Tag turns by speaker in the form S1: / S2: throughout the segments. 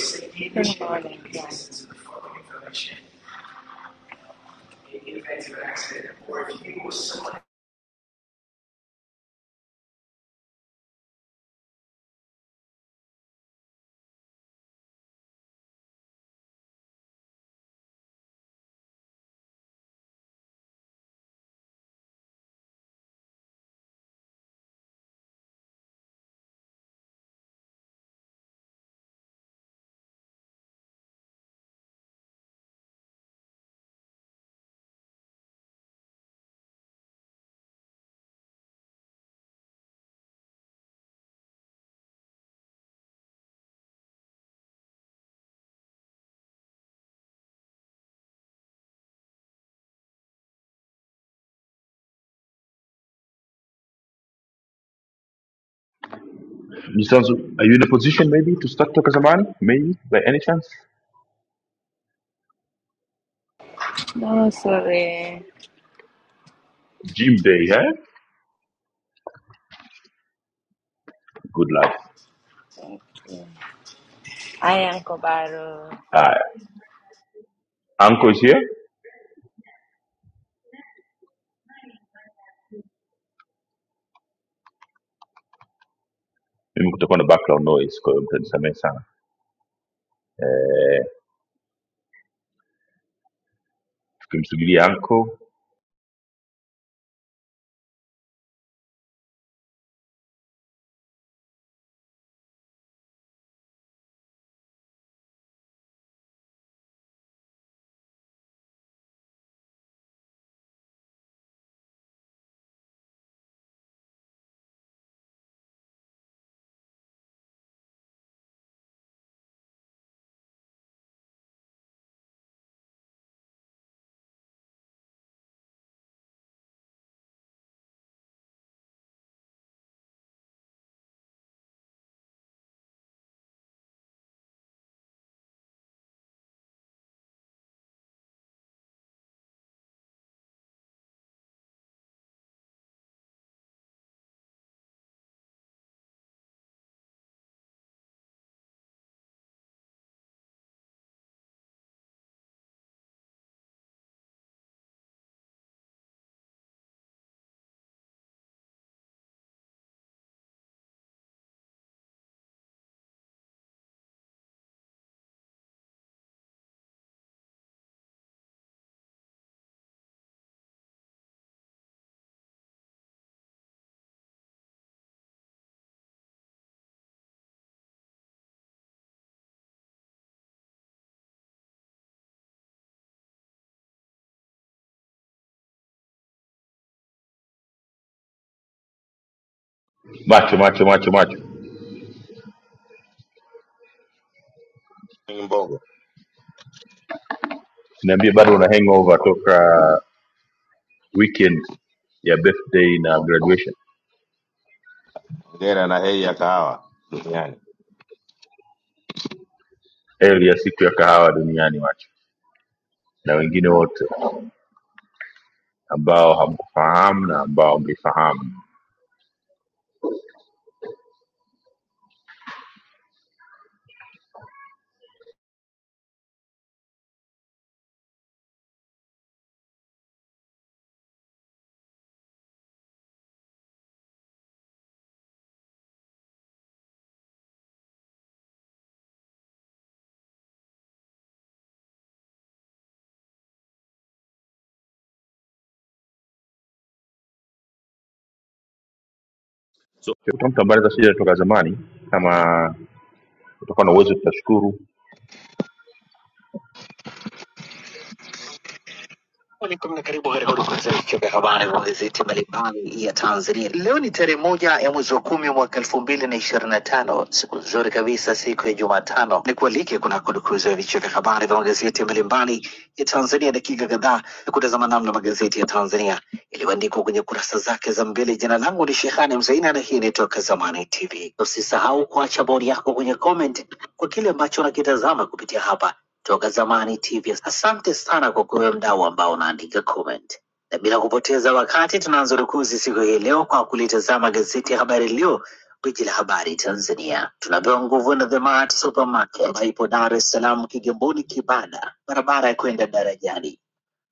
S1: Colonel Marling Grant no sorry I am Kobaru
S2: Mbogo, ongera na heri ya kahawa duniani. Alaikum na karibu katika udukuzi ya vichwa vya habari vya magazeti mbalimbali ya Tanzania. Leo ni tarehe moja ya mwezi wa kumi mwaka elfu mbili na ishirini na tano siku nzuri kabisa, siku ya Jumatano. Ni kualike kuna kudukuzi ya vichwa vya habari vya magazeti mbalimbali ya Tanzania, dakika kadhaa ya kutazama namna magazeti ya Tanzania yaliyoandikwa kwenye kurasa zake za mbele. Jina langu ni Shehani Mzaina na hii ni Toka Zamani TV. Usisahau kuacha bodi yako kwenye comment kwa kile ambacho unakitazama kupitia hapa Toka Zamani TV. Asante sana kwa kuwe mdau ambao unaandika comment, na bila kupoteza wakati tunaanza rukuzi siku hii leo kwa kulitazama gazeti ya Habari Leo, gwiji la habari Tanzania. Tunapewa nguvu na The Mart Supermarket ambayo ipo Dar es Salaam, Kigamboni, Kibada, barabara ya kwenda darajani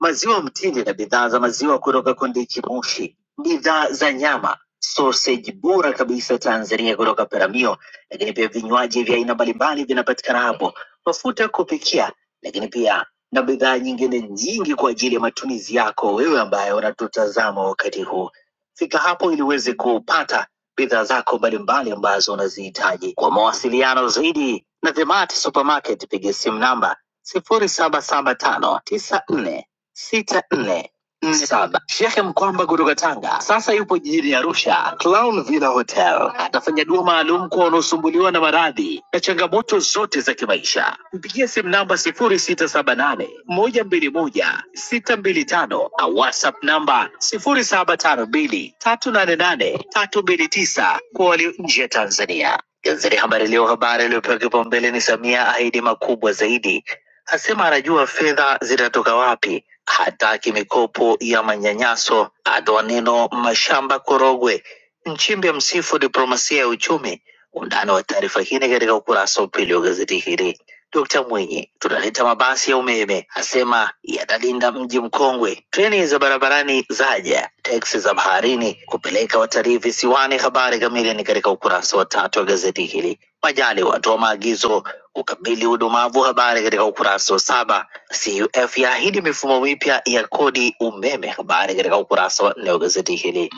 S2: maziwa mtindi na bidhaa za maziwa kutoka Kondiki Moshi, bidhaa za nyama, sausage bora kabisa Tanzania kutoka Peramio, lakini pia vinywaji vya aina mbalimbali vinapatikana hapo, mafuta ya kupikia, lakini pia na bidhaa nyingine nyingi kwa ajili ya matumizi yako wewe ambaye unatutazama wakati huu. Fika hapo ili uweze kupata bidhaa zako mbalimbali ambazo unazihitaji. Kwa mawasiliano zaidi na The Mart Supermarket, piga simu namba sifuri saba saba tano tisa nne sita nne nne saba. Shekhe Mkwamba kutoka Tanga sasa yupo jijini Arusha, Clown Villa Hotel. Atafanya dua maalum kwa wanaosumbuliwa na maradhi na changamoto zote za kimaisha. Mpigie simu namba sifuri sita saba nane moja mbili moja sita mbili tano au WhatsApp namba sifuri saba tano mbili tatu nane nane tatu mbili tisa kwa walio nje ya Tanzania. Gazeti Habari Leo, habari iliyopewa kipaumbele ni Samia ahidi makubwa zaidi asema anajua fedha zitatoka wapi, hataki mikopo ya manyanyaso, atoa neno mashamba korogwe. Nchimbi msifu diplomasia ya uchumi. Undani wa taarifa hii ni katika ukurasa wa pili wa gazeti hili. Dkt. Mwinyi, tunaleta mabasi ya umeme, asema yatalinda mji mkongwe. Treni za barabarani zaja, teksi za baharini kupeleka watalii visiwani. Habari kamili ni katika ukurasa wa tatu wa gazeti hili. Majali watoa maagizo kukabili udumavu, habari katika ukurasa wa saba. CUF yaahidi mifumo mipya ya kodi umeme, habari katika ukurasa wa nne wa gazeti hili.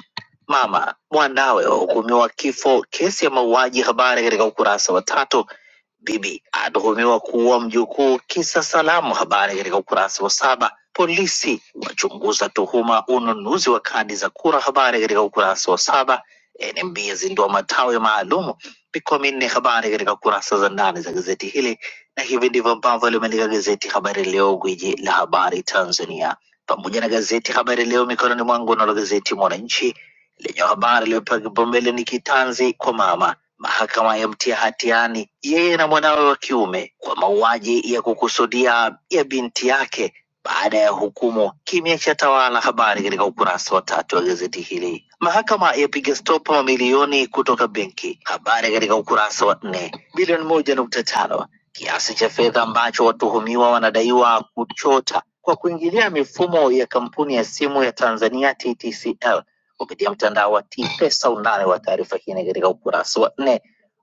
S2: Mama mwanawe wahukumiwa kifo kesi ya mauaji, habari katika ukurasa wa tatu. Bibi atuhumiwa kuua mjukuu kisa salamu. Habari katika ukurasa wa saba. Polisi wachunguza tuhuma ununuzi wa kadi za kura. Habari katika ukurasa wa saba. NMB yazindua matawi maalumu mikoa minne. Habari katika kurasa za ndani za gazeti hili, na hivi ndivyo ambavyo limeandika gazeti Habari Leo, gwiji la habari Tanzania, pamoja na gazeti Habari Leo mikononi mwangu, nalo gazeti Mwananchi lenye habari iliyopewa kipaumbele ni kitanzi kwa mama, mahakama yamtia hatiani yeye na mwanawe wa kiume kwa mauaji ya kukusudia ya binti yake baada ya hukumu. Kimya cha tawala habari katika ukurasa wa tatu wa gazeti hili. Mahakama yapiga stop mamilioni kutoka benki, habari katika ukurasa wa nne. Bilioni moja nukta tano kiasi cha fedha ambacho watuhumiwa wanadaiwa kuchota kwa kuingilia mifumo ya kampuni ya simu ya Tanzania TTCL kupitia mtandao wa T-Pesa. Undani wa taarifa hii ni katika ukurasa wa nne.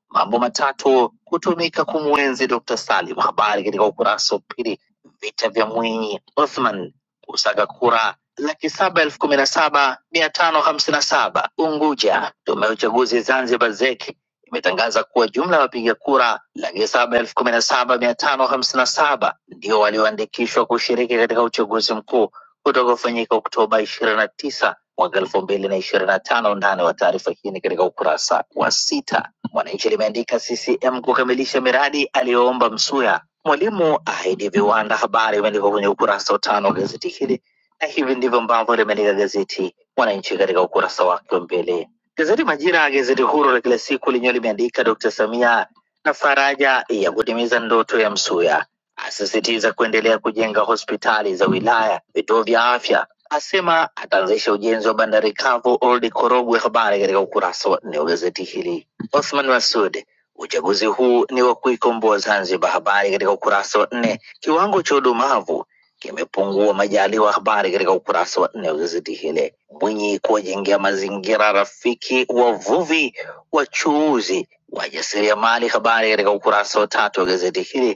S2: Mambo matatu kutumika kumwenzi Dr. Salim, habari katika ukurasa wa pili. Vita vya Mwinyi Othman kusaga kura laki saba elfu kumi na saba mia tano hamsini na saba Unguja. Tume ya uchaguzi Zanzibar ZEC imetangaza kuwa jumla ya wapiga kura laki saba elfu kumi na saba mia tano hamsini na saba ndio walioandikishwa kushiriki katika uchaguzi mkuu utakaofanyika Oktoba ishirini na tisa mwaka elfu mbili na ishirini na tano. Undani wa taarifa hii ni katika ukurasa wa sita. Mwananchi limeandika CCM kukamilisha miradi aliyoomba Msuya, Mwalimu ahidi viwanda. Habari imeandikwa kwenye ukurasa wa tano wa gazeti hili, na hivi ndivyo ambavyo limeandika gazeti Mwananchi katika ukurasa wake wa mbele. Gazeti Majira, gazeti huru la kila siku, lenyewe limeandika Dr. Samia na faraja ya kutimiza ndoto ya Msuya asisitiza kuendelea kujenga hospitali za wilaya, vituo vya afya, asema ataanzisha ujenzi wa bandari kavu Old Korogwe. Habari katika ukurasa wa nne wa gazeti hili. Othman Masud, uchaguzi huu ni wa kuikomboa Zanzibar. Habari katika ukurasa wa nne. Kiwango cha udumavu kimepungua Majaliwa. Habari katika ukurasa wa nne wa gazeti hili. Mwinyi kuwajengea mazingira rafiki wavuvi, wachuuzi, wajasiriamali. Habari katika ukurasa wa tatu wa gazeti hili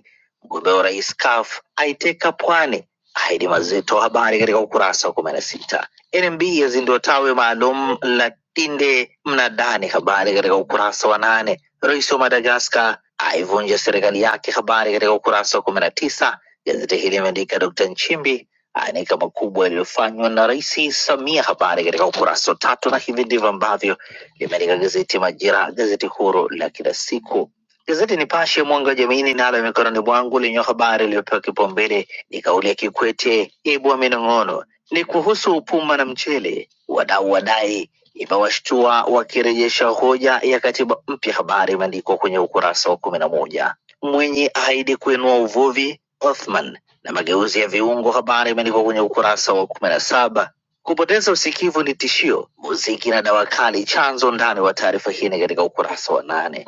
S2: Mgombea wa urais CUF aiteka Pwani, ahidi mazito. Habari katika ukurasa wa kumi na sita. NMB yazindua tawi maalum la Tinde Mnadani, habari katika ukurasa wa nane. Rais wa Madagaskar aivunja serikali yake, habari katika ukurasa wa kumi na tisa. Gazeti hili limeandika Dkt Nchimbi aanika makubwa yaliyofanywa na Rais Samia, habari katika ukurasa wa tatu, na hivi ndivyo ambavyo limeandika gazeti Majira, gazeti huru la kila siku Gazeti Nipashe mwanga wa jamii ninalo mikononi mwangu lenye habari iliyopewa kipaumbele ni kauli ya Kikwete ibua minong'ono, ni kuhusu puma na mchele. Wadau wadai imewashtua wakirejesha hoja ya katiba mpya. Habari imeandikwa kwenye ukurasa wa kumi na moja. Mwenye ahidi kuinua uvuvi Othman na mageuzi ya viungo. Habari imeandikwa kwenye ukurasa wa kumi na saba. Kupoteza usikivu ni tishio, muziki na dawa kali chanzo. Ndani wa taarifa hii ni katika ukurasa wa nane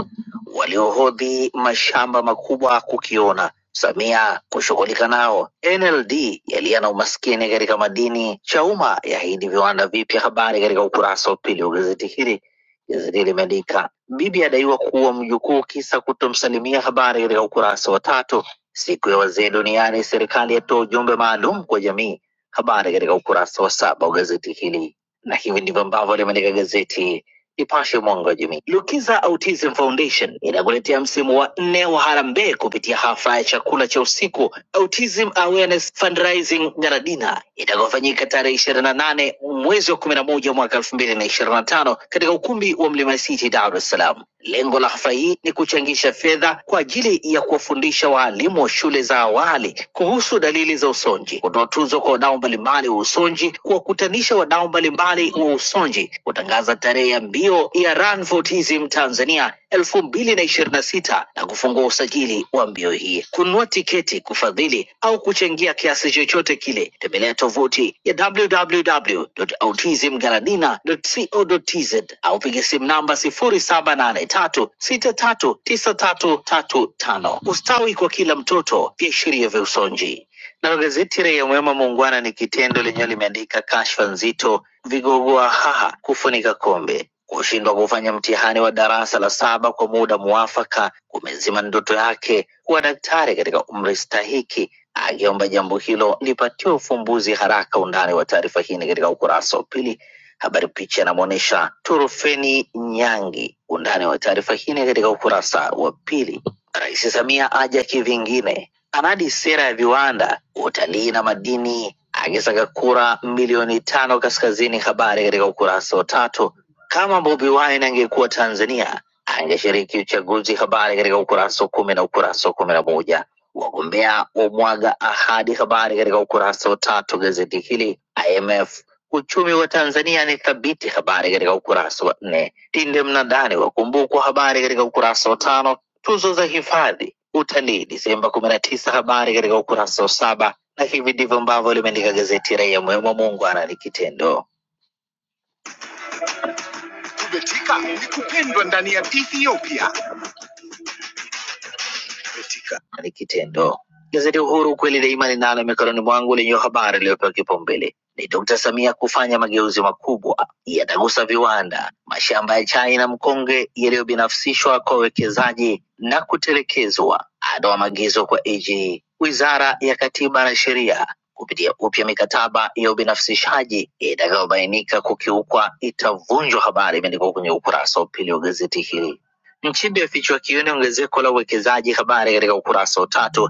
S2: waliohodhi mashamba makubwa kukiona. Samia kushughulika nao. NLD yalia na umaskini katika madini. Chauma yaahidi viwanda vipya. Habari katika ukurasa wa pili wa gazeti hili. Gazeti hili limeandika bibi adaiwa kuua mjukuu kisa kutomsalimia. Habari katika ukurasa wa tatu. Siku ya wazee duniani, serikali yatoa ujumbe maalum kwa jamii. Habari katika ukurasa wa saba wa gazeti hili, na hivi ndivyo ambavyo limeandika gazeti Nipashe Mwanga wa Jamii. Lukiza Autism Foundation inakuletea msimu wa nne wa harambee kupitia hafla ya chakula cha usiku Autism Awareness Fundraising Nyaradina itakayofanyika tarehe ishirini na nane mwezi wa kumi na moja mwaka elfu mbili na ishirini na tano katika ukumbi wa Mlima City, Dar es Salaam. Lengo la hafla hii ni kuchangisha fedha kwa ajili ya kuwafundisha waalimu wa shule za awali kuhusu dalili za usonji, kutoa tuzo kwa wadau mbalimbali wa usonji, kuwa kuwakutanisha wadau mbalimbali wa Usonji kutangaza tarehe ya mbio ya Run for Autism Tanzania elfu mbili na ishirini na sita na kufungua usajili wa mbio hii. Kununua tiketi, kufadhili au kuchangia kiasi chochote kile, tembelea tovuti ya www.autismgaladina.co.tz au piga simu namba sifuri saba nane tatu sita tatu tisa tatu tatu tano. Ustawi kwa kila mtoto, viashiria vya Usonji. Nalo gazeti Raia Mwema Muungwana ni kitendo lenyewe limeandika kashfa nzito, vigogo wa haha kufunika kombe, kushindwa kufanya mtihani wa darasa la saba kwa muda muafaka kumezima ndoto yake kuwa daktari katika umri stahiki, akiomba jambo hilo lipatiwe ufumbuzi haraka. Undani wa taarifa hii ni katika ukurasa wa pili. Habari picha inamwonyesha Turufeni Nyangi. Undani wa taarifa hii ni katika ukurasa wa pili. Rais Samia aja kivingine, anadi sera ya viwanda, utalii na madini, akisaka kura milioni tano kaskazini. Habari katika ukurasa wa tatu. Kama Bobi Wine angekuwa Tanzania angeshiriki uchaguzi. Habari katika ukurasa wa kumi na ukurasa wa kumi na moja. Wagombea wa mwaga ahadi. Habari katika ukurasa wa tatu gazeti hili. IMF Uchumi wa Tanzania ni thabiti, habari katika ukurasa wa nne. Tinde mnadani wakumbukwa, habari katika ukurasa wa tano. Tuzo za hifadhi utalii Disemba kumi na tisa, habari katika ukurasa wa saba. Na hivi ndivyo ambavyo limeandika gazeti Raia Mwema, muungwana ni kitendo. na ni kitendo. Gazeti Uhuru kweli daima ninalo mikononi mwangu lenye habari iliyopewa kipaumbele ni Dkt. Samia kufanya mageuzi makubwa yatagusa viwanda, mashamba ya chai na mkonge yaliyobinafsishwa kwa wawekezaji na kutelekezwa, atoa maagizo kwa AG. Wizara ya Katiba na Sheria kupitia upya mikataba ya ubinafsishaji itakayobainika kukiukwa itavunjwa. Habari imeandikwa kwenye ukurasa wa pili wa gazeti hili Mchimbi afichwa kiini ongezeko la uwekezaji, habari katika ukurasa wa tatu.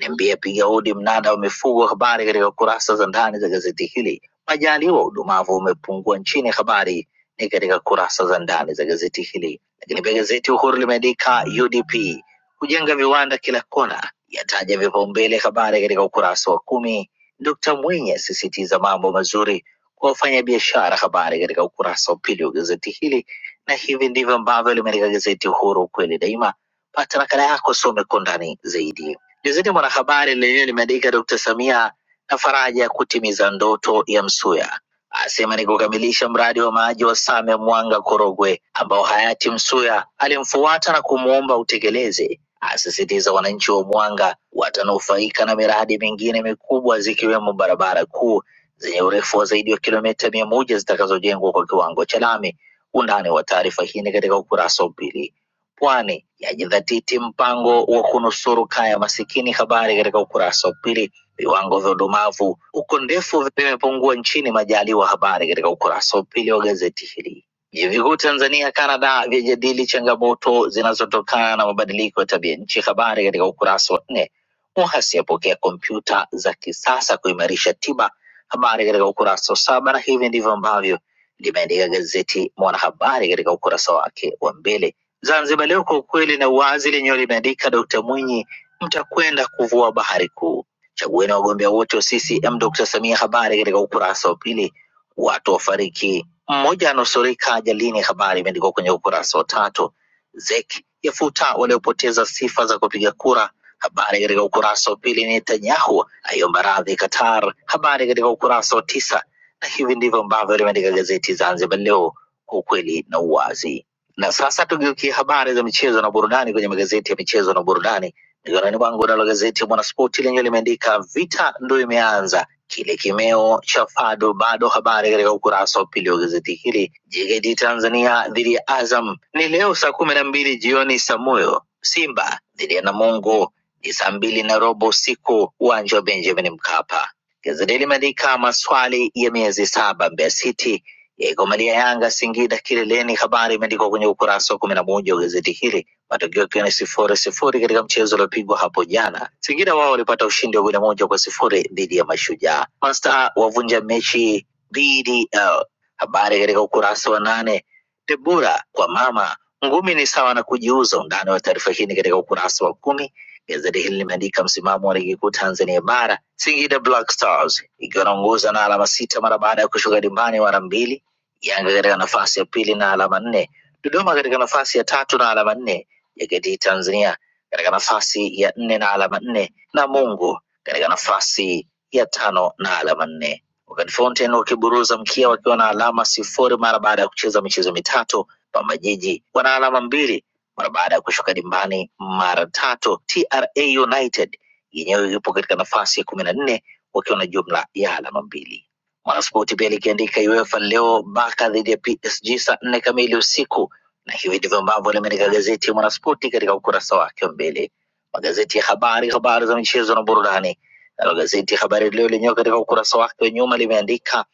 S2: NMB apiga hodi mnada wa mifugo, habari katika kurasa za ndani za gazeti hili. Majaliwa udumavu umepungua nchini, habari ni katika kurasa za ndani za gazeti hili. Lakini pia gazeti Uhuru limeandika UDP kujenga viwanda kila kona, yataja vipaumbele, habari katika ukurasa wa kumi. Dkt Mwinyi asisitiza mambo mazuri kwa wafanyabiashara, habari katika ukurasa wa pili wa gazeti hili na hivi ndivyo ambavyo limeandika gazeti Uhuru, ukweli daima. Pata nakala yako, some kwa undani zaidi. Gazeti Mwanahabari lenyewe limeandika Dr. Samia na faraja ya kutimiza ndoto ya Msuya, asema ni kukamilisha mradi wa maji wa Same Mwanga Korogwe ambao hayati Msuya alimfuata na kumwomba utekeleze, asisitiza wananchi wa Mwanga watanufaika na miradi mingine mikubwa zikiwemo barabara kuu zenye urefu wa zaidi wa kilomita mia moja zitakazojengwa kwa kiwango cha lami Undani wa taarifa hii ni katika ukurasa wa pili. Pwani yajidhatiti mpango wa kunusuru kaya masikini, habari katika ukurasa wa pili. Viwango vya udumavu huko ndefu vimepungua nchini, Majaliwa, habari katika ukurasa wa pili wa gazeti hili. Vyuo vikuu Tanzania, Canada vyajadili changamoto zinazotokana na mabadiliko ya tabia nchi. Habari katika ukurasa wa nne. Muhasi apokea kompyuta za kisasa kuimarisha tiba. Habari katika ukurasa wa saba, na hivi ndivyo ambavyo limeandika gazeti Mwanahabari katika ukurasa wake wa mbele. Zanzibar Leo kwa ukweli na uwazi lenyewe limeandika Dkt Mwinyi, mtakwenda kuvua bahari kuu, chagueni wagombea wote wa CCM, Dkt Samia, habari katika ukurasa wa pili. Watu wafariki, mmoja anusurika ajalini, habari imeandikwa kwenye ukurasa wa tatu. ZEC yafuta waliopoteza sifa za kupiga kura, habari katika ukurasa wa pili. Netanyahu aiomba radhi Qatar, habari katika ukurasa wa tisa na hivi ndivyo ambavyo limeandika gazeti Zanzibar Leo kwa ukweli na uwazi. Na sasa tugeukie habari za michezo na burudani kwenye magazeti ya michezo na burudani. Mikononi mwangu nalo gazeti ya Mwanaspoti lenyewe limeandika vita ndo imeanza, kile kimeo cha Fado bado. Habari katika ukurasa wa pili wa gazeti hili, JKT Tanzania dhidi ya Azam ni leo saa kumi na mbili jioni Samuyo. Simba dhidi ya Namungo ni saa mbili na robo usiku, uwanja wa Benjamin Mkapa Gazeti limeandika maswali ya miezi saba Mbeya City yaigomalia Yanga Singida kileleni. Habari imeandikwa kwenye ukurasa wa kumi na moja wa gazeti hili, matokeo yakiwa ni sifuri sifuri katika mchezo uliopigwa hapo jana. Singida wao walipata ushindi wa goli moja kwa sifuri dhidi ya Mashujaa. Masta wavunja mechi BDL, habari katika ukurasa wa nane. Debora kwa mama ngumi ni sawa na kujiuza. Undani wa taarifa hii ni katika ukurasa wa kumi. Gazeti hili limeandika msimamo wa ligi kuu Tanzania bara, Singida Black Stars ikiwa inaongoza na alama sita mara baada ya kushuka dimbani mara mbili, Yanga katika nafasi ya pili na alama nne, Dodoma katika nafasi ya tatu na alama nne, JKT Tanzania katika nafasi ya nne na alama nne, na Mungu katika nafasi ya tano na alama nne. Wakati Fountain wakiburuza mkia wakiwa na alama sifuri mara baada ya kucheza michezo mitatu, Pamba Jiji wana alama mbili mara baada ya kushuka dimbani mara tatu, TRA United yenyewe ipo katika nafasi ya kumi na nne wakiwa na jumla ya alama mbili. Mwanaspoti pia likiandika UEFA leo Barca dhidi ya PSG saa nne kamili usiku, na hivi ndivyo ambavyo limeandika gazeti ya Mwanaspoti katika ukurasa wake wa mbele. Magazeti ya habari, habari za michezo na burudani. Nalo gazeti ya Habari Leo lenyewe katika ukurasa wake wa nyuma limeandika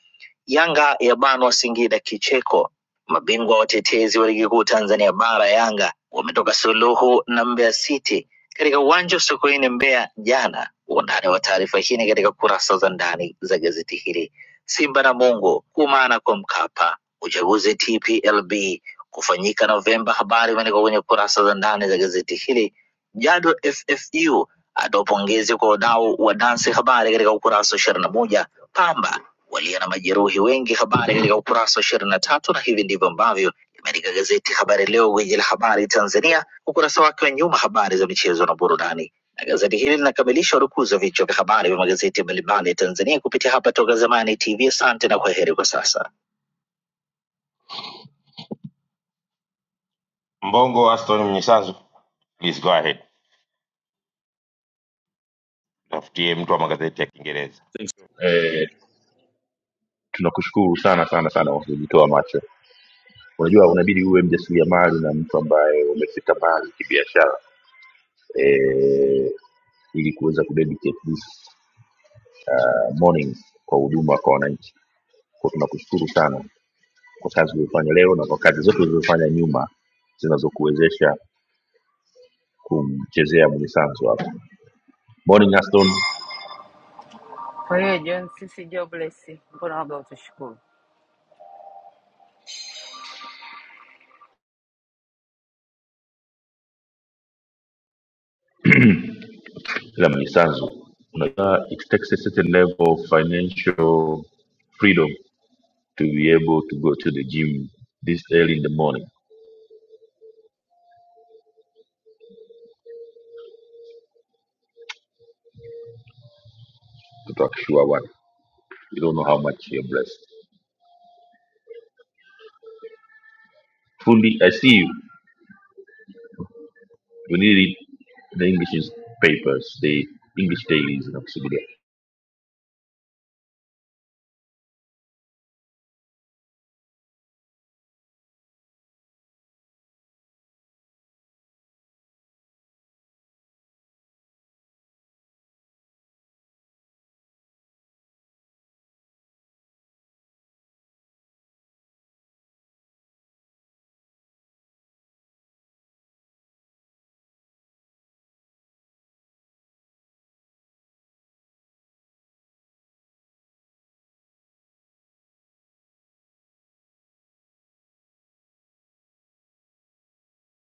S2: Yanga yabanwa Singida kicheko, Mabingwa watetezi wa ligi kuu Tanzania bara Yanga wametoka suluhu na Mbeya City katika uwanja wa Sokoine Mbeya jana. Undani wa taarifa hii ni katika kurasa za ndani za gazeti hili. Simba na Mungu kuumana kwa Mkapa, uchaguzi TPLB kufanyika Novemba. Habari imeandikwa kwenye kurasa za ndani za gazeti hili. Jado FFU atoa pongezi kwa wadau wa dansi, habari katika ukurasa wa ishirini na moja. Pamba walio na majeruhi wengi. Habari katika ukurasa wa ishirini na tatu na hivi ndivyo ambavyo limeandika gazeti Habari Leo, gwiji la habari Tanzania, ukurasa wake wa nyuma, habari za michezo na burudani. Na gazeti hili linakamilisha urukuzi wa vichwa vya habari vya magazeti mbalimbali ya Tanzania kupitia hapa Toka Zamani TV. Asante na kwaheri kwa sasa. Mbongo Aston Mnyisanzu, please go ahead. Tafutie mtu wa magazeti ya Kiingereza.
S1: Kwa hiyo John, sisi jobless, mbona waga utushukuru?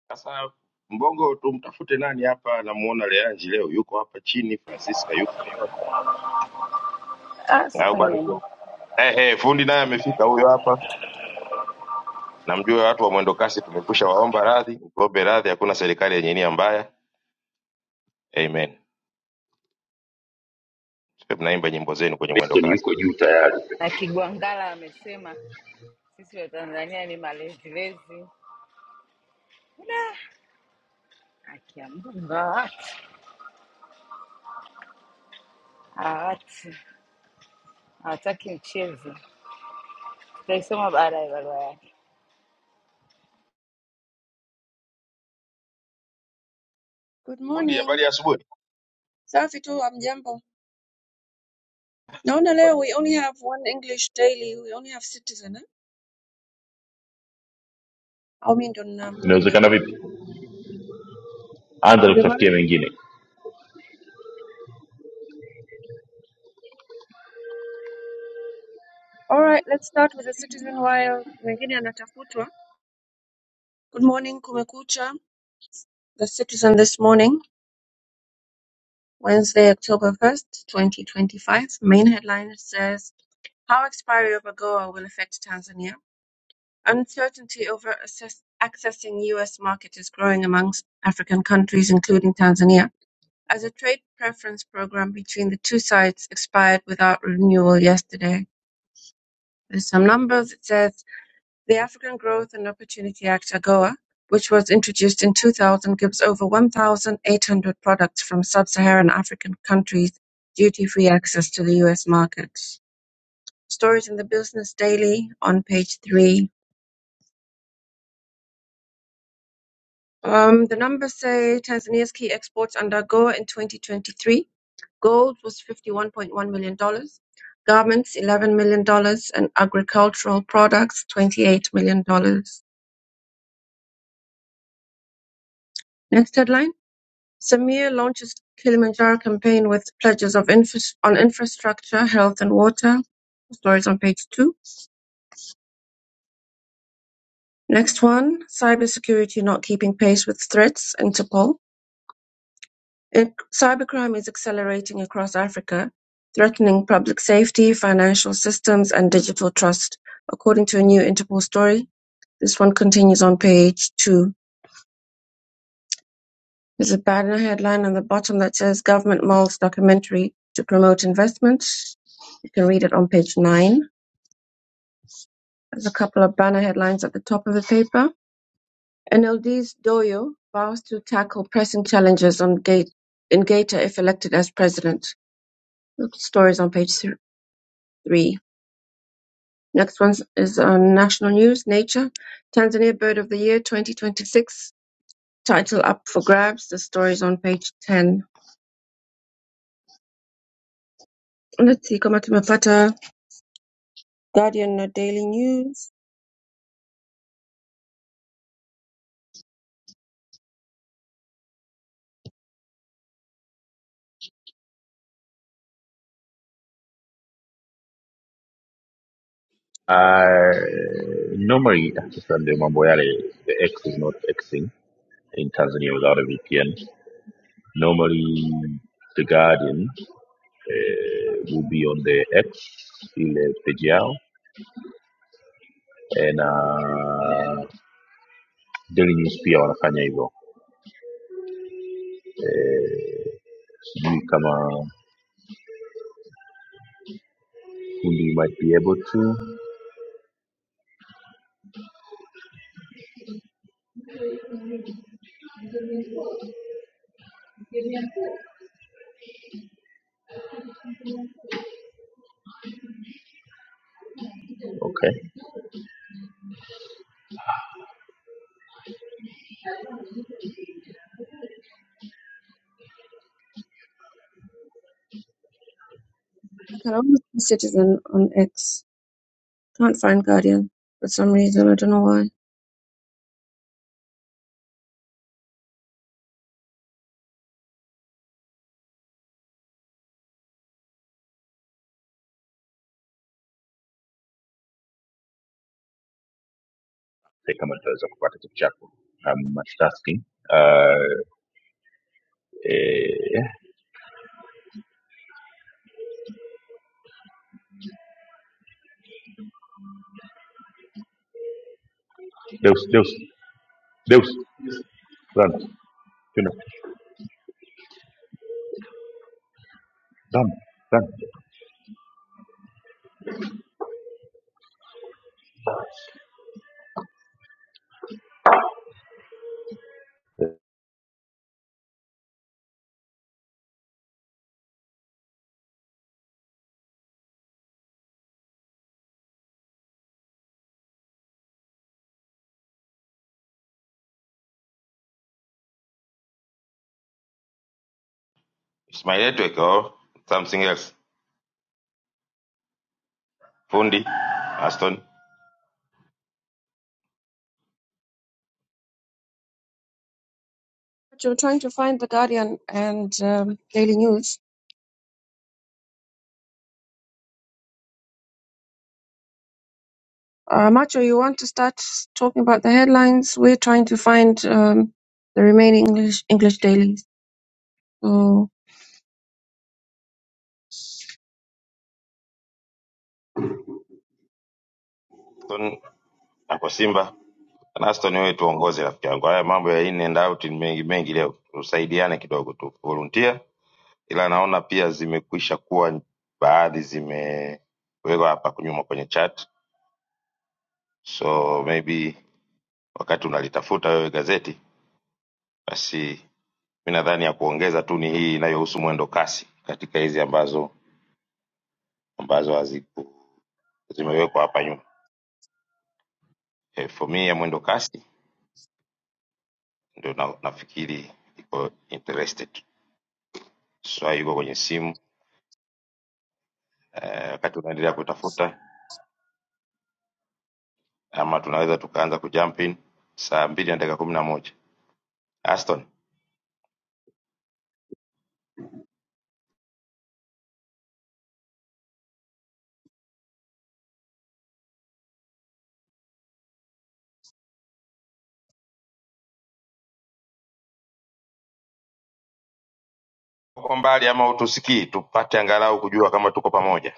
S2: Sasa Mbongo tumtafute nani hapa? Namuona Leanji leo yuko hapa chini, Francisca yuko hapa au
S1: Aston
S2: bado? Eh, eh, fundi naye amefika huyo hapa. Namjua watu wa mwendo kasi, tumekwisha waomba radhi, mtuombe radhi, hakuna serikali yenye nia mbaya. Amen. Sio mnaimba nyimbo zenu kwenye mwendo kasi.
S1: Na Kigwangala amesema sisi Watanzania ni malezilezi. Da, haki ya Mungu hawati hawati hawataki mchezo. Tutaisoma baada ya barua yake.
S3: Good
S2: Fundi,
S3: morning.
S2: habari ya asubuhi.
S3: Safi tu, amjambo. Naona leo we only have one English daily. We only have Citizen eh? Au mimi ndo nina shida. Ndio maana. All right, let's start with the Citizen while mwingine anatafutwa. Good morning, kumekucha. The Citizen this morning, Wednesday, October 1st, 2025. Main headline says How expiry of AGOA will affect Tanzania. Uncertainty over assess- accessing US market is growing amongst African countries including Tanzania As a trade preference program between the two sides expired without renewal yesterday. There's some numbers. It says the African Growth and Opportunity Act, AGOA, which was introduced in 2000, gives over 1,800 products from sub-Saharan African countries duty-free access to the U.S. markets. Stories in the Business Daily on page three. Um, the numbers say Tanzania's key exports under AGOA in 2023 Gold was $51.1 million, dollars, garments $11 million, dollars, and agricultural products $28 million. dollars. Next headline. Samir launches Kilimanjaro campaign with pledges of infras- on infrastructure, health, and water. Stories on page two. Next one, cybersecurity not keeping pace with threats, Interpol. In- cybercrime is accelerating across Africa, threatening public safety, financial systems, and digital trust, according to a new Interpol story This one continues on page two. There's a banner headline on the bottom that says Government Mulls Documentary to Promote Investment. You can read it on page nine. There's a couple of banner headlines at the top of the paper. NLD's Doyo vows to tackle pressing challenges on Gate in Gaeta if elected as president. The stories on page three. Next one is on national news, Nature. Tanzania Bird of the Year 2026. Title up for grabs. The stories on page 10. Let's see kama tumepata Guardian, no Daily News. I can only see Citizen on X. Can't find Guardian for some reason. I don't know why.
S2: It's my network or something else. Fundi Aston,
S3: Macho, trying to find the Guardian and um, Daily News. Uh, Macho, you want to start talking about the headlines? We're trying to find um, the remaining English English dailies. So. So,
S2: Aston ako Simba. Na Aston wewe tuongoze rafiki yangu. Haya mambo ya in and out ni mengi mengi leo. Tusaidiane kidogo tu. Volunteer ila naona pia zimekwisha kuwa baadhi zimewekwa hapa kunyuma kwenye chat. So maybe wakati unalitafuta wewe gazeti basi mi nadhani ya kuongeza tu ni hii inayohusu mwendo kasi katika hizi ambazo ambazo haziku zimewekwa hapa nyuma e, for me ya mwendo kasi ndio na, nafikiri iko interested swa iko kwenye simu eh, wakati unaendelea kutafuta ama tunaweza tukaanza kujump in saa mbili na dakika kumi na moja aston uko mbali ama utusikii tupate angalau kujua kama tuko pamoja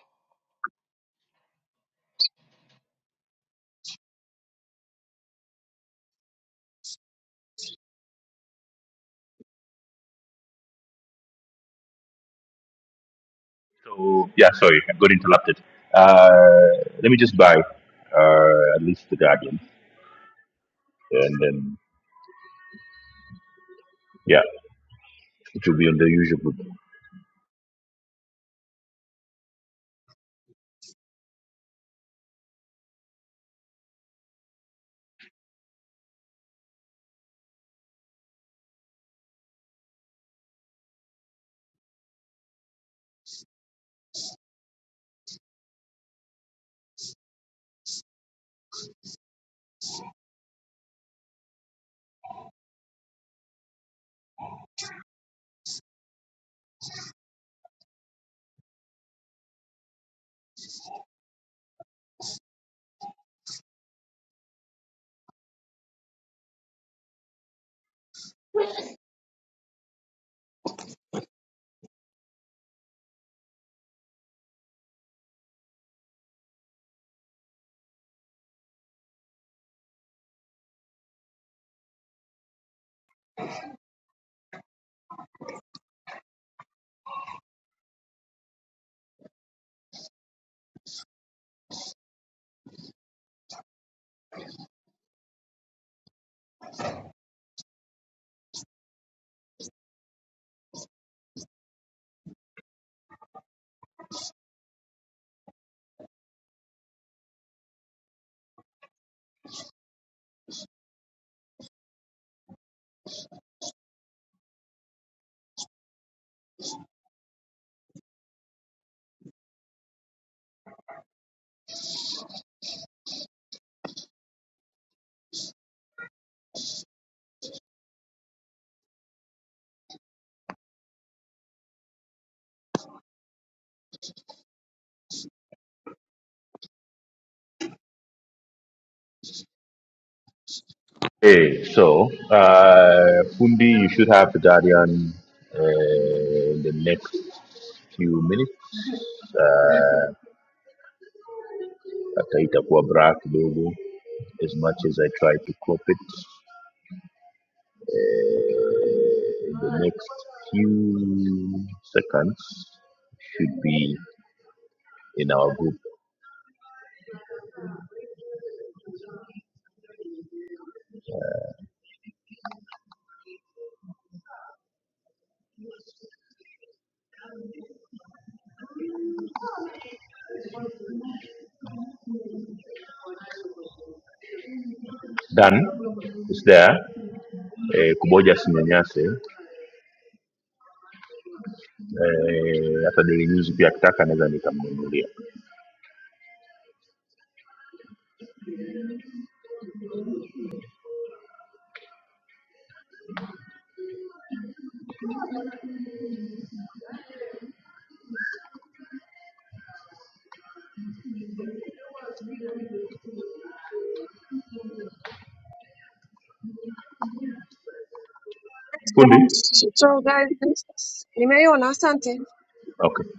S3: so guys, this- nimeona, asante.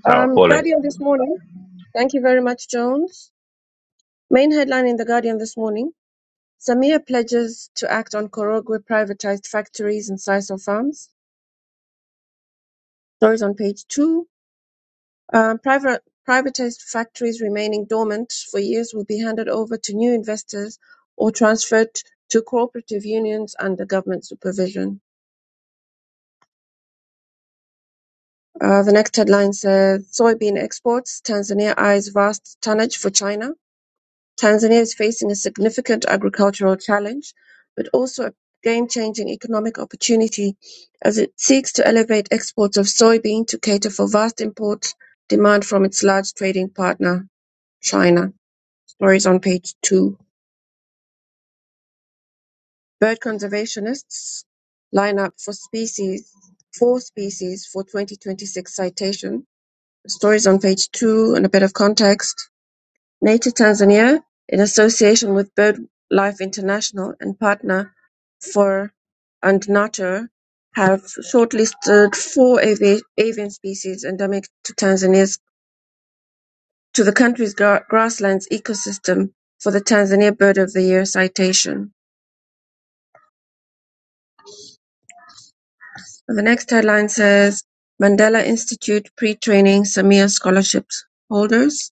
S3: Um, Guardian this morning. Thank you very much, Jones. Main headline in the Guardian this morning: Samia pledges to act on Korogwe privatized factories and sisal farms. Stories on page two. Uh, private- Privatized factories remaining dormant for years will be handed over to new investors or transferred to cooperative unions under government supervision. Uh, The next headline says, "Soybean exports: Tanzania eyes vast tonnage for China." Tanzania is facing a significant agricultural challenge, but also a game-changing economic opportunity as it seeks to elevate exports of soybean to cater for vast import demand from its large trading partner, China. Stories on page two. Bird conservationists line up for species, four species for 2026 citation. Stories on page two and a bit of context. Nature Tanzania, in association with BirdLife International and partner for and Nature, have shortlisted four avi- avian species endemic to Tanzania's to the country's gra- grasslands ecosystem for the Tanzania Bird of the Year citation. And the next headline says Mandela Institute pre-training Samia scholarship holders.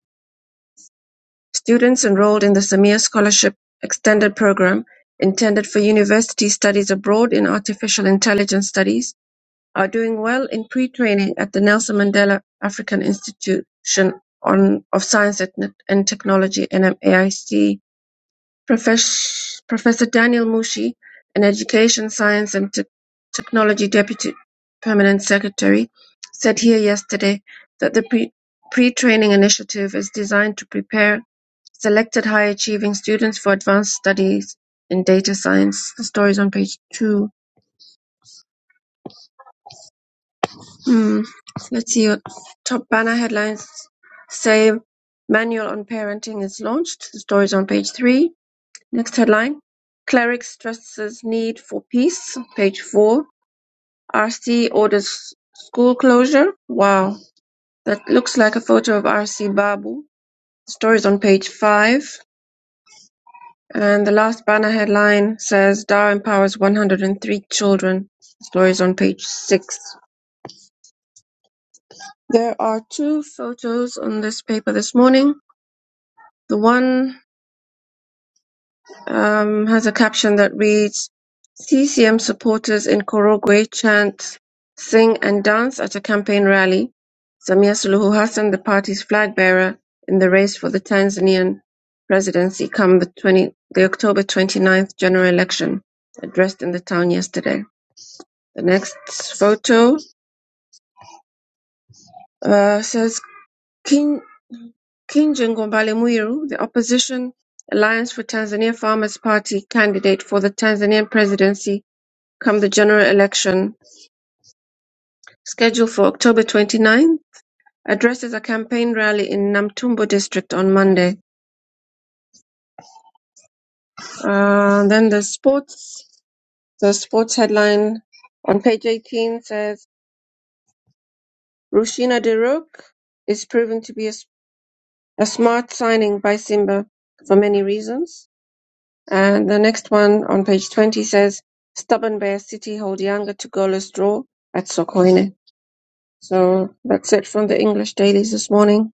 S3: Students enrolled in the Samia Scholarship Extended Program, intended for university studies abroad in artificial intelligence studies, are doing well in pre-training at the Nelson Mandela African Institution on, of Science and and Technology, NMAIC, Professor Professor Daniel Mushi, an Education, Science and Te- Technology Deputy Permanent Secretary, said here yesterday that the pre- pre-training initiative is designed to prepare selected high-achieving students for advanced studies in data science. The story is on page two. Hmm. Let's see your top banner headlines say manual on parenting is launched. The story is on page three. Next headline: Cleric stresses need for peace, page four. RC orders school closure. Wow, that looks like a photo of RC Babu. The story's on page five. And the last banner headline says Dar empowers 103 children. The story's on page six. There are two photos on this paper this morning. The one um, has a caption that reads, CCM supporters in Korogwe chant, sing and dance at a campaign rally. Samia Suluhu Hassan, the party's flag bearer in the race for the Tanzanian presidency come the, 20, the October twenty ninth general election, addressed in the town yesterday. The next photo uh, says King, King Jengombale Muiru, the opposition Alliance for Tanzania Farmers Party candidate for the Tanzanian presidency come the general election, scheduled for October 29, addresses a campaign rally in Namtumbo district on Monday. Uh, then the sports, the sports headline on page 18 says, Rushina Dirok is proven to be a, s- a smart signing by Simba for many reasons. And the next one on page 20 says, Stubborn Bear City hold Yanga to goalless draw at Sokoine. So that's it from the English dailies this morning.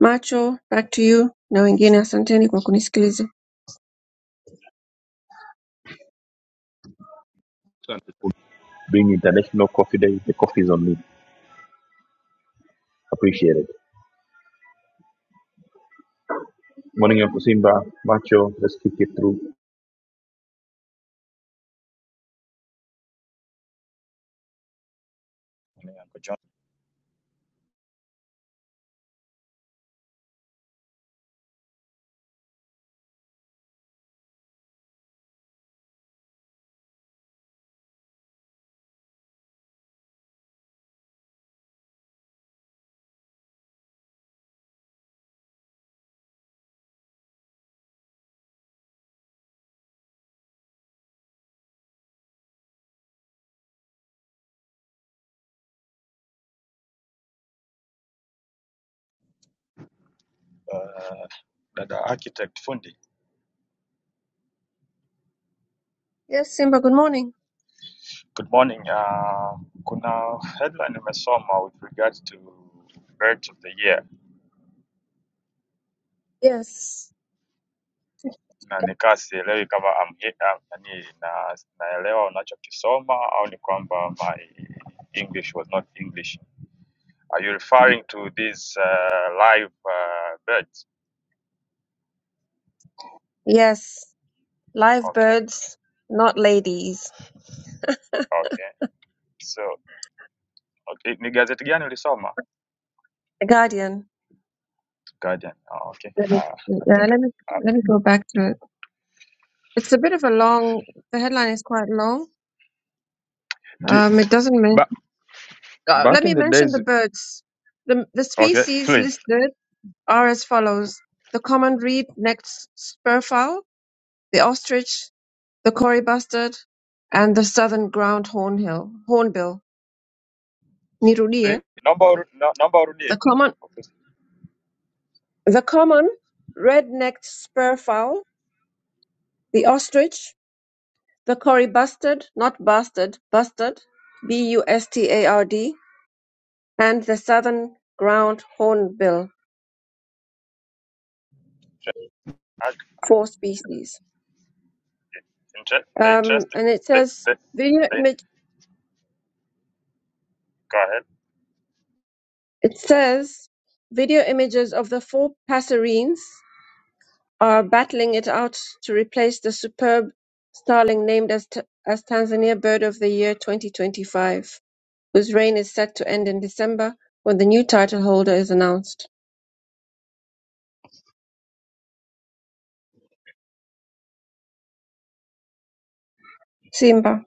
S3: Macho Back to you na wengine asanteni kwa kunisikiliza
S4: Ni Uncle John. Uh, dada architect fundi.
S3: Yes Simba good morning
S4: Good morning. Uh, kuna headline nimesoma with regards to birds of the year
S3: Yes
S4: na nikaa sielewi kama am, am, nani na, naelewa unachokisoma au ni kwamba my English was not English. Are you referring to these uh, live uh, birds?
S3: Yes live
S4: Okay,
S3: birds not ladies
S4: okay. So okay. Ni gazeti gani ulisoma?
S3: The Guardian
S4: Guardian. Oh, okay.
S3: Let me
S4: Uh, I
S3: yeah,
S4: think
S3: let me
S4: uh,
S3: let me go back to it It's a bit of a long the headline is quite long
S4: do, d-
S3: um it doesn't mention
S4: ba-
S3: Uh, let
S4: back
S3: me
S4: in the
S3: mention
S4: days
S3: the birds. The, the
S4: Okay,
S3: species
S4: please.
S3: listed are as follows: the common reed-necked spurfowl, the ostrich, the cory bustard, and the southern ground hornbill. Hornbill,
S4: Eh,
S3: Nirulie.
S4: Naomba uru- na- naomba urudie.
S3: The common, the common red-necked spurfowl, the ostrich, the cory bustard, not bastard, bustard, B-U-S-T-A-R-D, and the southern ground hornbill.
S4: Ah,
S3: Four species.
S4: inter- The
S3: Um,
S4: interest
S3: and it
S4: the,
S3: says
S4: the,
S3: video
S4: the,
S3: image.
S4: go ahead.
S3: It says video images of the four passerines are battling it out to replace the superb starling named as t- as Tanzania Bird of the Year 2025, whose reign is set to end in December when the new title holder is announced. Simba.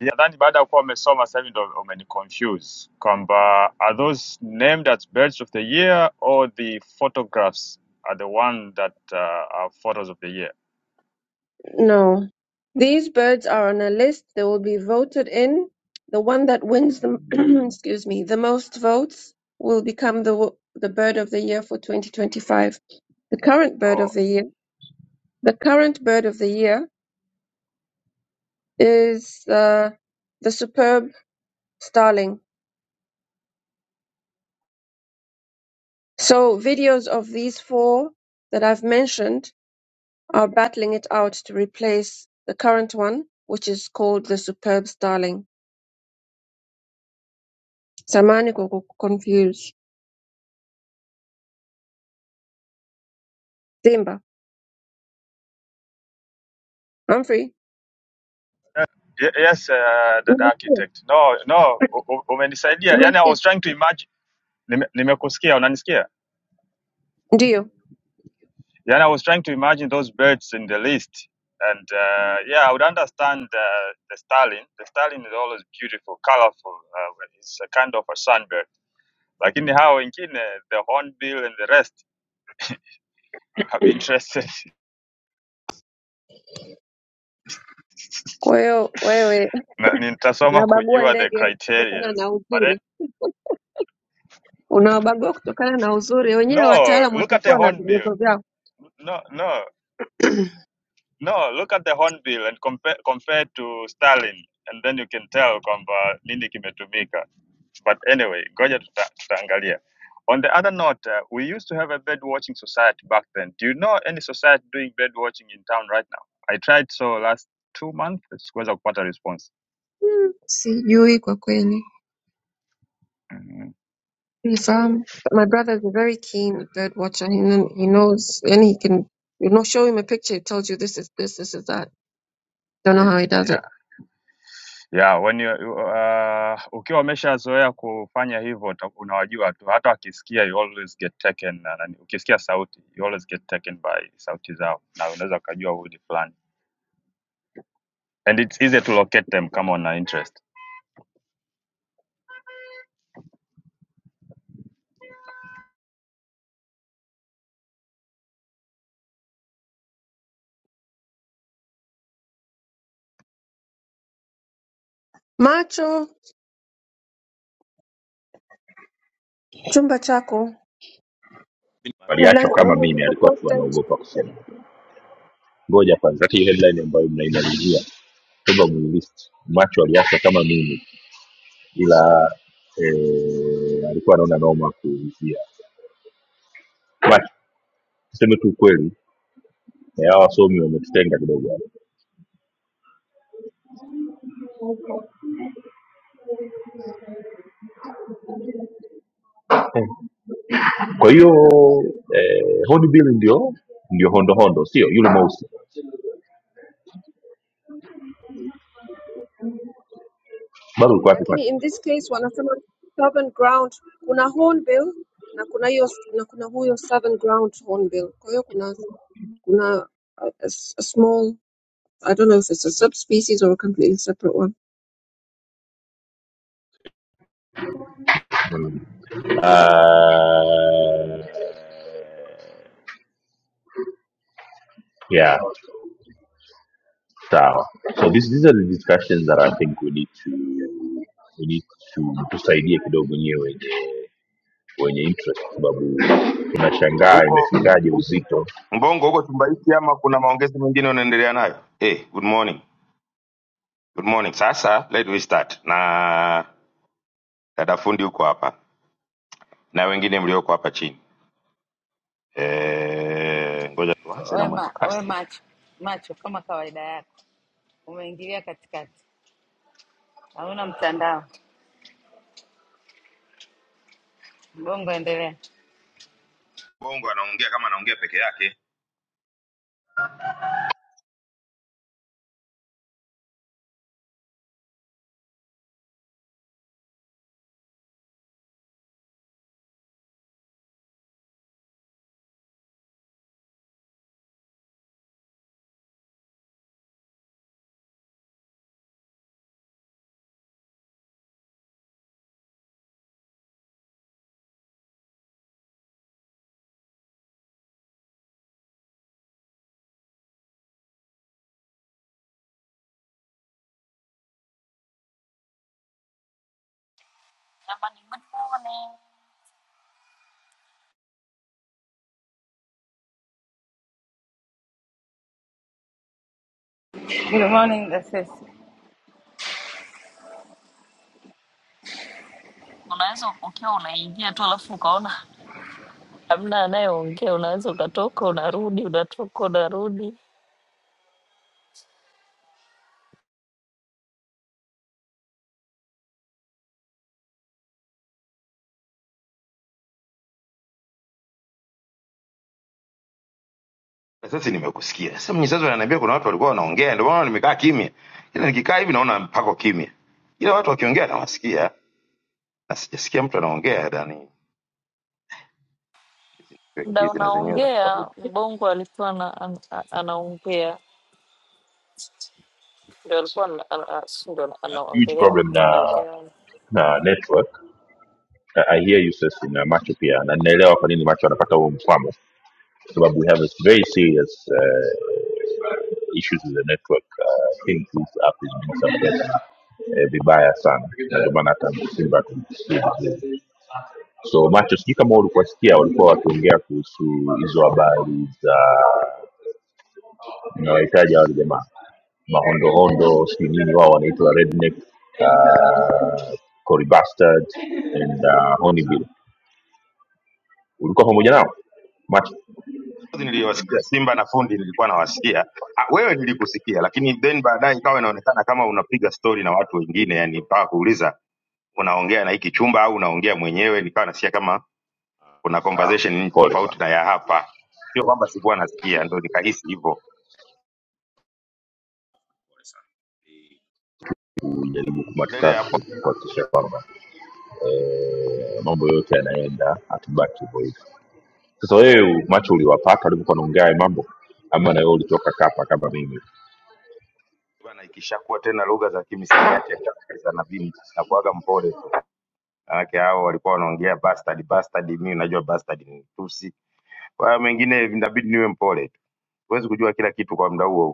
S4: Nadhani baada ya kuwa umesoma sasa hivi ndo umeniconfuse kwamba are those named as birds of the year or the photographs are the one that uh, are photos of the year?
S3: No. These birds are on a list. They will be voted in. The one that wins the excuse me, the most votes will become the wo- the bird of the year for 2025. The current bird of
S4: Oh.
S3: the year, the current bird of the year is uh, the superb starling. So videos of these four that I've mentioned are battling it out to replace the current one, which is called the superb starling. Samani kwa kuku- confuse. Simba. I'm free.
S4: Ye- Yes, uh, that
S3: Unasikia?
S4: architect. No, no, u- u- umenisaidia. Yani I
S3: Unasikia?
S4: was trying to imagine. Nime- Nimekusikia, unanisikia?
S3: Ndiyo.
S4: Then I was trying to imagine those birds in the list. And uh, yeah, I would understand uh, the starling. The starling is always beautiful, colorful. Uh, well, it's a kind of a sunbird. Like in hao wengine, the hornbill and the rest, I'd be interested.
S3: Kwa hiyo wewe
S4: Na- Nitasoma
S3: unabagua
S4: kujua the
S3: ndege
S4: criteria.
S3: kutokana na
S4: But it,
S3: uzuri, unawabagua kutokana na uzuri. Wenyewe
S4: no,
S3: wataalamu
S4: look at the
S3: watakuwa na
S4: hornbill.
S3: vigezo vyao.
S4: No, no, no, look at the hornbill and compare, compare to starling. And then you can tell kwamba nini kimetumika. But anyway, ngoja tuta- tutaangalia. On the other note, uh, we used to have a bird watching society back then. Do you know any society doing bird watching in town right now? I tried so last two months, sikuweza kupata response.
S3: Hmm, Sijui kwa kweli,
S4: Mhm.
S3: sifahamu. But My brother is a very keen bird watcher. He, kn- he knows, and he can, you know, show him a picture, he tells you this is this, this is that. Don't know
S4: Ye-
S3: how he does it.
S4: Yeah. Yeah, when you, you, uh, ukiwa umeshazoea kufanya hivyo uta- unawajua tu hata wakisikia you always get taken na nani. Ukisikia sauti you always get taken by sauti zao na unaweza ukajua huyu ni fulani. And it's easy to locate them kama una interest.
S3: Macho, chumba chako. Headlines, naona ziko posted. lakini in this case wanasema southern ground kuna hornbill na kuna hiyo na kuna huyo southern ground hornbill kwa hiyo kuna kuna a, a s- a small i don't know if it's a subspecies or a completely separate one
S2: huko Mbongo huko Tumbaiti ama kuna maongezi mengine unaendelea nayo? Hey, good morning. Good morning. Sasa let we start na dada fundi huko hapa na wengine mlioko hapa chini. Eh, ngoja tuanze na
S1: We,
S2: mwendo
S1: ma, we
S2: kasi.
S1: macho macho, kama kawaida yako umeingilia katikati. hauna mtandao mbongo, endelea.
S2: Mbongo anaongea kama anaongea peke yake.
S5: jamani, good morning.
S1: Good morning Dasesi.
S5: Unaweza ukiwa unaingia tu alafu ukaona hamna anayeongea, unaweza ukatoka unarudi, unatoka unarudi,
S2: Na Sasa nimekusikia. Sasa mnyisazo ananiambia kuna watu walikuwa wanaongea ndio maana nimekaa kimya. Ila nikikaa hivi naona mpako kimya. Ila watu wakiongea nawasikia. Na sijasikia mtu anaongea ndani.
S5: mda
S2: Kizi na zenyewe. za
S5: unaongea. Mbongo alikuwa ana, an, a- anaongea ndio alikuwa ana- ana- a- si ndio ana- anaongelea mada zao.
S2: Juzi niliwasikia Simba na Fundi, nilikuwa nawasikia Ah, wewe, nilikusikia lakini then baadaye ikawa inaonekana kama unapiga stori na watu wengine, yani mpaka kuuliza unaongea na hiki chumba au unaongea mwenyewe, nikawa nasikia kama kuna conversation tofauti na ya hapa, sio kwamba sikuwa nasikia, ndo nikahisi hivyo. Endelea hapo bwana, ikishakuwa tena lugha za kimisamiati ya Kiingereza na vini na kuaga mpole tu, manake hao walikuwa wanaongea bastard bastard, mimi najua bastard ni tusi, kwa hiyo mengine inabidi niwe mpole tu, huwezi kujua kila kitu kwa muda huo.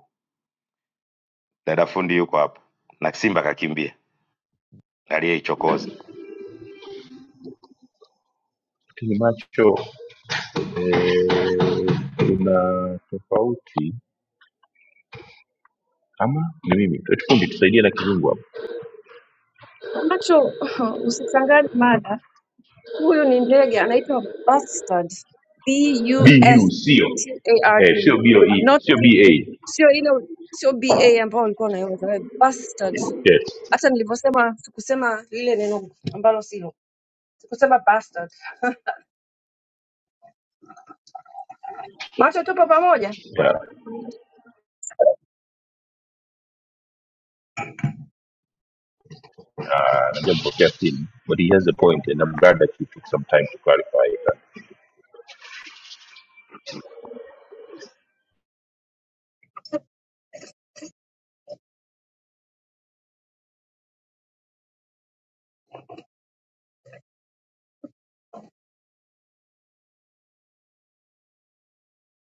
S2: Dada fundi yuko hapa na Simba kakimbia aliyeichokoza.
S3: macho usichanganye mada huyu ni ndege anaitwa bustard b u s t a r d not sio ile sio b a ambayo ulikuwa unaiwaza wewe bustard hata nilivyosema sikusema lile neno ambalo silo sikusema bastard. Macho tupo pamoja,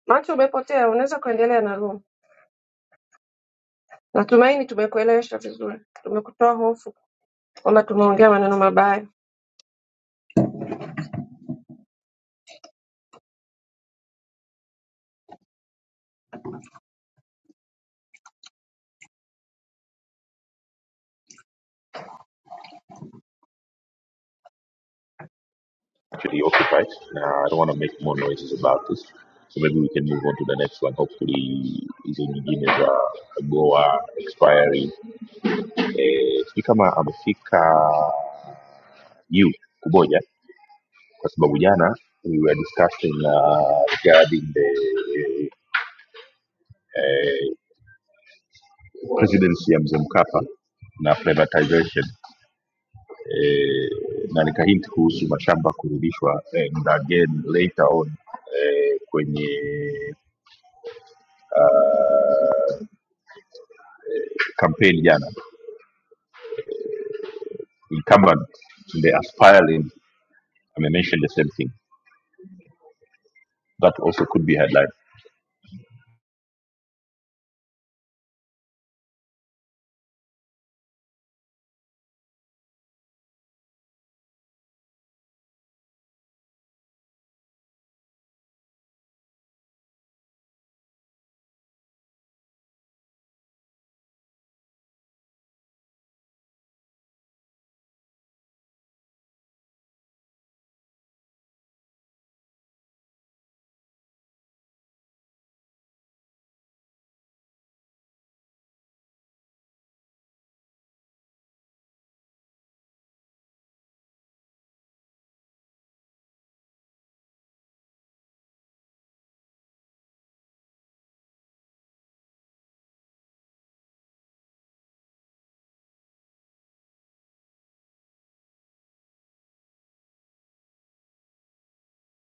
S3: macho umepotea, unaweza kuendelea na room. Natumaini tumekuelewesha vizuri, tumekutoa hofu kwamba tumeongea maneno mabaya.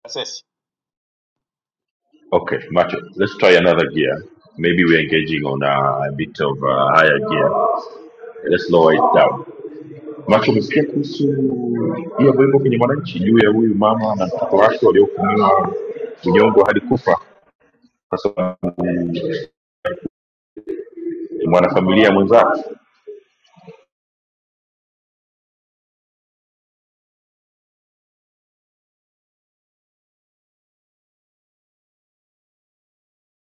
S2: Sasa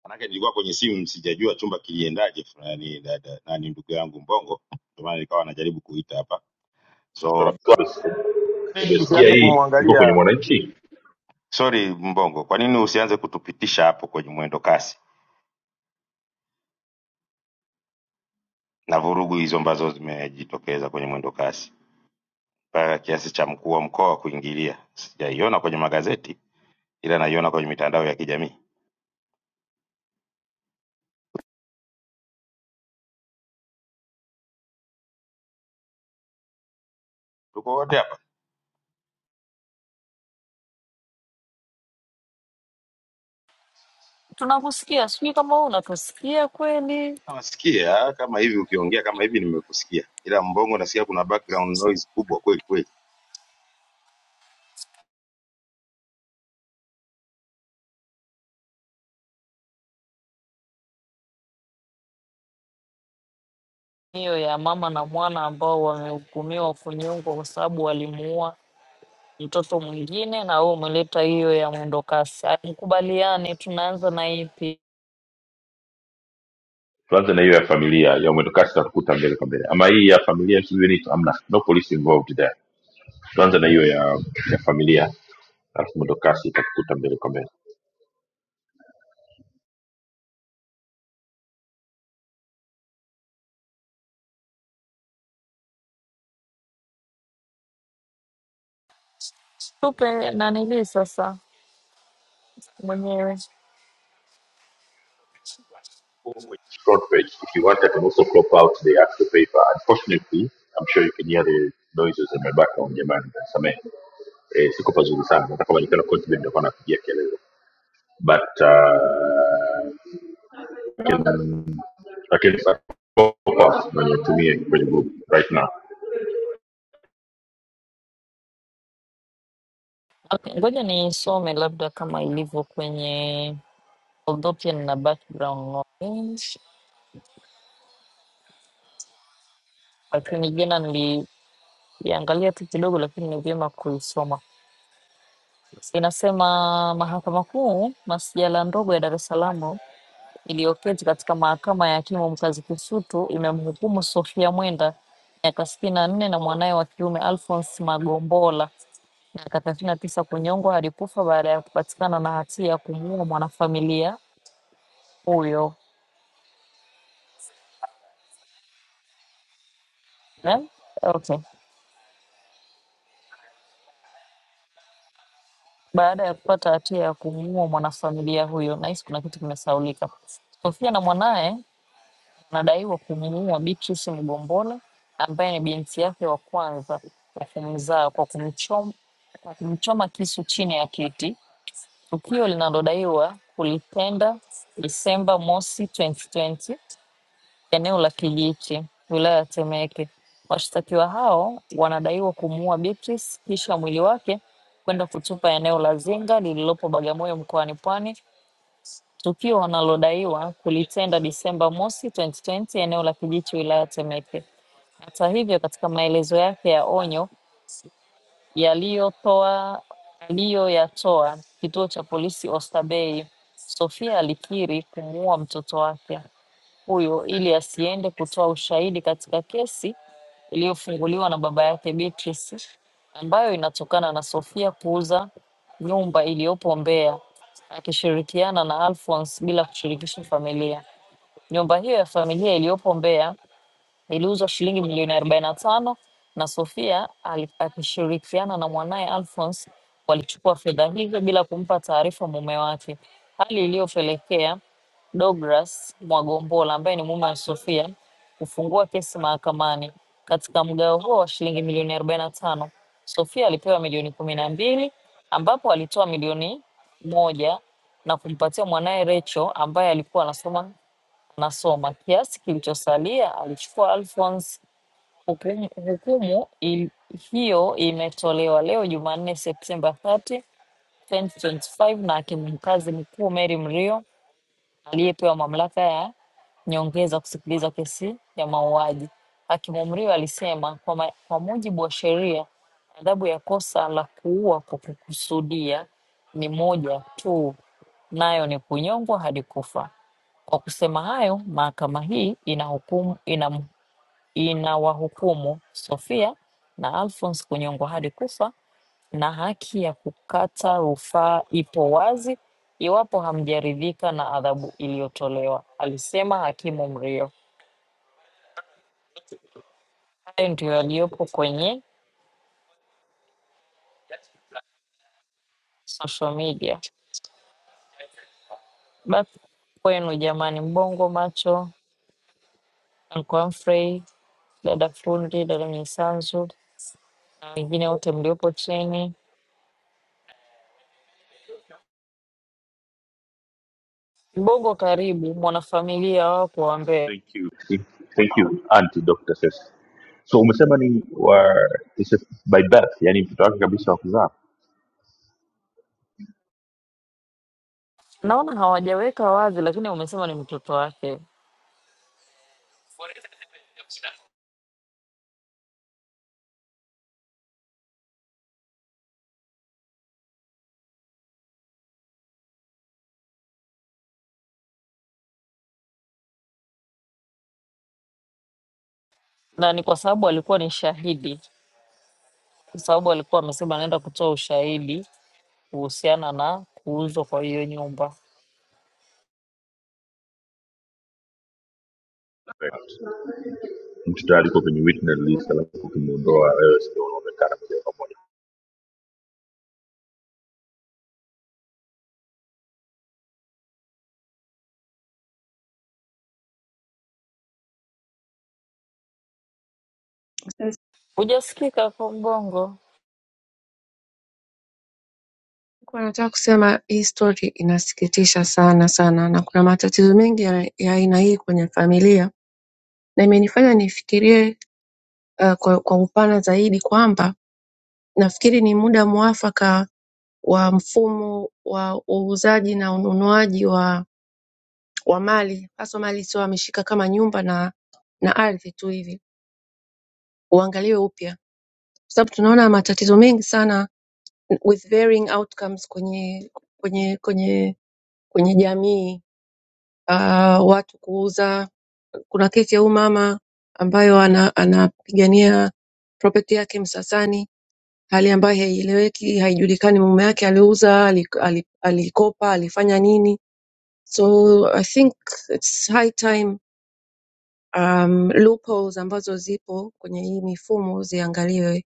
S2: manake nilikuwa kwenye simu sijajua chumba kiliendaje fulani dada nani ndugu yangu Mbongo ndio maana nikawa najaribu kuita hapa. So kwa nini tusianze kumwangalia? Sorry Mbongo, kwa nini usianze kutupitisha hapo kwenye mwendo kasi na vurugu hizo ambazo zimejitokeza kwenye mwendo kasi mpaka kiasi cha mkuu wa mkoa kuingilia? Sijaiona kwenye magazeti ila naiona kwenye mitandao ya kijamii. Tuko wote hapa.
S5: Tunakusikia, sijui kama wewe unatusikia kweli.
S2: Nawasikia kama hivi ukiongea kama hivi nimekusikia, ila Mbongo nasikia kuna background noise kubwa kweli kweli.
S5: Hiyo ya mama na mwana ambao wamehukumiwa kunyongwa kwa sababu walimuua mtoto mwingine, na wewe umeleta hiyo ya mwendo kasi. Mkubaliane, tunaanza na ipi? Tupe nanili sasa mwenyewe. Okay, ngoja nisome labda kama ilivyo kwenye, although pia nina background knowledge, lakini jana niliangalia tu kidogo, lakini ni vyema kuisoma. Inasema Mahakama Kuu, masijala ndogo ya Dar es Salaam iliyoketi katika mahakama ya hakimu mkazi Kisutu imemhukumu Sofia Mwenda miaka sitini na nne na mwanaye wa kiume Alphonse Magombola miaka thelathini na tisa kunyongwa hadi kufa baada ya kupatikana na hatia ya kumuua mwanafamilia huyo eh? Okay. Baada ya kupata hatia ya kumuua mwanafamilia huyo, nahisi kuna kitu kimesaulika. Sofia na mwanaye wanadaiwa kumuua Beatrice Mgombole ambaye ni binti yake wa kwanza kwa kumzaa kwa kumchoma, kwa kumchoma kisu chini ya kiti, tukio linalodaiwa kulitenda Disemba mosi 2020 eneo la Kijiti, wilaya ya Temeke. Washtakiwa hao wanadaiwa kumuua Beatrice kisha mwili wake kwenda kutupa eneo la Zinga lililopo Bagamoyo mkoani Pwani, tukio wanalodaiwa kulitenda Disemba mosi 2020 eneo la Kijiti wilaya ya Temeke. Hata hivyo, katika maelezo yake ya onyo yaliyotoa aliyoyatoa kituo cha polisi Oysterbay. Sofia alikiri kumuua mtoto wake huyo ili asiende kutoa ushahidi katika kesi iliyofunguliwa na baba yake Beatrice, ambayo inatokana na Sofia kuuza nyumba iliyopo Mbeya akishirikiana na Alphonse bila kushirikisha familia. Nyumba hiyo ya familia iliyopo Mbeya iliuzwa shilingi milioni arobaini na tano na Sofia ali- akishirikiana na mwanaye Alphonse walichukua fedha hizo bila kumpa taarifa mume wake, hali iliyopelekea Douglas Mwagombola ambaye ni mume wa Sofia kufungua kesi mahakamani. Katika mgao huo wa shilingi milioni arobaini na tano Sofia alipewa milioni kumi na mbili ambapo alitoa milioni moja na kumpatia mwanaye Rachel ambaye alikuwa anasoma Nasoma kiasi kilichosalia alichukua Alphonse. Hukumu, hukumu il, hiyo imetolewa leo Jumanne Septemba 30, 2025 na ishirini na tano na hakimu mkazi mkuu Mary Mrio aliyepewa mamlaka ya nyongeza kusikiliza kesi ya mauaji. Hakimu Mrio alisema kwa, ma, kwa mujibu wa sheria adhabu ya kosa la kuua kwa kukusudia ni moja tu, nayo ni kunyongwa hadi kufa. Kwa kusema hayo, mahakama hii inahukumu, inam- inawahukumu Sophia na Alphonce kunyongwa hadi kufa na haki ya kukata rufaa ipo wazi iwapo hamjaridhika na adhabu iliyotolewa, alisema hakimu Mrio. Hayo ndiyo yaliyopo kwenye social media. Basi kwenu jamani, Mbongo Macho, Uncle Humphrey, dada fundi, dada Misanzu na wengine wote mliopo chini. Bongo karibu mwanafamilia wako wa Mbeya, naona hawajaweka wazi, lakini wamesema ni mtoto wake, na ni kwa sababu alikuwa ni shahidi, kwa sababu alikuwa amesema anaenda kutoa ushahidi kuhusiana na kuuzwa kwa hiyo nyumba. Hujasikika kwa Mbongo,
S3: Kwa nataka kusema hii story inasikitisha sana sana, na kuna matatizo mengi ya ya aina hii kwenye familia, na imenifanya nifikirie uh, kwa, kwa upana zaidi kwamba nafikiri ni muda mwafaka wa mfumo wa uuzaji na ununuaji wa wa mali hasa mali sio ameshika kama nyumba na na ardhi tu hivi uangaliwe upya kwa sababu tunaona matatizo mengi sana with varying outcomes kwenye kwenye kwenye kwenye jamii uh, watu kuuza kuna kesi ya huyu mama ambayo ana- anapigania property yake msasani hali ambayo haieleweki haijulikani mume yake aliuza ali- ali- alikopa alifanya nini so i think it's high time um, loopholes ambazo zipo kwenye hii mifumo ziangaliwe.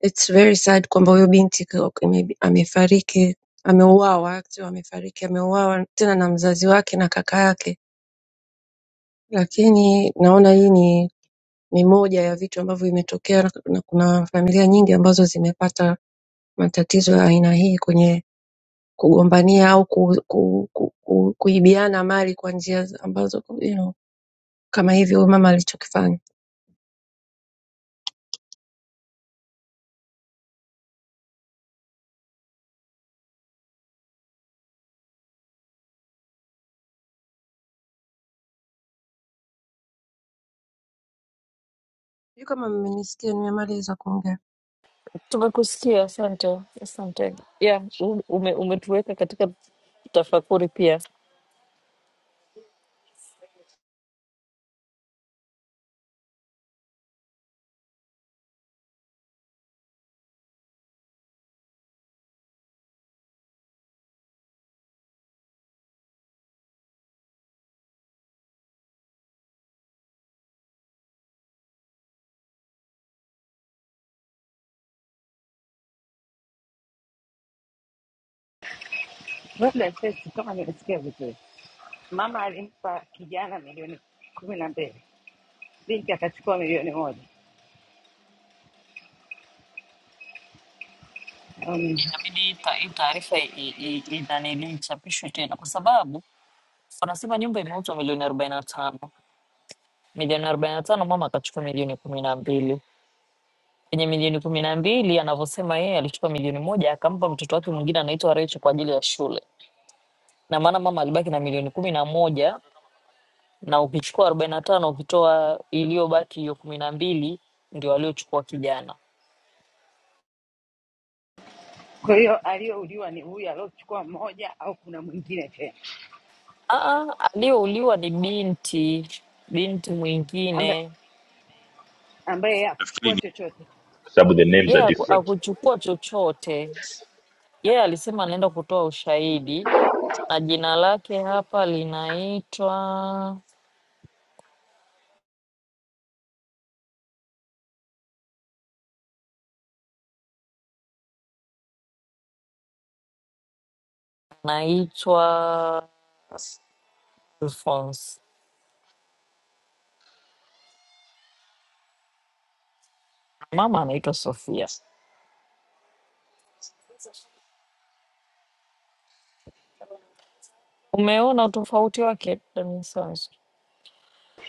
S3: It's very sad kwamba huyo binti ka- maybe amefariki, ameuawa, actually amefariki, ameuawa tena na mzazi wake na kaka yake, lakini naona hii ni ni moja ya vitu ambavyo imetokea na na kuna familia nyingi ambazo zimepata matatizo ya aina hii kwenye kugombania au ku, ku, ku, ku, kuibiana mali kwa njia ambazo you know, kama hivyo huyu mama alichokifanya. Sijui kama mmenisikia, nimemaliza kuongea.
S5: tumekusikia. Asante, asante. Yeah, u- ume, umetuweka katika tafakuri pia.
S1: Wewe Dasesi, kama nimesikia vizuri, mama alimpa kijana milioni kumi na mbili, binti akachukua milioni moja. Um,
S5: Inabidi hii ta- hii taarifa i- i- i- inanili ichapishwe tena, kwa sababu wanasema nyumba imeuzwa milioni arobaini na tano milioni arobaini na tano mama akachukua milioni kumi na mbili kwenye milioni kumi na mbili anavyosema yeye alichukua milioni moja akampa mtoto wake mwingine anaitwa Recho kwa ajili ya shule, na maana mama alibaki na milioni kumi na moja na ukichukua arobaini na tano ukitoa iliyobaki hiyo kumi na mbili ndio aliochukua kijana.
S1: kwa hiyo aliyouliwa ni huyu aliochukua moja, au kuna mwingine tena
S5: Ah, aliyouliwa ni binti binti
S1: ambaye
S5: mwingine,
S1: ambaye yeye hakuchukua chochote?
S5: yeye haku- hakuchukua chochote. Yeye alisema anaenda kutoa ushahidi na jina lake hapa linaitwa Naitwa Alphonse. Mama anaitwa Sofia. Umeona utofauti wake? Damisons.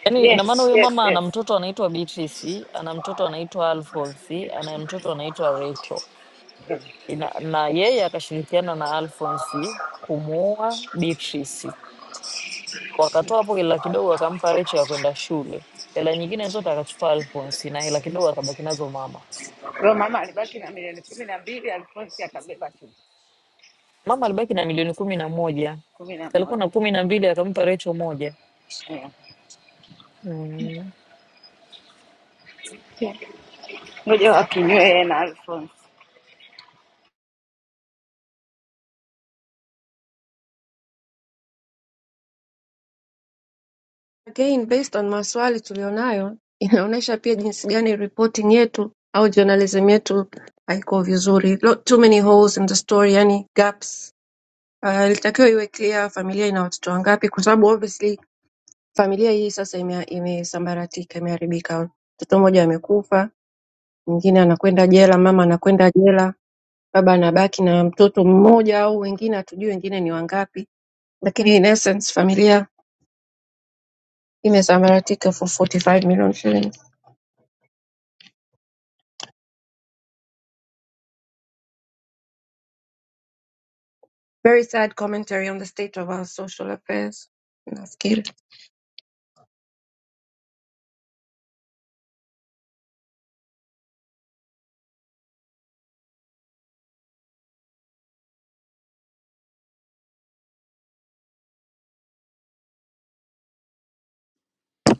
S5: Yaani ina maana
S1: Yes,
S5: huyo
S1: yes,
S5: mama ana
S1: yes.
S5: mtoto anaitwa Beatrice, ana mtoto anaitwa Alphonse, ana mtoto anaitwa Rachel. Ina, na yeye akashirikiana na Alphonse kumuoa Beatrice. Wakatoa hapo hela kidogo akampa Rachel ya kwenda shule. Hela nyingine zote akachukua Alphonse na hela kidogo akabaki nazo mama.
S1: Kwa hiyo mama alibaki na milioni kumi na mbili, Alfonsi akabeba tu
S5: Mama alibaki na milioni kumi na moja
S1: kumi na
S5: alikuwa
S1: moja.
S5: na kumi na mbili akampa Recho moja.
S1: Yeah.
S5: Mm.
S1: Ngoja wakinywe yeye na Alfonsi.
S3: Again based on maswali tuliyonayo inaonesha pia jinsi gani reporting yetu au journalism yetu haiko vizuri Lo- too many holes in the story yani gaps Ah, ilitakiwa iwe clear familia ina watoto wangapi kwa sababu obviously familia hii sasa imea- imesambaratika imeharibika mtoto mmoja amekufa mwingine anakwenda jela mama anakwenda jela baba anabaki na mtoto mmoja au wengine hatujui wengine ni wangapi lakini in essence familia imesambaratika for 45 million shillings Very sad commentary on the state of our social affairs nafikiri.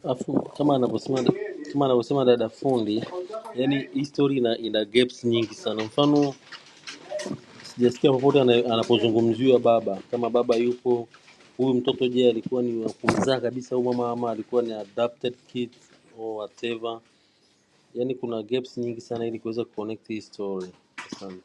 S6: Afu kama anavyosema kama anavyosema dada fundi, yani history ina, ina gaps nyingi sana. Mfano sijasikia popote ana- anapozungumziwa baba, kama baba yupo huyu mtoto, je, alikuwa ni wa kumzaa kabisa huyu mama ama alikuwa ni adopted kid or whatever? Yani kuna gaps nyingi sana ili kuweza kuconnect hii story. Asante.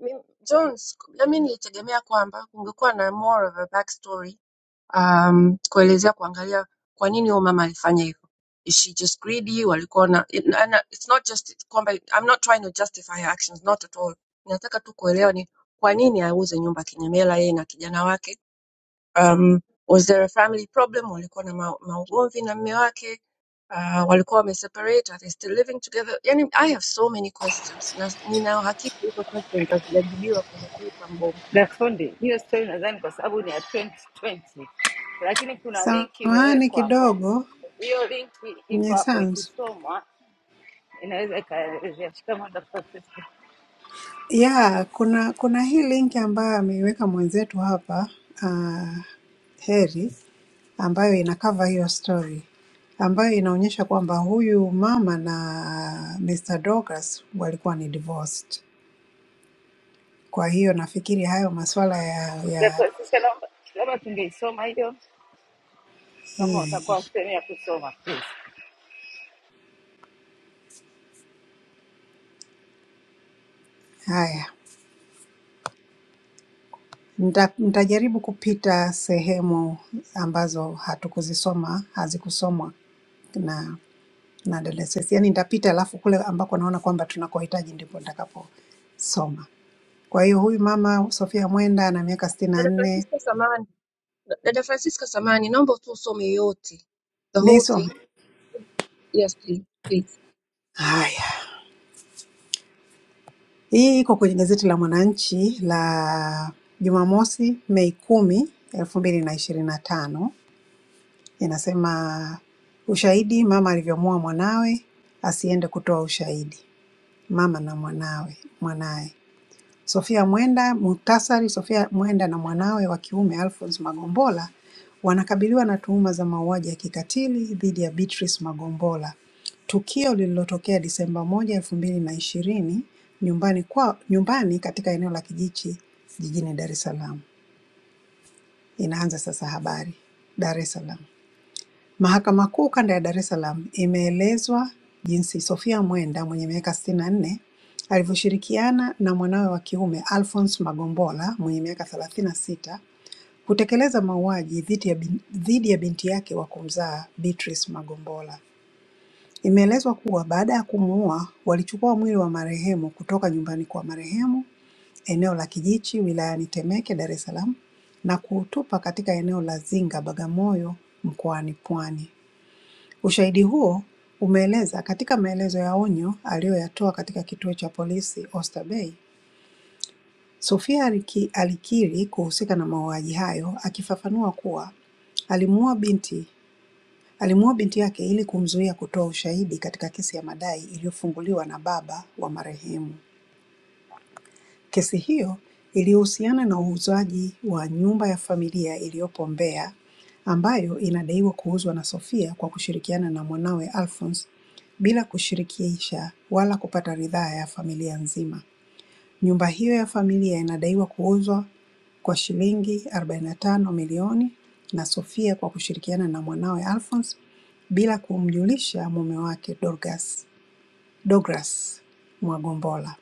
S3: Mi- Jones, na mimi nilitegemea kwamba kungekuwa na more of a backstory um, kuelezea kuangalia kwa nini huyo mama alifanya hivyo. Is she just greedy? Walikuwa na it- and, uh, it's not just kwamba I'm not trying to justify her actions, not at all. Nataka tu kuelewa ni kwa nini auze nyumba kinyemela yeye na kijana wake um, was there a family problem walikuwa na ma- maugomvi na mme wake uh, walikuwa wameseparate are they still living together yani i have so many questions na nina uhakika hizo questions hazijajibiwa kwenye paper mbongo
S1: na fundi. Hiyo stori nadhani kwa sababu ni ya 2020 lakini kuna linki
S7: Samahani
S1: imewekwa hapo.
S7: kidogo
S1: Hiyo linki iko hapo,
S7: Mnyisanzu.
S1: ikisomwa inaweza ikaelezea. Shikamoo Dr. Francisca.
S7: Yeah, kuna kuna hii linki ambayo ameiweka mwenzetu hapa uh, Heri ambayo inakava hiyo story ambayo inaonyesha kwamba huyu mama na Mr. Dorcas walikuwa ni divorced. Kwa hiyo nafikiri hayo masuala ya
S1: Dr.
S7: ya
S1: Francisca, naomba labda tungeisoma hiyo kama utakuwa
S7: hii
S1: usemi ya kusoma please.
S7: haya Nita, nitajaribu kupita sehemu ambazo hatukuzisoma hazikusomwa Nadalasesi, yani nitapita, alafu kule ambako naona kwamba tunakohitaji ndipo nitakaposoma. Kwa hiyo huyu mama Sofia Mwenda ana miaka sitini na
S3: dada
S7: nne.
S3: francisca samani dada francisca samani naomba tu usome yote the whole thing
S7: Nisome
S3: yes please please
S7: haya, hii iko kwenye gazeti la Mwananchi la Jumamosi, Mei kumi elfu mbili na ishirini na tano. Inasema ushahidi, mama alivyomuua mwanawe asiende kutoa ushahidi, mama na mwanawe mwanaye. Sophia Mwenda, muhtasari. Sophia Mwenda na mwanawe wa kiume Alphonse Magombola wanakabiliwa na tuhuma za mauaji ya kikatili dhidi ya Beatrice Magombola, tukio lililotokea Disemba moja elfu mbili na ishirini nyumbani kwa nyumbani katika eneo la Kijichi jijini Dar es Salaam. Inaanza sasa habari. Dar es Salaam. Mahakama Kuu Kanda ya Dar es Salaam imeelezwa jinsi Sophia Mwenda mwenye miaka 64 alivyoshirikiana na mwanawe wa kiume Alphonce Magombola mwenye miaka 36 kutekeleza mauaji dhidi ya, bin, dhidi ya binti yake wa kumzaa Beatrice Magombola. Imeelezwa kuwa baada ya kumuua walichukua mwili wa marehemu kutoka nyumbani kwa marehemu eneo la Kijichi wilayani Temeke, Dar es Salaam na kuutupa katika eneo la Zinga, Bagamoyo mkoani Pwani. Ushahidi huo umeeleza katika maelezo ya onyo aliyoyatoa katika kituo cha polisi Oyster Bay, Sofia aliki- alikiri kuhusika na mauaji hayo akifafanua kuwa alimuua binti alimuua binti yake ili kumzuia kutoa ushahidi katika kesi ya madai iliyofunguliwa na baba wa marehemu. Kesi hiyo ilihusiana na uuzaji wa nyumba ya familia iliyopo Mbeya ambayo inadaiwa kuuzwa na Sophiya kwa kushirikiana na mwanawe Alphonce bila kushirikisha wala kupata ridhaa ya familia nzima. Nyumba hiyo ya familia inadaiwa kuuzwa kwa shilingi arobaini na tano milioni na Sophiya kwa kushirikiana na mwanawe Alphonce bila kumjulisha mume wake Dorcas Douglas Mwagombola.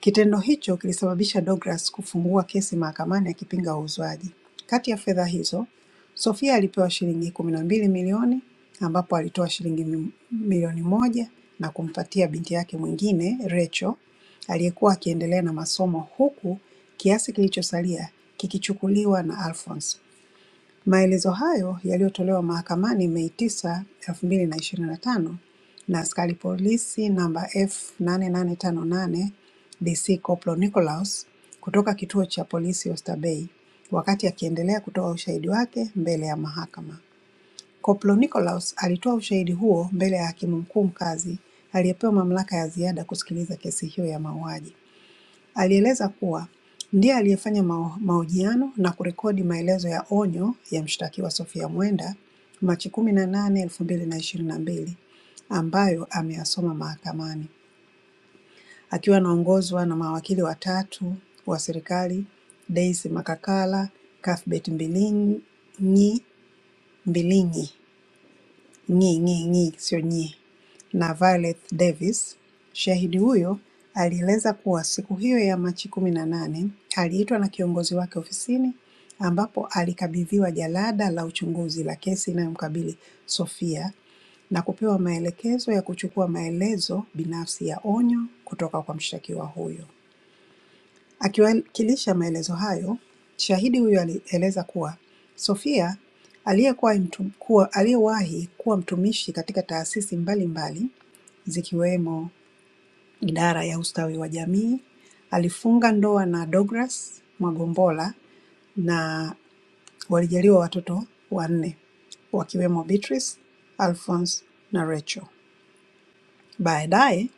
S7: Kitendo hicho kilisababisha Douglas kufungua kesi mahakamani akipinga uuzwaji. Kati ya fedha hizo, Sophia alipewa shilingi kumi na mbili milioni ambapo alitoa shilingi mi- milioni moja na kumpatia binti yake mwingine Rachel aliyekuwa akiendelea na masomo huku kiasi kilichosalia kikichukuliwa na Alphonse. Maelezo hayo yaliyotolewa mahakamani Mei 9, 2025 na ishirini na tano na askari polisi namba F8858 DC Corporal Nicholaus kutoka kituo cha polisi Oysterbay wakati akiendelea kutoa ushahidi wake mbele ya mahakama. Corporal Nicholaus alitoa ushahidi huo mbele ya Hakimu Mkuu Mkazi aliyepewa mamlaka ya ziada kusikiliza kesi hiyo ya mauaji. Alieleza kuwa ndiye aliyefanya mao- mahojiano na kurekodi maelezo ya onyo ya mshtakiwa Sophia Mwenda Machi kumi na nane elfu mbili na ishirini na mbili ambayo ameyasoma mahakamani akiwa anaongozwa na mawakili watatu wa serikali Daisy Makakala, Cuthbert Mbilinyi Mbilinyi Nyi nyi nyi sio nyi na Violet Davis. Shahidi huyo alieleza kuwa siku hiyo ya Machi kumi na nane aliitwa na kiongozi wake ofisini ambapo alikabidhiwa jalada la uchunguzi la kesi inayomkabili Sophia na kupewa maelekezo ya kuchukua maelezo binafsi ya onyo kutoka kwa mshtakiwa huyo. Akiwakilisha maelezo hayo, shahidi huyo alieleza kuwa Sophia aliyekuwa mtu- kuwa- aliyewahi kuwa mtumishi katika taasisi mbalimbali zikiwemo idara ya ustawi wa jamii, alifunga ndoa na Douglas Mwagombola na walijaliwa watoto wanne wakiwemo Beatrice, Alphonce na Rachel. Baadaye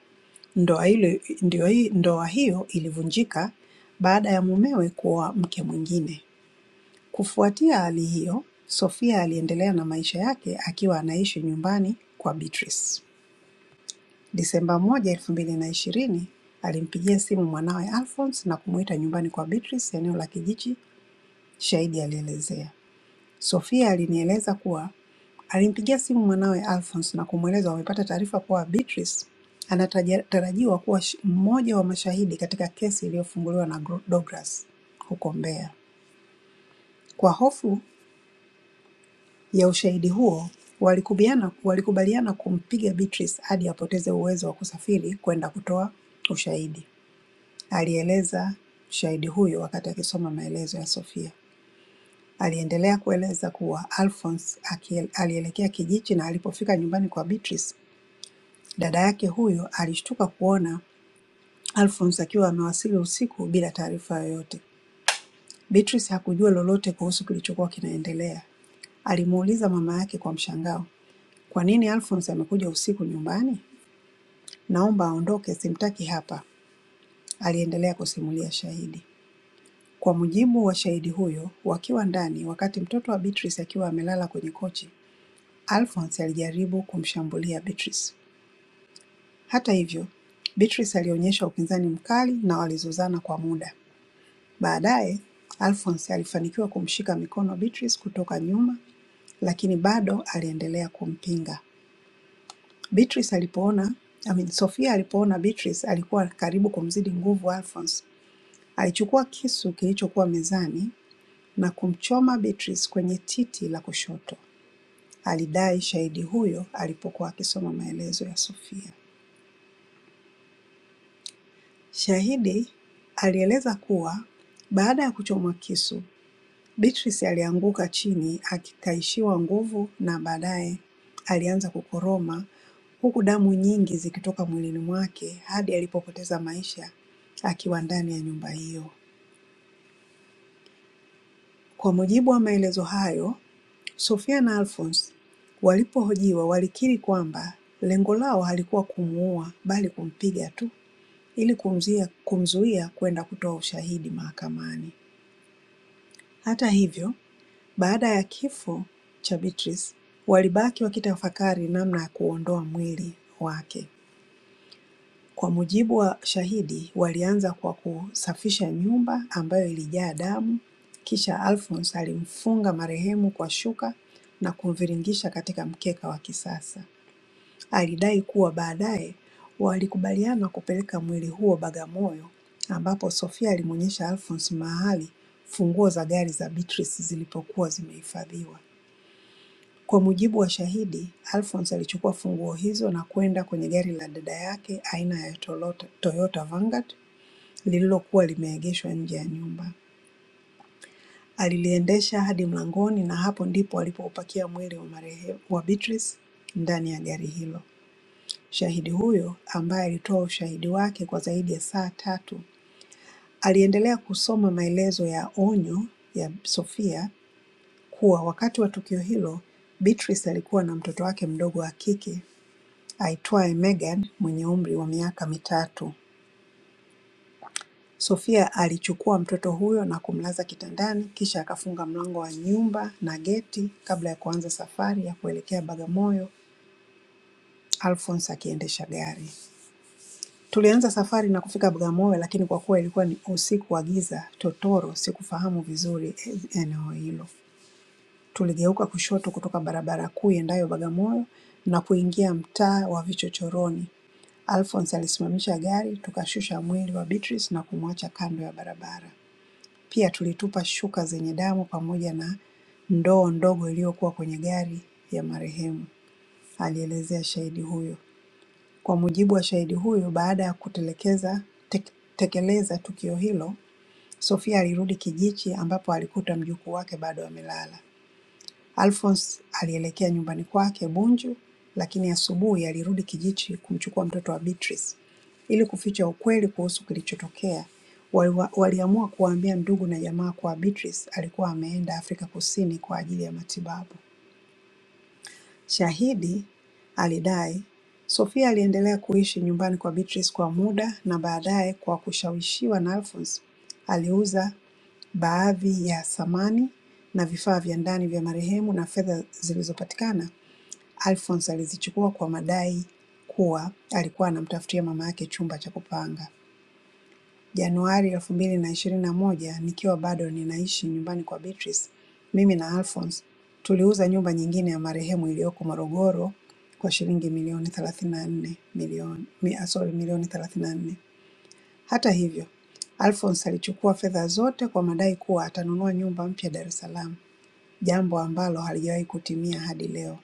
S7: Ndoa ile ndio hii- ndoa hiyo ilivunjika baada ya mumewe kuoa mke mwingine. Kufuatia hali hiyo, Sofia aliendelea na maisha yake akiwa anaishi nyumbani kwa Beatrice. Disemba moja elfu mbili na ishirini alimpigia simu mwanawe Alphonce na kumuita nyumbani kwa Beatrice eneo la Kijichi, shahidi alielezea. Sofia alinieleza kuwa alimpigia simu mwanawe Alphonce na kumweleza wamepata taarifa kuwa Beatrice anatarajiwa kuwa sh- mmoja wa mashahidi katika kesi iliyofunguliwa na Gro- Douglas huko Mbeya. Kwa hofu ya ushahidi huo, walikubaliana walikubaliana kumpiga Beatrice hadi apoteze uwezo wa kusafiri kwenda kutoa ushahidi, alieleza shahidi huyo wakati akisoma maelezo ya Sofia. Aliendelea kueleza kuwa Alphonce aki- alielekea kijiji na alipofika nyumbani kwa Beatrice, dada yake huyo alishtuka kuona Alphonce akiwa amewasili usiku bila taarifa yoyote. Beatrice hakujua lolote kuhusu kilichokuwa kinaendelea. Alimuuliza mama yake kwa mshangao, kwa nini Alphonce amekuja usiku nyumbani? Naomba aondoke, simtaki hapa, aliendelea kusimulia shahidi. Kwa mujibu wa shahidi huyo, wakiwa ndani, wakati mtoto wa Beatrice akiwa amelala kwenye kochi, Alphonce alijaribu kumshambulia Beatrice. Hata hivyo, Beatrice alionyesha upinzani mkali na walizozana kwa muda. Baadaye, Alphonce alifanikiwa kumshika mikono Beatrice kutoka nyuma, lakini bado aliendelea kumpinga. Beatrice alipoona I mean, Sofia alipoona Beatrice alikuwa karibu kumzidi nguvu Alphonse, alichukua kisu kilichokuwa mezani na kumchoma Beatrice kwenye titi la kushoto. Alidai shahidi huyo alipokuwa akisoma maelezo ya Sofia. Shahidi alieleza kuwa baada ya kuchomwa kisu, Beatrice alianguka chini akitaishiwa nguvu na baadaye alianza kukoroma huku damu nyingi zikitoka mwilini mwake hadi alipopoteza maisha akiwa ndani ya nyumba hiyo. Kwa mujibu wa maelezo hayo, Sofia na Alphonce walipohojiwa walikiri kwamba lengo lao halikuwa kumuua bali kumpiga tu ili kumzia- kumzuia kwenda kutoa ushahidi mahakamani. Hata hivyo baada ya kifo cha Beatrice walibaki wakitafakari namna ya kuuondoa mwili wake. Kwa mujibu wa shahidi walianza kwa kusafisha nyumba ambayo ilijaa damu kisha Alphonce alimfunga marehemu kwa shuka na kumviringisha katika mkeka wa kisasa. Alidai kuwa baadaye walikubaliana kupeleka mwili huo Bagamoyo ambapo Sofia alimuonyesha Alphonce mahali funguo za gari za Beatrice zilipokuwa zimehifadhiwa. Kwa mujibu wa shahidi, Alphonce alichukua funguo hizo na kwenda kwenye gari la dada yake aina ya Toyota Toyota Vanguard lililokuwa limeegeshwa nje ya nyumba. Aliliendesha hadi mlangoni na hapo ndipo alipoupakia mwili wa marehemu wa Beatrice ndani ya gari hilo. Shahidi huyo, ambaye alitoa ushahidi wake kwa zaidi ya saa tatu, aliendelea kusoma maelezo ya onyo ya Sophia kuwa wakati wa tukio hilo, Beatrice alikuwa na mtoto wake mdogo wa kike aitwaye Megan mwenye umri wa miaka mitatu. Sophia alichukua mtoto huyo na kumlaza kitandani kisha akafunga mlango wa nyumba na geti kabla ya kuanza safari ya kuelekea Bagamoyo, Alphonce akiendesha gari. Tulianza safari na kufika Bagamoyo lakini kwa kuwa ilikuwa ni usiku wa giza totoro sikufahamu vizuri eneo hilo. Tuligeuka kushoto kutoka barabara kuu iendayo Bagamoyo na kuingia mtaa wa vichochoroni. Alphonse alisimamisha gari, tukashusha mwili wa Beatrice na kumwacha kando ya barabara. Pia tulitupa shuka zenye damu pamoja na ndoo ndogo iliyokuwa kwenye gari ya marehemu, alielezea shahidi huyo. Kwa mujibu wa shahidi huyo, baada ya kutekeleza tukio hilo, Sofia alirudi Kijichi ambapo alikuta mjukuu wake bado amelala. Alphonce alielekea nyumbani kwake Bunju, lakini asubuhi alirudi Kijichi kumchukua mtoto wa Beatrice. Ili kuficha ukweli kuhusu kilichotokea, waliwa- waliamua kuwaambia ndugu na jamaa kuwa Beatrice alikuwa ameenda Afrika Kusini kwa ajili ya matibabu. Shahidi alidai, Sofia aliendelea kuishi nyumbani kwa Beatrice kwa muda na baadaye kwa kushawishiwa na Alphonce, aliuza baadhi ya samani na vifaa vya ndani vya marehemu na fedha zilizopatikana, Alphonce alizichukua kwa madai kuwa alikuwa anamtafutia mama yake chumba cha kupanga. Januari elfu mbili na ishirini na moja nikiwa bado ninaishi nyumbani kwa Beatrice, mimi na Alphonce tuliuza nyumba nyingine ya marehemu iliyoko Morogoro kwa shilingi milioni thelathini na nne milioni mi- ah, sorry milioni thelathini na nne. Hata hivyo, Alphonce alichukua fedha zote kwa madai kuwa atanunua nyumba mpya Dar es Salaam, jambo ambalo halijawahi kutimia hadi leo,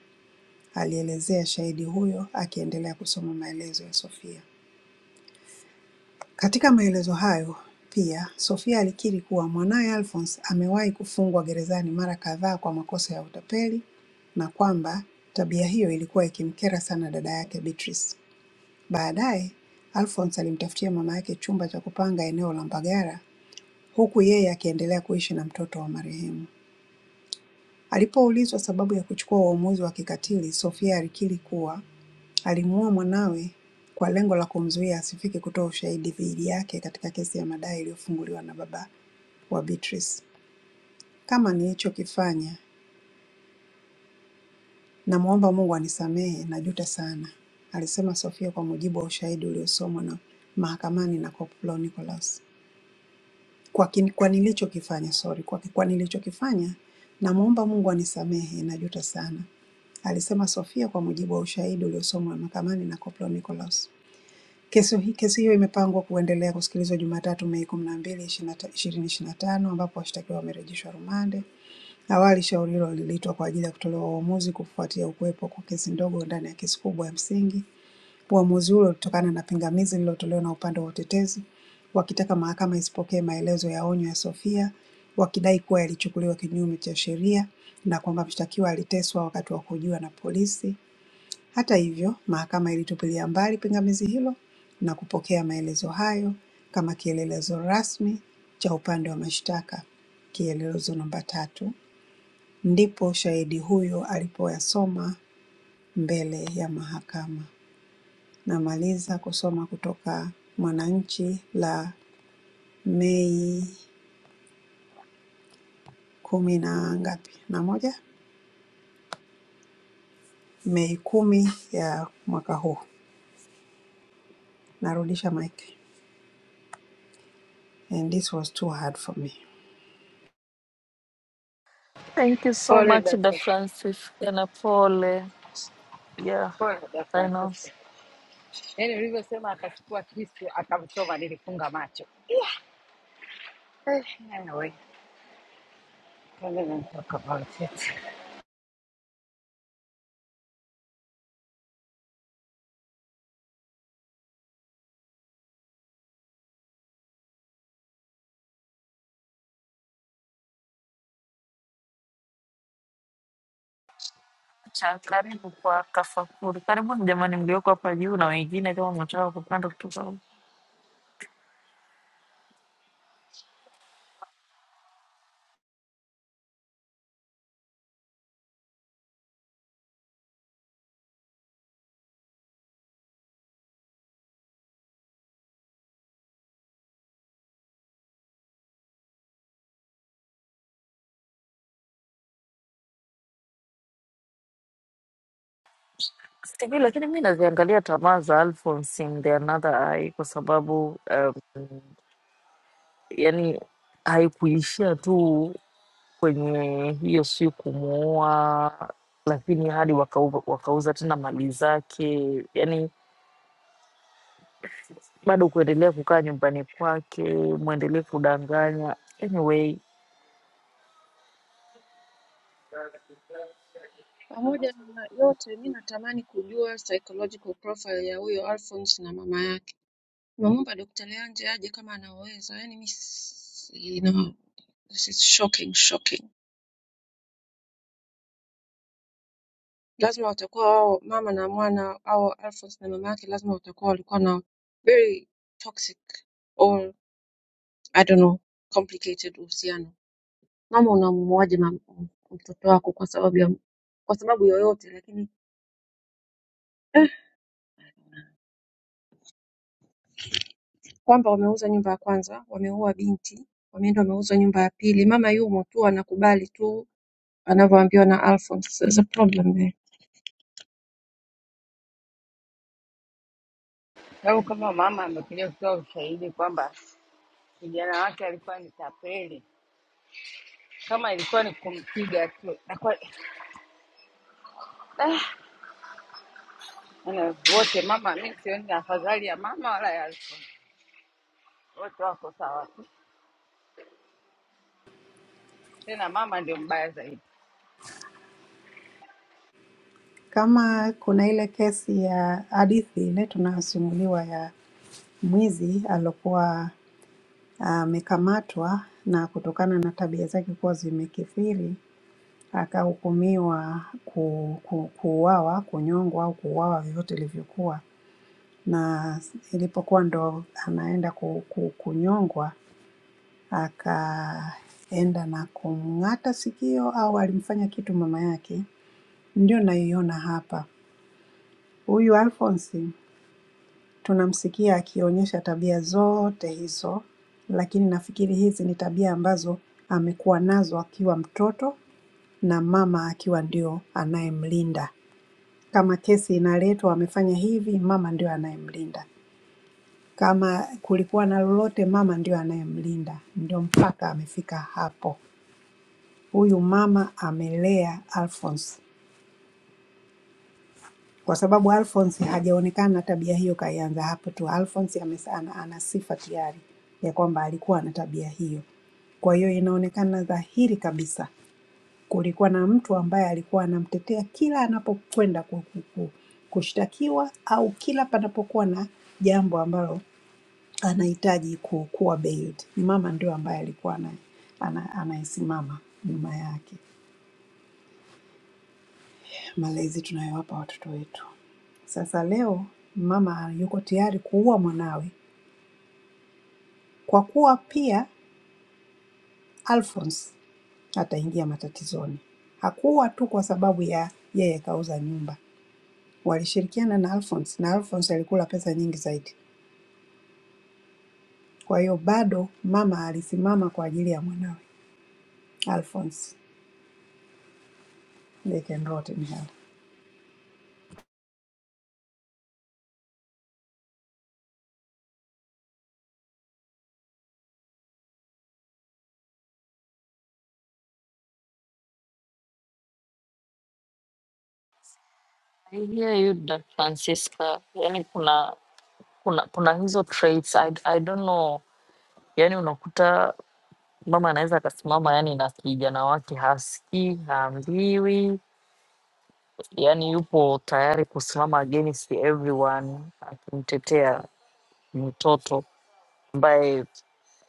S7: alielezea shahidi huyo akiendelea kusoma maelezo ya Sophia. Katika maelezo hayo pia, Sofia alikiri kuwa mwanawe Alphonce amewahi kufungwa gerezani mara kadhaa kwa makosa ya utapeli na kwamba tabia hiyo ilikuwa ikimkera sana dada yake Beatrice. Baadaye, Alphonce alimtafutia mama yake chumba cha kupanga eneo la Mbagala huku yeye akiendelea kuishi na mtoto wa marehemu. Alipoulizwa sababu ya kuchukua uamuzi wa kikatili, Sofia alikiri kuwa Alimuua mwanawe kwa lengo la kumzuia asifike kutoa ushahidi dhidi yake katika kesi ya madai iliyofunguliwa na baba wa Beatrice. Kama nilichokifanya, namwomba Mungu anisamehe, najuta sana, alisema Sofia kwa mujibu wa ushahidi uliosomwa na mahakamani na Koplo Nicholas. Kwa, kin, kwa nilichokifanya sorry, kwa, kwa nilichokifanya, namwomba Mungu anisamehe, najuta sana, alisema Sofia kwa mujibu wa ushahidi uliosomwa mahakamani na Koplo Nicholas. Kesi hii, kesi hiyo imepangwa kuendelea kusikilizwa Jumatatu Mei kumi na mbili ishirini ishirini na tano ambapo washtakiwa wamerejeshwa rumande. Awali shauri hilo liliitwa kwa ajili ya kutolewa uamuzi kufuatia kuwepo kwa kesi ndogo ndani ya kesi kubwa ya msingi. Uamuzi huo ulitokana na pingamizi lililotolewa na upande wa utetezi wakitaka mahakama isipokee maelezo ya onyo ya Sophia wakidai kuwa yalichukuliwa kinyume cha sheria na kwamba mshtakiwa aliteswa wakati wa kuhojiwa na polisi hata hivyo, Mahakama ilitupilia mbali pingamizi hilo na kupokea maelezo hayo kama kielelezo rasmi cha upande wa mashtaka (kielelezo namba tatu). Ndipo shahidi huyo alipoyasoma mbele ya mahakama. Namaliza kusoma kutoka Mwananchi la Mei kumi na ngapi na moja, Mei kumi ya mwaka huu. Narudisha mic. And this was too hard for me.
S5: Thank you so
S1: Pole
S5: much da
S1: Dr.
S5: Francis tena pole. Yeah,
S1: Pole Dr.
S5: I know.
S1: Francisca. Yaani ulivyosema akachukua kisu akamchoma, nilifunga macho Eh, anyway, kama nimetoka about it.
S5: Cha karibu kwa Kafakuri, karibuni jamani mlioko hapa juu na wengine kama mnataka kupanda kutoka huko. sijui, lakini mi naziangalia tamaa za Alphonse in the another eye kwa sababu um, yani haikuishia tu kwenye hiyo siku kumuoa, lakini hadi wakauza, wakauza tena mali zake, yani bado kuendelea kukaa nyumbani kwake, mwendelee kudanganya. Anyway,
S3: pamoja na yote mi natamani kujua psychological profile ya huyo alphonse na mama yake nimemwomba dokta leanje aje kama anaweza yani mi This is shocking, shocking. Lazima watakuwa wao mama na mwana au Alphonse na mama yake lazima watakuwa walikuwa na very toxic or I don't know complicated uhusiano. Mama unamuoaje mam- mtoto wako kwa sababu ya kwa sababu yoyote, lakini eh, kwamba wameuza nyumba ya kwanza, wameua binti, wameenda wameuza nyumba ya pili, mama yumo tu anakubali tu anavyoambiwa na Alphonse. There's a problem there.
S1: Sababu kama mama amekuja kutoa ushahidi kwamba kijana wake alikuwa ni tapeli, kama ilikuwa ni kumpiga tu nakuwa ah, ana- wote mama. Mi sioni afadhali ya mama wala ya Alfa, wote wako sawa tu. Tena mama ndio mbaya zaidi,
S7: Kama kuna ile kesi ya hadithi ile tunayosimuliwa ya mwizi aliokuwa ah, amekamatwa na kutokana na tabia zake kuwa zimekithiri akahukumiwa ku, ku, kuuawa, kunyongwa au kuuawa vyovyote ilivyokuwa, na ilipokuwa ndo anaenda ku, ku, kunyongwa akaenda na kumng'ata sikio au alimfanya kitu mama yake, ndio naiona hapa. Huyu Alphonce tunamsikia akionyesha tabia zote hizo, lakini nafikiri hizi ni tabia ambazo amekuwa nazo akiwa mtoto na mama akiwa ndio anayemlinda. Kama kesi inaletwa amefanya hivi, mama ndio anayemlinda. Kama kulikuwa na lolote, mama ndio anayemlinda, ndio mpaka amefika hapo. Huyu mama amelea Alphonse kwa sababu Alphonce hajaonekana na tabia hiyo, kaianza hapo tu. Alphonce amesa- ana ana sifa tayari ya kwamba alikuwa na tabia hiyo. Kwa hiyo inaonekana dhahiri kabisa kulikuwa na mtu ambaye alikuwa anamtetea kila anapokwenda ku- ku- ku- kushtakiwa au kila panapokuwa na jambo ambalo anahitaji ku- kuwa bailed. Mama ndio ambaye alikuwa ana- ana- anayesimama nyuma yake. malezi tunayowapa watoto wetu. Sasa leo mama yuko tayari kuua mwanawe kwa kuwa pia Alphonse ataingia matatizoni. Hakuwa tu kwa sababu ya yeye kauza nyumba, walishirikiana na Alphonse na Alphonse alikula pesa nyingi zaidi. Kwa hiyo bado mama alisimama kwa ajili ya mwanawe Alphonse. They can rot in hell.
S5: I hear you that Francisca, yani kuna kuna kuna hizo traits I, I don't know, yani unakuta mama anaweza akasimama yani na kijana wake hasikii, haambiwi, yani yupo tayari kusimama against everyone akimtetea mtoto ambaye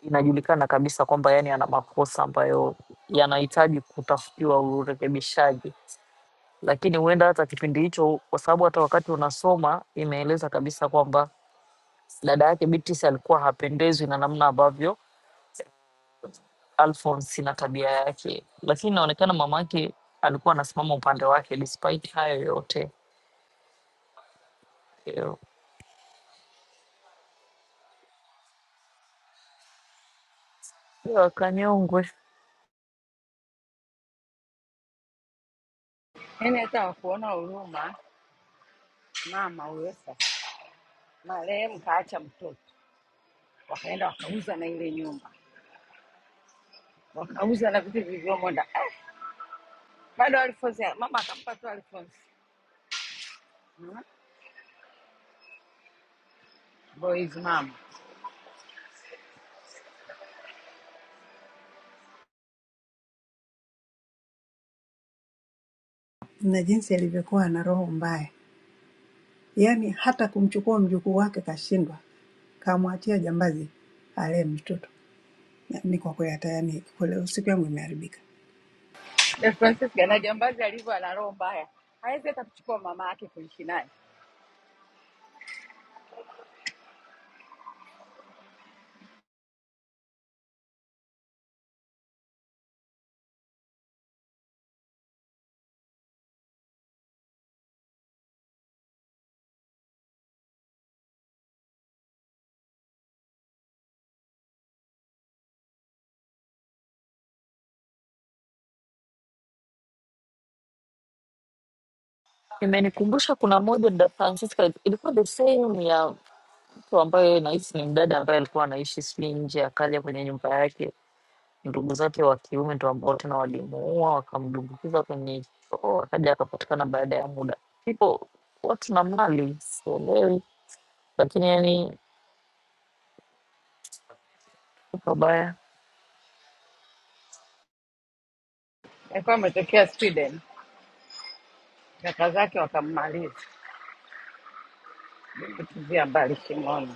S5: inajulikana kabisa kwamba yani ana makosa ambayo yanahitaji kutafutiwa urekebishaji, lakini huenda hata kipindi hicho, kwa sababu hata wakati unasoma imeeleza kabisa kwamba dada yake Beatrice alikuwa hapendezwi na namna ambavyo Alphonse na tabia yake, lakini inaonekana mama yake alikuwa anasimama upande wake despite hayo yote. Yo, yo, Kanyongwe
S1: yaani hata wakuona huruma mama huyo. Sasa marehemu kaacha mtoto, wakaenda wakauza na ile nyumba, wakauza na vitu vilivyomo ndani. Ah, bado Alfonsi mama akampa tu Alfonsi Mhm. boys mama
S7: Na jinsi alivyokuwa na roho mbaya, yaani hata kumchukua mjukuu wake kashindwa, kamwachia jambazi alee mtoto. Ni kwa kweli hata yani kule siku yangu imeharibika.
S1: na Francisca na jambazi alivyo ana roho mbaya, hawezi hata kuchukua mama yake kuishi naye
S5: imenikumbusha kuna moja da Francisca ilikuwa the same ya mtu ambaye nahisi ni mdada ambaye alikuwa anaishi sijui nje, akaja kwenye nyumba yake, ndugu zake wa kiume ndo ambao tena walimuua, wakamdumbukiza kwenye choo, akaja akapatikana baada ya muda. People watu na mali sielewi, lakini yani pabaya
S1: Alikuwa ametokea Sweden, kaka zake wakammaliza kutuvia mbali shimoni.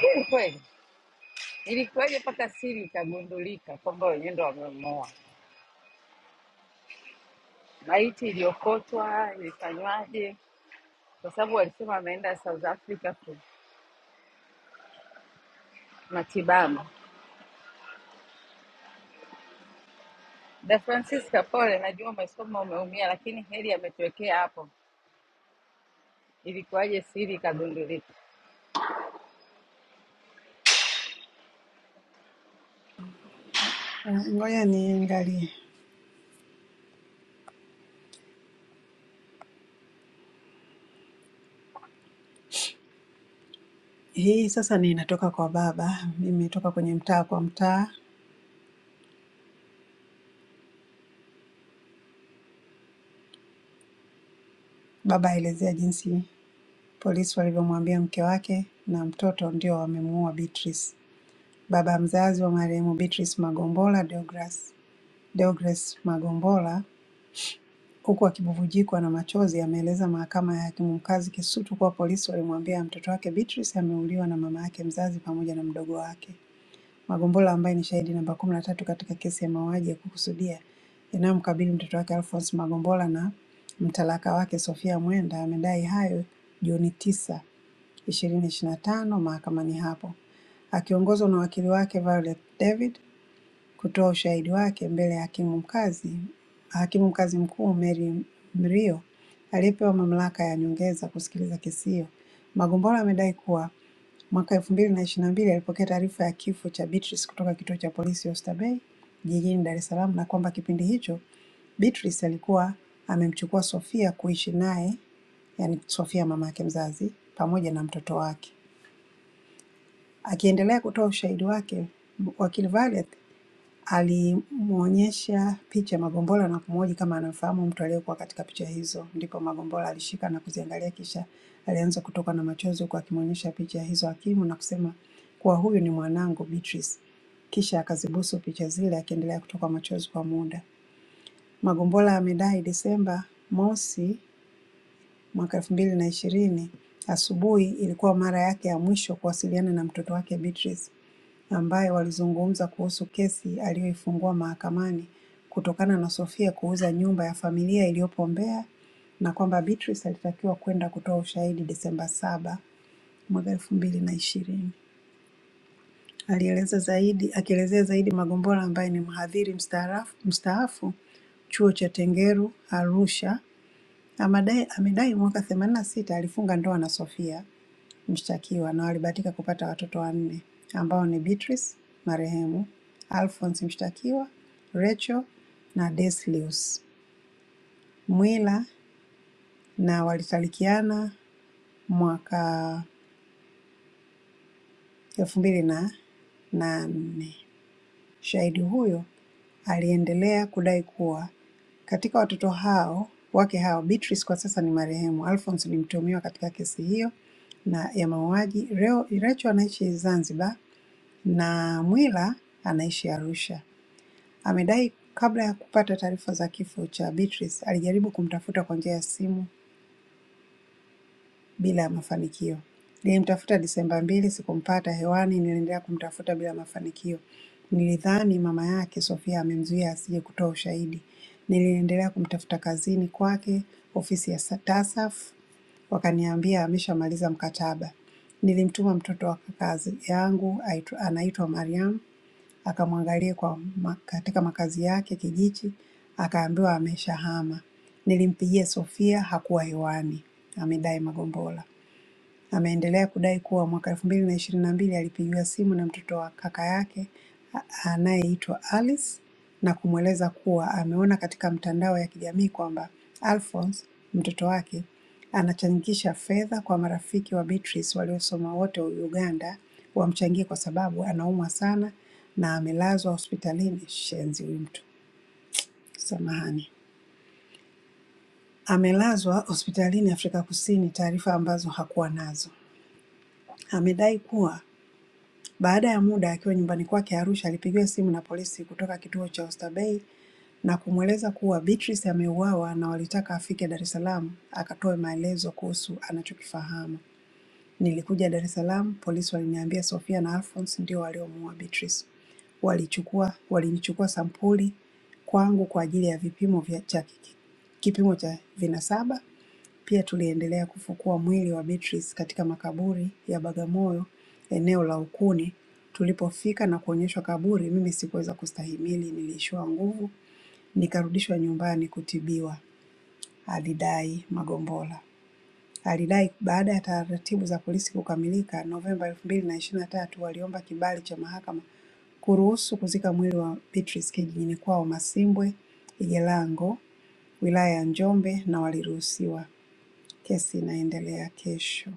S1: Kweli kweli, ilikuwaje mpaka siri ikagundulika kwamba wenyewe ndo wamemuua? Maiti iliyokotwa ilifanywaje? Kwa sababu walisema ameenda South Africa ku matibabu. Da Francisca, pole, najua umesoma umeumia, lakini heri ametuwekea hapo. Ilikuwaje siri ikagundulika?
S7: Ah, Ngoja niangalie. Hii sasa ni inatoka kwa baba. Nimetoka kwenye mtaa kwa mtaa. Baba aelezea jinsi polisi walivyomwambia mke wake na mtoto ndio wamemuua Beatrice. Baba mzazi wa marehemu Beatrice Magombola Deogras, Deogras Magombola huku akibubujikwa na machozi ameeleza mahakama ya hakimu mkazi Kisutu kuwa polisi walimwambia mtoto wake Beatrice ameuliwa na mama yake mzazi pamoja na mdogo wake. Magombola ambaye ni shahidi namba kumi na tatu katika kesi ya mauaji ya kukusudia inayomkabili mtoto wake Alphonce Magombola na mtalaka wake Sophia Mwenda amedai hayo Juni tisa, ishirini ishiri na tano mahakamani hapo akiongozwa na wakili wake Violet David kutoa ushahidi wake mbele ya hakimu mkazi hakimu mkazi mkuu Mary Mrio aliyepewa mamlaka ya nyongeza kusikiliza kesi hiyo. Magombola amedai kuwa Mwaka 2022 alipokea taarifa ya kifo cha Beatrice kutoka kituo cha polisi Oyster Bay jijini Dar es Salaam na kwamba kipindi hicho Beatrice alikuwa amemchukua Sofia kuishi naye, yani Sofia mama yake mzazi, pamoja na mtoto wake. Akiendelea kutoa ushahidi wake, wakili Vale Alimwonyesha picha ya Magombola na kumhoji kama anamfahamu mtu aliyekuwa katika picha hizo. Ndipo Magombola alishika na kuziangalia, kisha alianza kutokwa na machozi huku akimwonyesha picha hizo hakimu na kusema kuwa huyu ni mwanangu Beatrice. Kisha akazibusu picha zile akiendelea kutokwa machozi kwa muda. Magombola amedai Desemba mosi mwaka elfu mbili na ishirini asubuhi ilikuwa mara yake ya mwisho kuwasiliana na mtoto wake Beatrice ambaye walizungumza kuhusu kesi aliyoifungua mahakamani kutokana na Sofia kuuza nyumba ya familia iliyopo Mbeya na kwamba Beatrice alitakiwa kwenda kutoa ushahidi Desemba saba mwaka elfu mbili na ishirini. Alieleza zaidi akielezea zaidi Magombola ambaye ni mhadhiri mstaarafu- mstaafu chuo cha Tengeru Arusha amadai- amedai mwaka 86 alifunga ndoa na Sofia mshtakiwa na walibahatika kupata watoto wanne ambao ni Beatrice marehemu, Alphonce mshtakiwa, Rachel na Deslius Mwila na walitalikiana mwaka elfu mbili na nane. Shahidi huyo aliendelea kudai kuwa katika watoto hao wake hao, Beatrice kwa sasa ni marehemu, Alphonce ni mtuhumiwa katika kesi hiyo na ya mauaji. Reo- Rachel anaishi Zanzibar na Mwila anaishi Arusha. Amedai kabla ya kupata taarifa za kifo cha Beatrice alijaribu kumtafuta kwa njia ya simu bila ya mafanikio. Nilimtafuta Disemba mbili, sikumpata. Hewani niliendelea kumtafuta bila mafanikio. Nilidhani mama yake Sofia amemzuia asije kutoa ushahidi. Niliendelea kumtafuta kazini kwake, ofisi ya sa- TASAF, wakaniambia ameshamaliza mkataba. Nilimtuma mtoto wa kazi yangu aitu- anaitwa Mariam akamwangalia kwa ma, katika makazi yake kijiji, akaambiwa ameshahama. Nilimpigia Sofia hakuwa hewani, amedai Magombola. Ameendelea kudai kuwa mwaka elfu mbili na ishirini na mbili alipigiwa simu na mtoto wa kaka yake a- anayeitwa Alice na kumweleza kuwa ameona katika mtandao ya kijamii kwamba Alphonce, mtoto wake, anachangisha fedha kwa marafiki wa Beatrice waliosoma wote Uganda wamchangie kwa sababu anaumwa sana na amelazwa hospitalini. Shenzi huyu mtu, samahani. Amelazwa hospitalini Afrika Kusini, taarifa ambazo hakuwa nazo. Amedai kuwa Baada ya muda akiwa nyumbani kwake Arusha alipigiwa simu na polisi kutoka kituo cha Oysterbay na kumweleza kuwa Beatrice ameuawa na walitaka afike Dar es Salaam akatoe maelezo kuhusu anachokifahamu. Nilikuja Dar es Salaam, polisi waliniambia Sofia na Alphonce ndio waliomuua Beatrice. Walichukua, walinichukua sampuli kwangu kwa ajili ya vipimo vya cha kipimo cha vinasaba. Pia tuliendelea kufukua mwili wa Beatrice katika makaburi ya Bagamoyo, eneo la Ukuni. Tulipofika na kuonyeshwa kaburi, mimi sikuweza kustahimili, niliishiwa nguvu, nikarudishwa nyumbani kutibiwa, alidai Magombola. Alidai baada ya taratibu za polisi kukamilika Novemba elfu mbili na ishirini na tatu waliomba kibali cha mahakama kuruhusu kuzika mwili wa Beatrice kijijini kwao Masimbwe, Igelango, wilaya ya Njombe na waliruhusiwa. Kesi inaendelea kesho.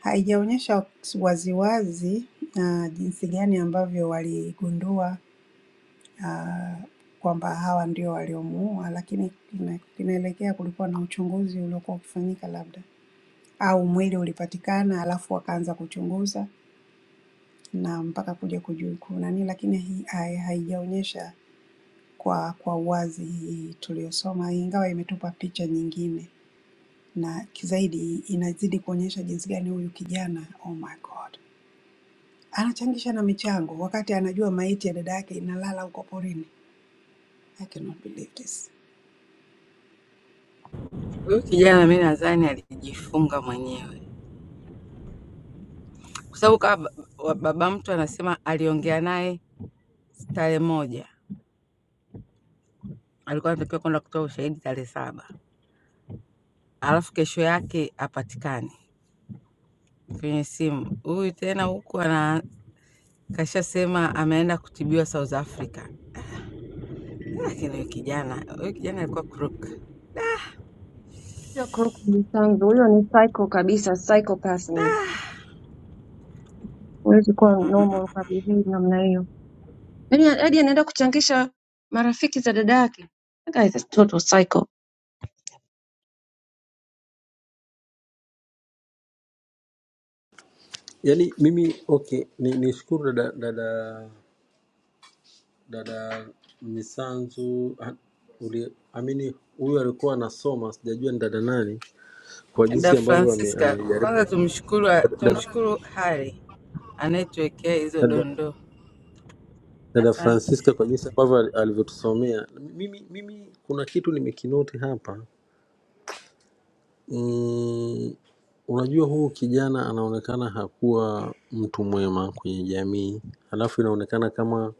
S7: Haijaonyesha waziwazi uh, jinsi gani ambavyo waligundua uh, kwamba hawa ndio waliomuua, lakini ina- inaelekea kulikuwa na uchunguzi uliokuwa ukifanyika labda au mwili ulipatikana alafu wakaanza kuchunguza na mpaka kuja kuju- kunani, lakini hii hai- haijaonyesha kwa kwa uwazi hii tuliyosoma, ingawa imetupa picha nyingine na zaidi inazidi kuonyesha jinsi gani huyu kijana oh my god anachangisha na michango wakati anajua maiti ya dada yake inalala huko porini. I cannot believe this.
S1: Huyu kijana mi nadhani alijifunga mwenyewe, kwa sababu kama ba- baba mtu anasema aliongea naye tarehe moja alikuwa anatakiwa kwenda kutoa ushahidi tarehe saba alafu kesho yake apatikane kwenye simu. Huyu tena huku ana kashasema ameenda kutibiwa South Africa, lakini huyu kijana huyu kijana alikuwa crook.
S3: Huyo crook ni mtanzu, huyo ni psycho kabisa, psychopath huyo. Huwezi kuwa normal ukabehave namna hiyo. Yaani hadi anaenda kuchangisha marafiki za dada yake. That guy is a total psycho.
S6: Yani mimi okay, ni nishukuru dada dada dada Misanzu ah, uli- amini huyu alikuwa anasoma, sijajua ni dada nani kwa
S1: Da
S6: jinsi ambavyo ame-
S1: Francisca,
S6: amejaribu
S1: kwanza tumshukuru,
S6: dada,
S1: tumshukuru Hari anayetuwekea hizo
S6: dada,
S1: dondoo.
S6: dada
S1: Asante.
S6: Francisca, kwa jinsi ambavyo al- alivyotusomea. Mimi, mimi kuna kitu nimekinoti hapa mm, unajua huu kijana anaonekana hakuwa mtu mwema kwenye jamii, halafu inaonekana kama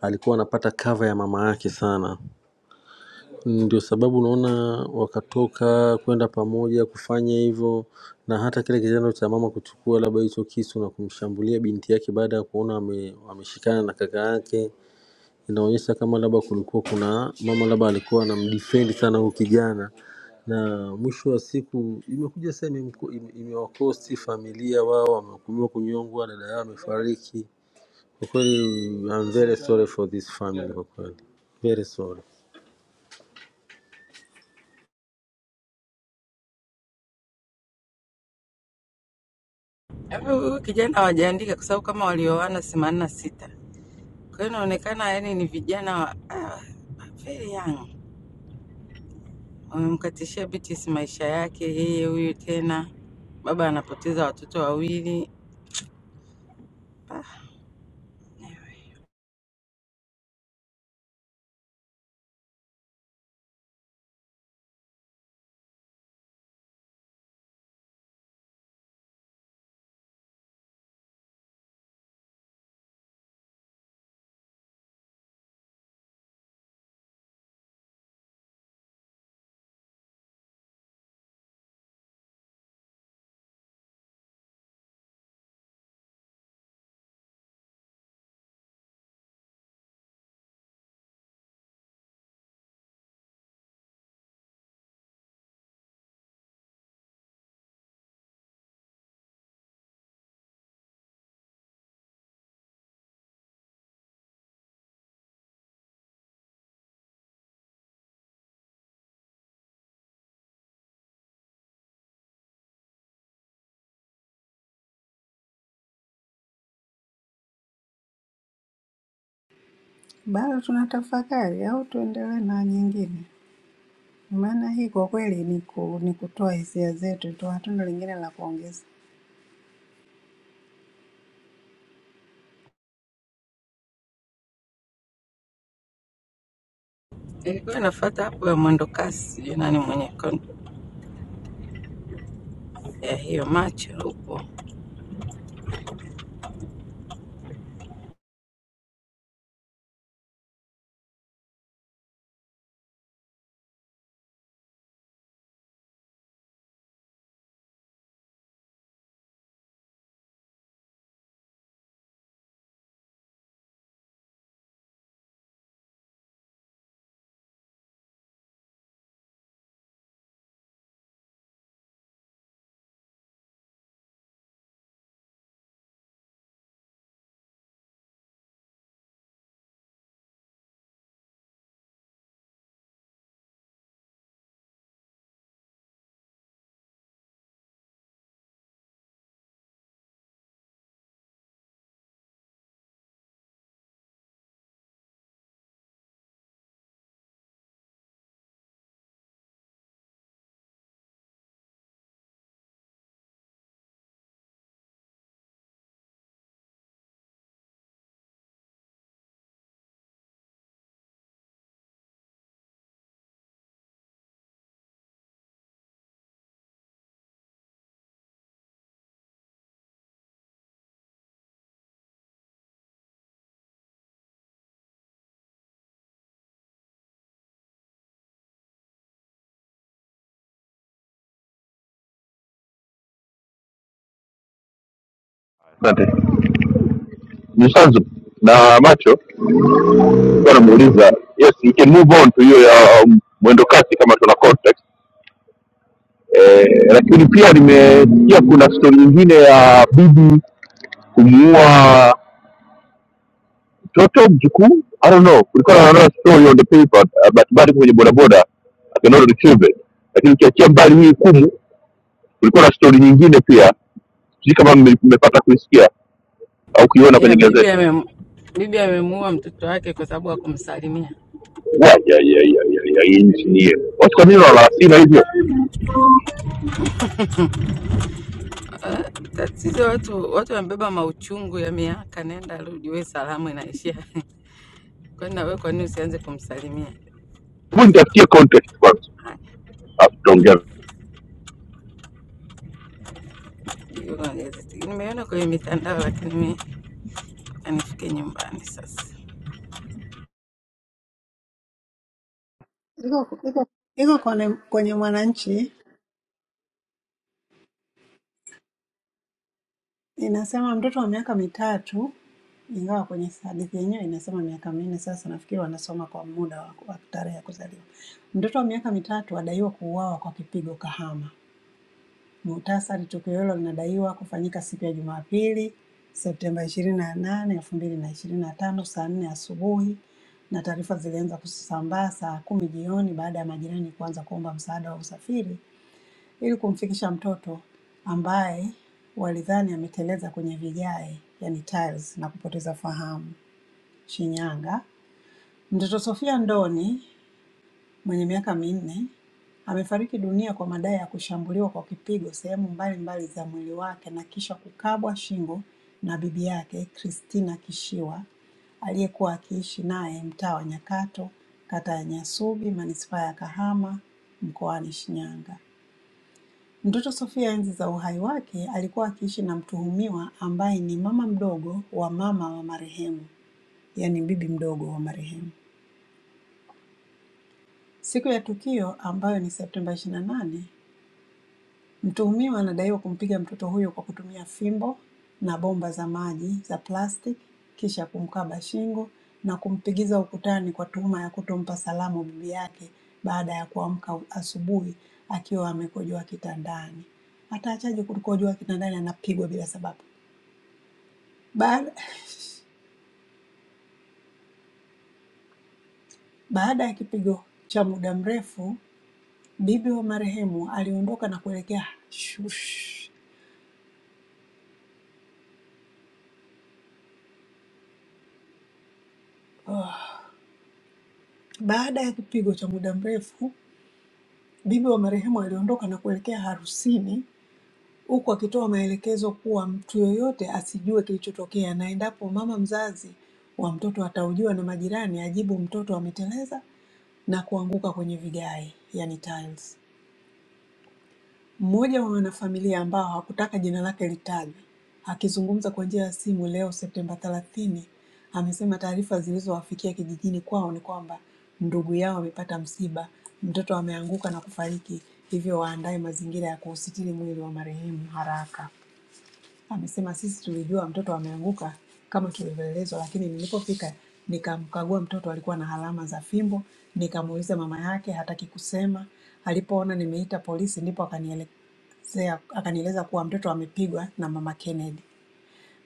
S6: alikuwa anapata kava ya mama yake sana Ndio sababu unaona wakatoka kwenda pamoja kufanya hivyo, na hata kile kitendo cha mama kuchukua labda hicho kisu na kumshambulia binti yake baada ya kuona ame- ameshikana na kaka yake, inaonyesha kama labda kulikuwa kuna mama labda alikuwa anamdefend sana huyu kijana, na mwisho wa siku imekuja sasa imemko- ime- imewakosti familia wao, wamehukumiwa kunyongwa, dada yao amefariki. Kwa kweli I'm very sorry for this family, kwa kweli very sorry.
S1: Halafu Huyu kijana hawajaandika kwa sababu kama walioana themanini na sita, kwa hiyo inaonekana yani ni vijana wa, ah, very young Wamemkatishia Beatrice maisha yake, yeye huyu tena baba anapoteza watoto wawili.
S7: Bado tunatafakari au tuendelee na nyingine? Maana hii kwa kweli ni, ku, ni kutoa hisia zetu tu, hatuna lingine la kuongeza.
S1: Ilikuwa inafuata hapo ya mwendo kasi, sijui nani mwenye kon- ya hiyo macho huko
S8: uh, macho nilikuwa namuuliza yes we can move on to hiyo ya um, mwendo kasi kama tuna context eh, lakini pia nimesikia kuna story nyingine ya bibi kumuua mtoto mjukuu i don't know kulikuwa na another story on the paper uh, but bado kwenye bodaboda I cannot retrieve it lakini ukiachia mbali hii kumu kulikuwa na story nyingine pia sijui kama mme- mmepata kuisikia au kuiona kwenye
S1: ya bibi
S8: gazeti
S1: amem bibi amemuua mtoto wake kwa sababu hakumsalimia.
S8: Wa- ya ya ya ya ya hii nchi ni watu kwa nini wanalasina hivyo
S1: Tatizo watu watu wamebeba mauchungu ya miaka, nenda rudi, we salamu inaishia kwani na wewe, kwa nini usianze kumsalimia?
S8: hebu nitafutie context kwanza
S1: Haya,
S8: tutaongea
S1: hiyo kwa gazeti nimeona kwenye mitandao, lakini mimi anifike nyumbani sasa.
S7: iko iko iko kwenye, kwenye Mwananchi inasema mtoto wa miaka mitatu, ingawa kwenye hadithi yenyewe inasema miaka minne. Sasa nafikiri wanasoma kwa muda wa, wa tarehe ya kuzaliwa. Mtoto wa miaka mitatu adaiwa kuuawa kwa kipigo Kahama. Muhtasari, tukio hilo linadaiwa kufanyika siku ya Jumapili Septemba 28, 2025 saa 4 asubuhi na taarifa zilianza kusambaa saa kumi jioni baada ya majirani kuanza kuomba msaada wa usafiri ili kumfikisha mtoto ambaye walidhani ameteleza kwenye vigae, yani tiles, na kupoteza fahamu Shinyanga. Mtoto Sofia Ndoni mwenye miaka minne amefariki dunia kwa madai ya kushambuliwa kwa kipigo sehemu mbalimbali za mwili wake na kisha kukabwa shingo na bibi yake Christina Kishiwa aliyekuwa akiishi naye mtaa wa Nyakato, kata ya Nyasubi, manispaa ya Kahama, mkoani Shinyanga. Mtoto Sofia enzi za uhai wake alikuwa akiishi na mtuhumiwa ambaye ni mama mdogo wa mama wa marehemu, yaani bibi mdogo wa marehemu. Siku ya tukio ambayo ni Septemba 28, mtuhumiwa anadaiwa kumpiga mtoto huyo kwa kutumia fimbo na bomba za maji za plastic kisha kumkaba shingo na kumpigiza ukutani kwa tuhuma ya kutompa salamu bibi yake baada ya kuamka asubuhi akiwa amekojoa kitandani. Ataachaje kukojoa kitandani anapigwa bila sababu? Baada, baada ya kipigo cha muda mrefu, bibi wa marehemu aliondoka na kuelekea shush. Baada ya kipigo cha muda mrefu, bibi wa marehemu aliondoka na kuelekea harusini huku akitoa maelekezo kuwa mtu yoyote asijue kilichotokea na endapo mama mzazi wa mtoto ataujiwa na majirani, ajibu mtoto ameteleza na kuanguka kwenye vigae, yani tiles. Mmoja wa wanafamilia ambao hakutaka jina lake litajwe, akizungumza kwa njia ya simu leo Septemba 30, amesema taarifa zilizowafikia kijijini kwao ni kwamba ndugu yao amepata msiba, mtoto ameanguka na kufariki, hivyo waandae mazingira ya kuusitiri mwili wa marehemu haraka. Amesema sisi tulijua mtoto ameanguka kama tulivyoelezwa, lakini nilipofika nikamkagua mtoto, alikuwa na alama za fimbo. Nikamuuliza mama yake, hataki kusema. Alipoona nimeita polisi, ndipo akanielezea akanieleza kuwa mtoto amepigwa na mama Kennedy.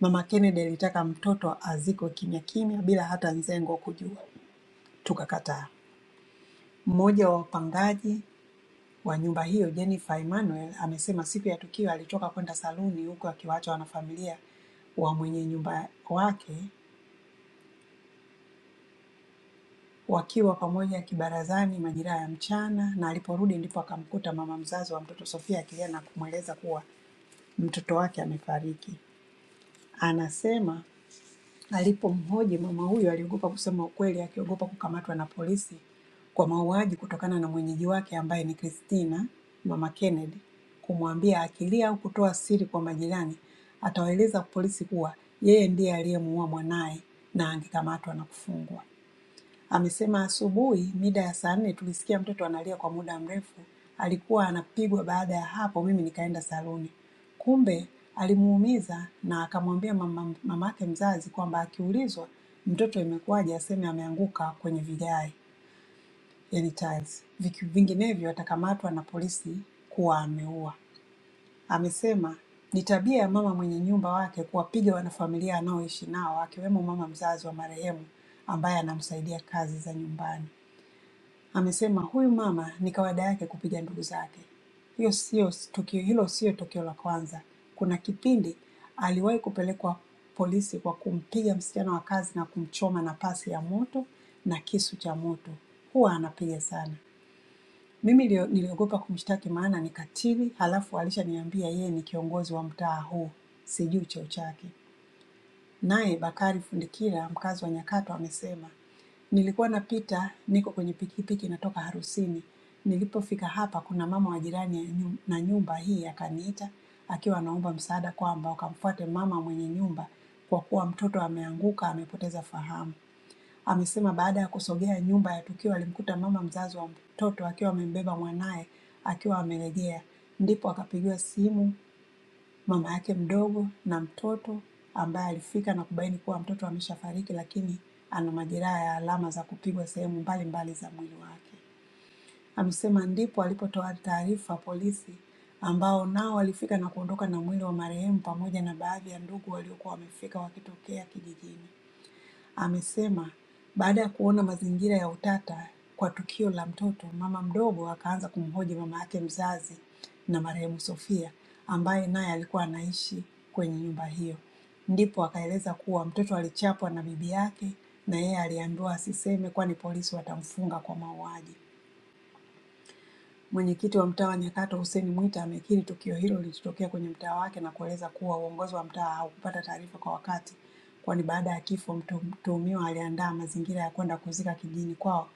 S7: Mama Kennedy alitaka mtoto azikwe kimya kimya bila hata Nzengo kujua, tukakataa. Mmoja wa wapangaji wa nyumba hiyo Jennifer Emmanuel amesema siku ya tukio alitoka kwenda saluni huku akiwaacha wanafamilia wa mwenye nyumba wake wakiwa pamoja kibarazani majira ya mchana, na aliporudi ndipo akamkuta mama mzazi wa mtoto Sofia akilia na kumweleza kuwa mtoto wake amefariki. Anasema Alipomhoji mama huyo aliogopa kusema ukweli, akiogopa kukamatwa na polisi kwa mauaji kutokana na mwenyeji wake ambaye ni Christina, mama Kennedy, kumwambia akilia au kutoa siri kwa majirani atawaeleza polisi kuwa yeye ndiye aliyemuua mwanaye na angekamatwa na kufungwa. Amesema asubuhi mida ya saa nne tulisikia mtoto analia kwa muda mrefu, alikuwa anapigwa. Baada ya hapo mimi nikaenda saluni, kumbe alimuumiza na akamwambia mama mamake mzazi kwamba akiulizwa mtoto imekuwaje aseme ameanguka kwenye vigae, yani tiles, Viki- vinginevyo atakamatwa na polisi kuwa ameua. Amesema ni tabia ya mama mwenye nyumba wake kuwapiga wanafamilia anaoishi nao akiwemo mama mzazi wa marehemu ambaye anamsaidia kazi za nyumbani. Amesema huyu mama ni kawaida yake kupiga ndugu zake. Hiyo sio tukio, hilo sio tukio la kwanza. Kuna kipindi aliwahi kupelekwa polisi kwa kumpiga msichana wa kazi na kumchoma na pasi ya moto na kisu cha moto. Huwa anapiga sana. Mimi nilio- niliogopa kumshtaki maana ni katili, halafu alishaniambia yeye ni kiongozi wa mtaa huu, sijui cheo chake. Naye Bakari Fundikira mkazi wa Nyakato amesema, nilikuwa napita niko kwenye pikipiki natoka harusini. Nilipofika hapa kuna mama wa jirani ya nyu- na nyumba hii akaniita akiwa anaomba msaada kwamba wakamfuate mama mwenye nyumba kwa kuwa mtoto ameanguka amepoteza fahamu. Amesema baada ya kusogea nyumba ya tukio alimkuta mama mzazi wa mtoto akiwa amembeba mwanaye akiwa amerejea, ndipo akapigiwa simu mama yake mdogo na mtoto ambaye alifika na kubaini kuwa mtoto ameshafariki, lakini ana majeraha ya alama za kupigwa sehemu mbalimbali za mwili wake. Amesema ndipo alipotoa taarifa polisi, ambao nao walifika na kuondoka na mwili wa marehemu pamoja na baadhi ya ndugu waliokuwa wamefika wakitokea kijijini. Amesema baada ya kuona mazingira ya utata kwa tukio la mtoto, mama mdogo akaanza kumhoji mama yake mzazi na marehemu Sofia ambaye naye alikuwa anaishi kwenye nyumba hiyo. Ndipo akaeleza kuwa mtoto alichapwa na bibi yake na yeye aliambiwa asiseme kwani polisi watamfunga kwa mauaji. Mwenyekiti wa mtaa wa Nyakato Hussein Mwita amekiri tukio hilo lilitokea kwenye mtaa wake na kueleza kuwa uongozi wa mtaa haukupata taarifa kwa wakati kwani baada ya kifo mtu- mtuhumiwa aliandaa mazingira ya kwenda kuzika kijijini kwao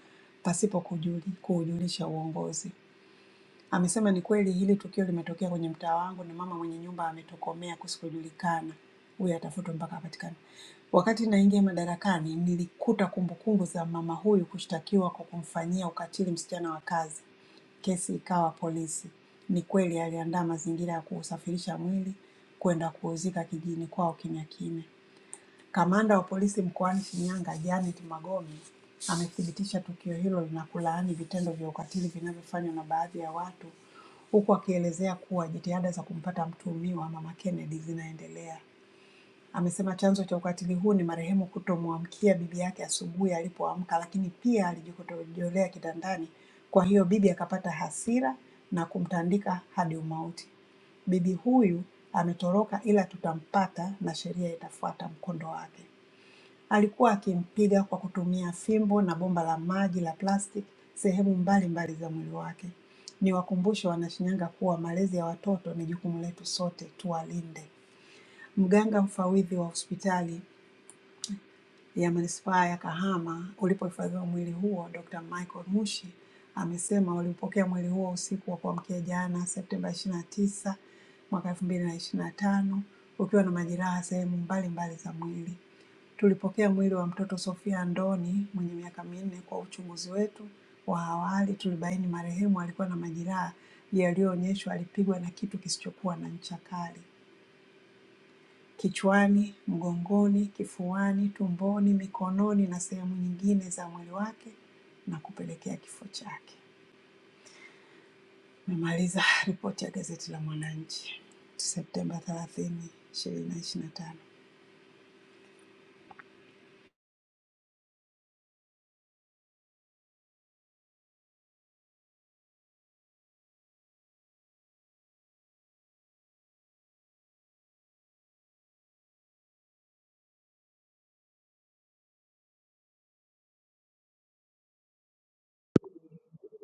S7: pasipo kujuli- kuujulisha uongozi. Amesema ni kweli hili tukio limetokea kwenye mtaa wangu na mama mwenye nyumba ametokomea kusikojulikana, huyo atafutwa mpaka apatikane. Wakati naingia madarakani, nilikuta kumbukumbu za mama huyu kushtakiwa kwa kumfanyia ukatili msichana wa kazi. Kesi ikawa polisi. Ni kweli aliandaa mazingira ya kuusafirisha mwili kwenda kuuzika kijijini kwao kimya kimya. Kamanda wa polisi mkoani Shinyanga Janet Magome amethibitisha tukio hilo na kulaani vitendo vya ukatili vinavyofanywa na baadhi ya watu huku akielezea kuwa jitihada za kumpata mtuhumiwa Mama Kennedy zinaendelea. Amesema chanzo cha ukatili huu ni marehemu kutomwamkia bibi yake asubuhi alipoamka, lakini pia alijikojolea kitandani, kwa hiyo bibi akapata hasira na kumtandika hadi umauti. Bibi huyu ametoroka ila tutampata na sheria itafuata mkondo wake. Alikuwa akimpiga kwa kutumia fimbo na bomba la maji la plastiki sehemu mbalimbali za mwili wake. Niwakumbushe Wanashinyanga kuwa malezi ya watoto ni jukumu letu sote, tuwalinde. Mganga mfawidhi wa hospitali ya manispaa ya Kahama ulipohifadhiwa mwili huo, Dr. Michael Mushi amesema waliupokea mwili huo usiku wa kuamkia jana Septemba 29 mwaka 2025 ukiwa na majeraha sehemu mbalimbali za mwili. Tulipokea mwili wa mtoto Sophia Ndoni mwenye miaka minne. Kwa uchunguzi wetu wa awali, tulibaini marehemu alikuwa na majeraha yaliyoonyeshwa alipigwa na kitu kisichokuwa na ncha kali kichwani, mgongoni, kifuani, tumboni, mikononi na sehemu nyingine za mwili wake na kupelekea kifo chake. Nimemaliza ripoti ya gazeti la Mwananchi Septemba 30, 2025.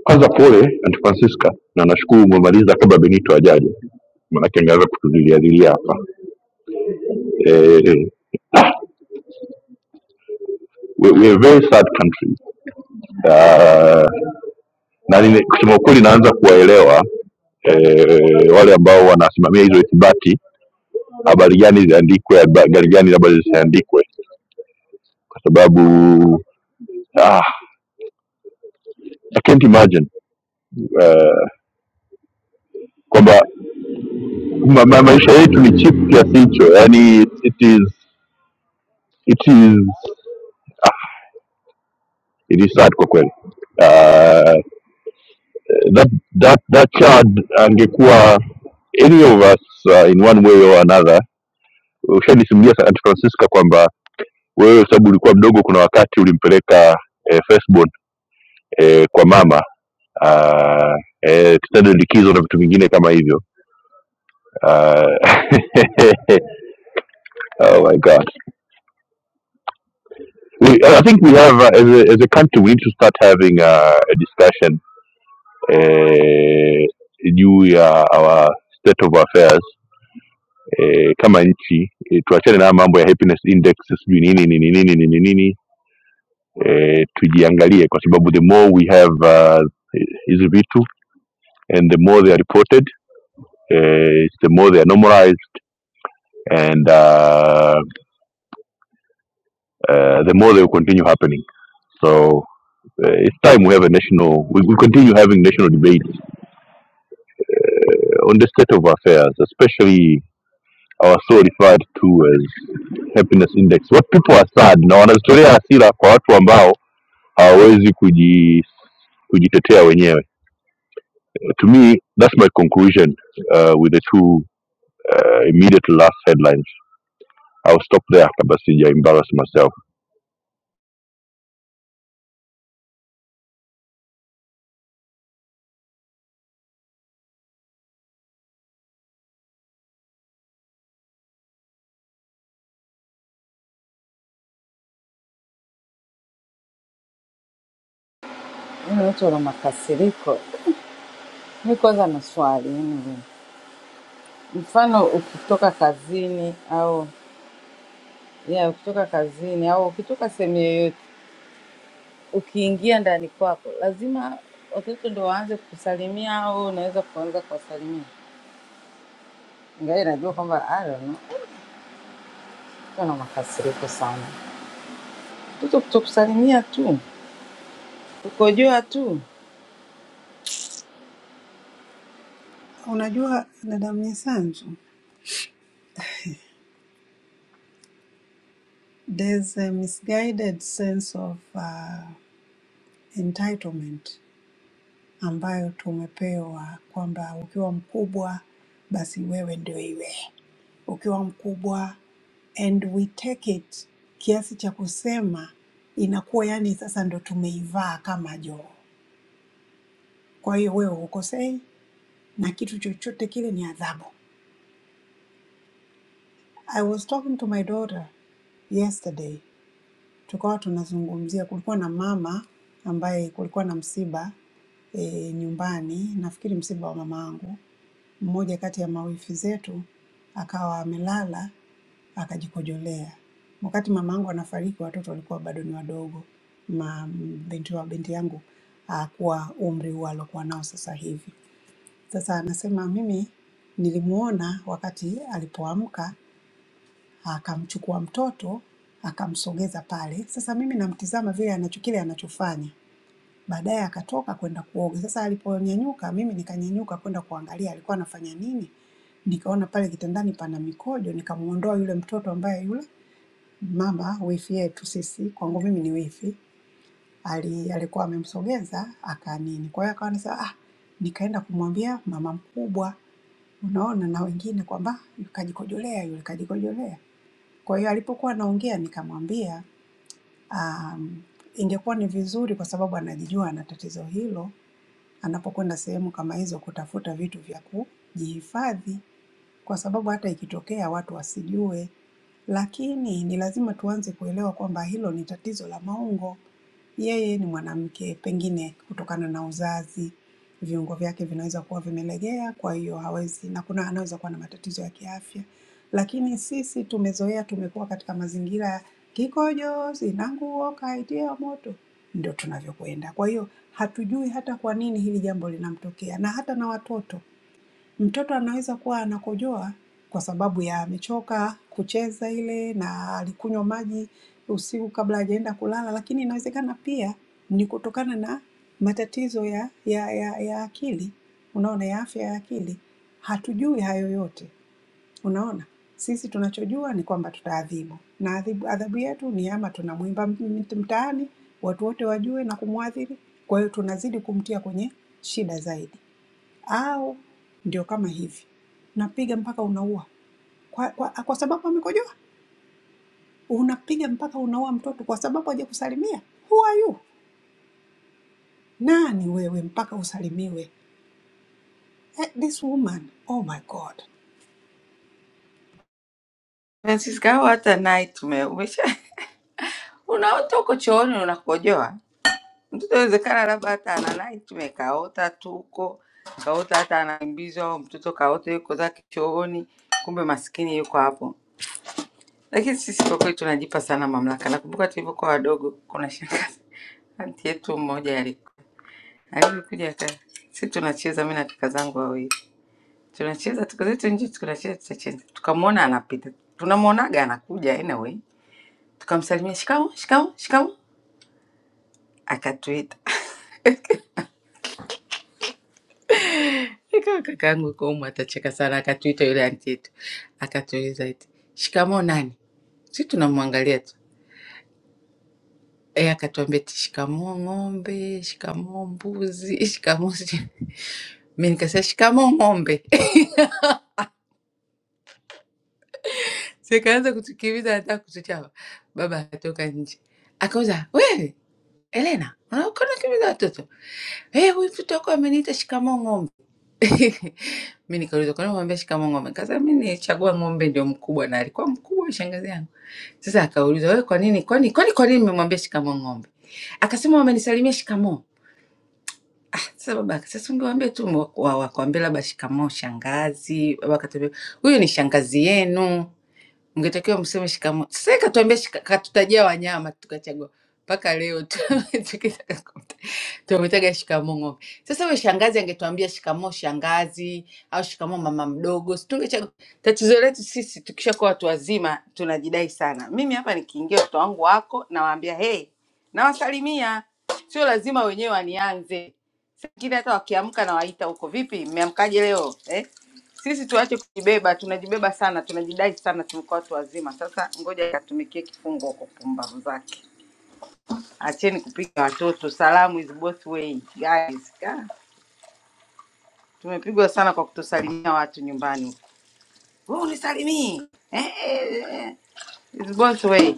S8: kwanza, pole Aunt Francisca, na nashukuru umemaliza kabla Benito ajaje, maanake angeweza kutuzilialilia hapa eh, we, we are a very sad country uh, na nime, kusema ukweli naanza kuwaelewa eh, wale ambao wanasimamia hizo ithibati, habari gani ziandikwe, habari gani labda zisiandikwe, kwa sababu ah, I can't imagine uh, kwamba ma, ma, maisha yetu ni cheap kiasi hicho, yani it is it is It is sad kwa kweli. Uh, that, that, that child angekuwa any of us uh, in one way or another ushanisimulia Aunt Francisca kwamba wewe sababu ulikuwa mdogo, kuna wakati ulimpeleka eh, firstborn eh, kwa mama uh, eh, kitendo likizo na vitu vingine kama hivyo uh, oh my god we, I think we have uh, as, a, as a country we need to start having uh, a discussion eh, juu ya our state of affairs eh, kama nchi eh, tuachane na haya mambo ya happiness index sijui nini nini nini nini nini eh, tujiangalie kwa sababu the more we have uh, hizi vitu and the more they are reported eh, the more they are normalized and uh, uh, the more they will continue happening so uh, it's time we have a national we, will continue having national debates uh, on the state of affairs especially are so referred to as happiness index. What people are sad na wanazotorea hasira kwa watu ambao hawawezi kuji kujitetea wenyewe. To me, that's my conclusion uh, with the two uh, immediate last headlines. I'll stop there kabla sija embarrass myself.
S1: Yaani watu wana makasiriko Mi kwanza na swali anyway. Mfano ukitoka kazini au yeah, ukitoka kazini au ukitoka sehemu yoyote, ukiingia ndani kwako, lazima watoto ndo waanze kukusalimia au unaweza kuanza kuwasalimia? Ingawa najua kwamba I don't know, watoto wana makasiriko sana, mtoto kutokusalimia tu, kukojoa tu.
S7: Unajua dada Mnyisanzu There's a misguided sense of uh, entitlement ambayo tumepewa kwamba ukiwa mkubwa basi wewe ndio iwe ukiwa mkubwa, and we take it kiasi cha kusema inakuwa yani sasa ndo tumeivaa kama joo. Kwa hiyo wewe hukosei na kitu chochote kile ni adhabu. I was talking to my daughter yesterday tukawa tunazungumzia, kulikuwa na mama ambaye kulikuwa na msiba e, nyumbani, nafikiri msiba wa mama angu. Mmoja kati ya mawifi zetu akawa amelala akajikojolea. Wakati mama angu anafariki, watoto walikuwa bado ni wadogo, ma binti wa binti yangu akuwa umri huo aliokuwa nao sasa hivi. Sasa anasema mimi nilimuona wakati alipoamka akamchukua mtoto akamsogeza pale. Sasa mimi namtizama vile anacho kile anachofanya, baadaye akatoka kwenda kuoga. Sasa aliponyanyuka, mimi nikanyanyuka kwenda kuangalia alikuwa anafanya nini, nikaona pale kitandani pana mikojo, nikamuondoa yule mtoto ambaye yule mama wifi yetu sisi, kwangu mimi ni wifi, ali, alikuwa amemsogeza akanini. Kwa hiyo akawa anasema ah, nikaenda kumwambia mama mkubwa, unaona na wengine kwamba kajikojolea yule, kajikojolea. Kwa hiyo alipokuwa anaongea nikamwambia um, ingekuwa ni vizuri kwa sababu anajijua ana tatizo hilo, anapokwenda sehemu kama hizo kutafuta vitu vya kujihifadhi kwa sababu hata ikitokea watu wasijue. Lakini ni lazima tuanze kuelewa kwamba hilo ni tatizo la maungo. Yeye ni mwanamke, pengine kutokana na uzazi viungo vyake vinaweza kuwa vimelegea, kwa hiyo hawezi na kuna anaweza kuwa na matatizo ya kiafya. Lakini sisi tumezoea, tumekuwa katika mazingira ya kikojo, sina nguo, kaitia moto, ndio tunavyokwenda. Kwa hiyo hatujui hata kwa nini hili jambo linamtokea, na hata na watoto Mtoto anaweza kuwa anakojoa kwa sababu ya amechoka kucheza ile na alikunywa maji usiku kabla hajaenda kulala, lakini inawezekana pia ni kutokana na matatizo ya, ya, ya, ya akili, unaona, ya afya ya akili. Hatujui hayo yote, unaona. Sisi tunachojua ni kwamba tutaadhibu, na adhibu, adhabu yetu ni ama tunamwimba m- m- mtaani watu wote wajue na kumwadhiri, kwa hiyo tunazidi kumtia kwenye shida zaidi au ndio kama hivi, napiga mpaka unaua kwa, kwa, kwa sababu amekojoa. Unapiga mpaka unaua mtoto kwa sababu hajakusalimia. Who are you? Nani wewe mpaka usalimiwe? Eh, this woman, oh my God.
S1: Francisca, au hata night ume- umesha unaota uko chooni unakojoa Mtoto inawezekana labda hata analai tumekaota tuko kaota, hata anaimbizwa au mtoto kaota yuko zake chooni, kumbe maskini yuko hapo. Lakini sisi kwa kweli tunajipa sana mamlaka. Nakumbuka tulivyokuwa wadogo, kuna shangazi anti yetu mmoja alikuwa alivyokuja aka si tunacheza, mimi na kaka zangu wawili tunacheza tuko zetu nje, tunacheza tutacheza, tukamwona anapita, tunamwonaga anakuja anyway, tukamsalimia shikamo, shikamo, shikamo, akatuita Nikawa kaka yangu yuko humu atacheka sana, akatuita yule anti yetu, akatuuliza eti shikamoo nani? Sisi tunamwangalia tu eh, akatuambia eti shikamoo ng'ombe, shikamoo mbuzi, shikamoo sijui. Mimi nikasema shikamoo ng'ombe, sikaanza kutukimbiza, anataka kutuchapa. Baba akatoka nje akauza, wewe Elena, unaona unakimbiza watoto eh, huyu mtoto wako ameniita shikamoo ng'ombe Mi nikaulizwa kwa nini umwambia shikamo ng'ombe? Kaza mi nilichagua ng'ombe ndio mkubwa na alikuwa mkubwa shangazi yangu. Sasa akaulizwa wewe kwa nini kwani kwani kwa nini nimemwambia shikamo ng'ombe? Akasema wamenisalimia shikamo. Sasa baba akasema ungewaambia tu mwa- wa- wakwambie labda shikamo shangazi. Baba akatuambia huyu ni shangazi yenu. Mngetakiwa mseme shikamo. Sasa ikatuambia shika- katutajia wanyama tukachagua. Mpaka leo tu tukitaka tumeitaga shikamoo ng'ombe. Sasa huyo shangazi angetuambia shikamoo shangazi au shikamoo mama mdogo, si tungechagua. Tatizo letu sisi tukishakuwa watu wazima tunajidai sana. Mimi hapa nikiingia watoto wangu wako nawaambia hey, nawasalimia, sio lazima wenyewe wanianze. Saa Ingine hata wakiamka nawaita huko, vipi, mmeamkaje leo eh? Sisi tuache kujibeba, tunajibeba sana, tunajidai sana, tumekuwa watu wazima. Sasa ngoja ikatumikie kifungo kwa pumbavu zake. Acheni kupiga watoto, salamu is both way guys. Ka, tumepigwa sana kwa kutosalimia watu nyumbani huko. Wewe unisalimii eh, eh, eh. It's both way.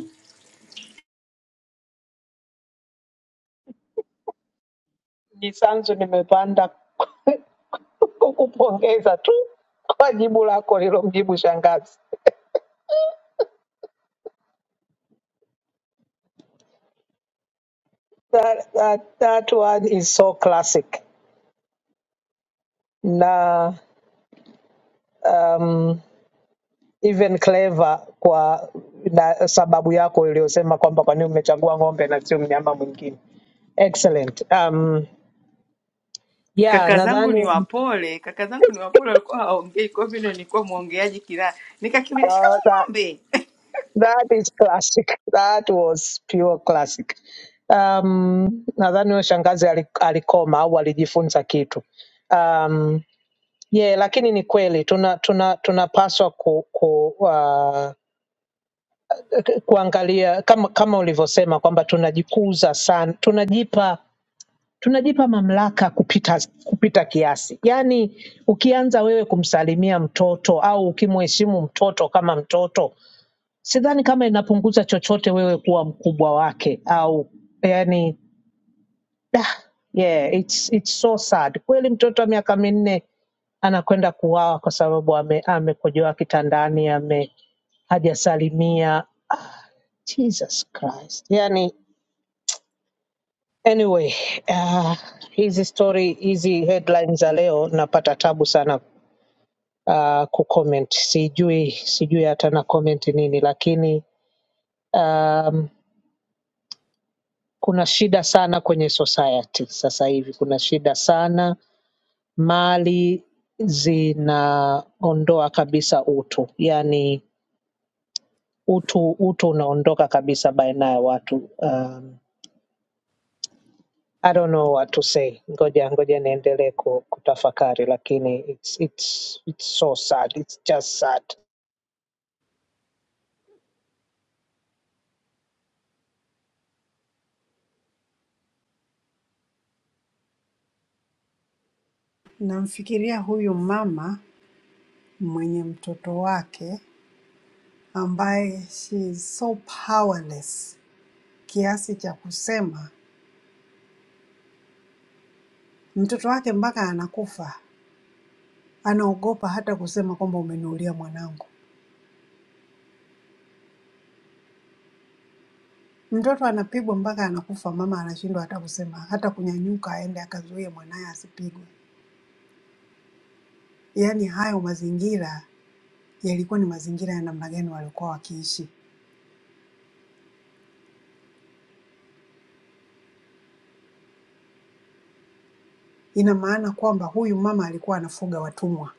S9: Jisanzu, nimepanda kukupongeza tu kwa jibu lako lilomjibu shangazi. That, that, that one is so classic na um, even clever kwa na sababu yako iliyosema kwamba kwa nini umechagua ng'ombe na sio mnyama mwingine. Excellent. Um, yeah,
S1: Kaka zangu
S9: nadhani
S1: ni wapole, kaka zangu ni wapole, walikuwa hawaongei, kwa hivyo ndio nilikuwa mwongeaji kila nikakimbilia, shikamoo
S9: uh,
S1: ng'ombe.
S9: That is classic. That was pure classic. Um, nadhani huyo shangazi ali- alikoma au alijifunza kitu. Um, yeah, lakini ni kweli tuna tuna tunapaswa ku, ku, uh, kuangalia kama kama ulivyosema kwamba tunajikuza sana, tunajipa tunajipa mamlaka kupita kupita kiasi. Yaani ukianza wewe kumsalimia mtoto au ukimheshimu mtoto kama mtoto sidhani kama inapunguza chochote wewe kuwa mkubwa wake au yani ah, yeah, it's, it's so sad kweli mtoto wa miaka minne anakwenda kuwawa kwa sababu ame- amekojoa kitandani ame hajasalimia Ah, jesus christ yani anyway ah, hizi story hizi headlines za leo napata tabu sana uh, kucomment sijui sijui hata na comment nini lakini um, kuna shida sana kwenye society sasa hivi, kuna shida sana. Mali zinaondoa kabisa utu, yani utu utu unaondoka kabisa baina ya watu. Um, I don't know what to say. Ngoja ngoja niendelee ku- kutafakari, lakini it's, it's, it's so sad. It's just sad.
S7: Namfikiria huyu mama mwenye mtoto wake ambaye she is so powerless kiasi cha kusema mtoto wake mpaka anakufa, anaogopa hata kusema kwamba umenuulia mwanangu. Mtoto anapigwa mpaka anakufa, mama anashindwa hata kusema, hata kunyanyuka aende akazuie mwanaye asipigwe. Yaani hayo mazingira yalikuwa ni mazingira ya namna gani walikuwa wakiishi? Ina maana kwamba huyu mama alikuwa anafuga watumwa.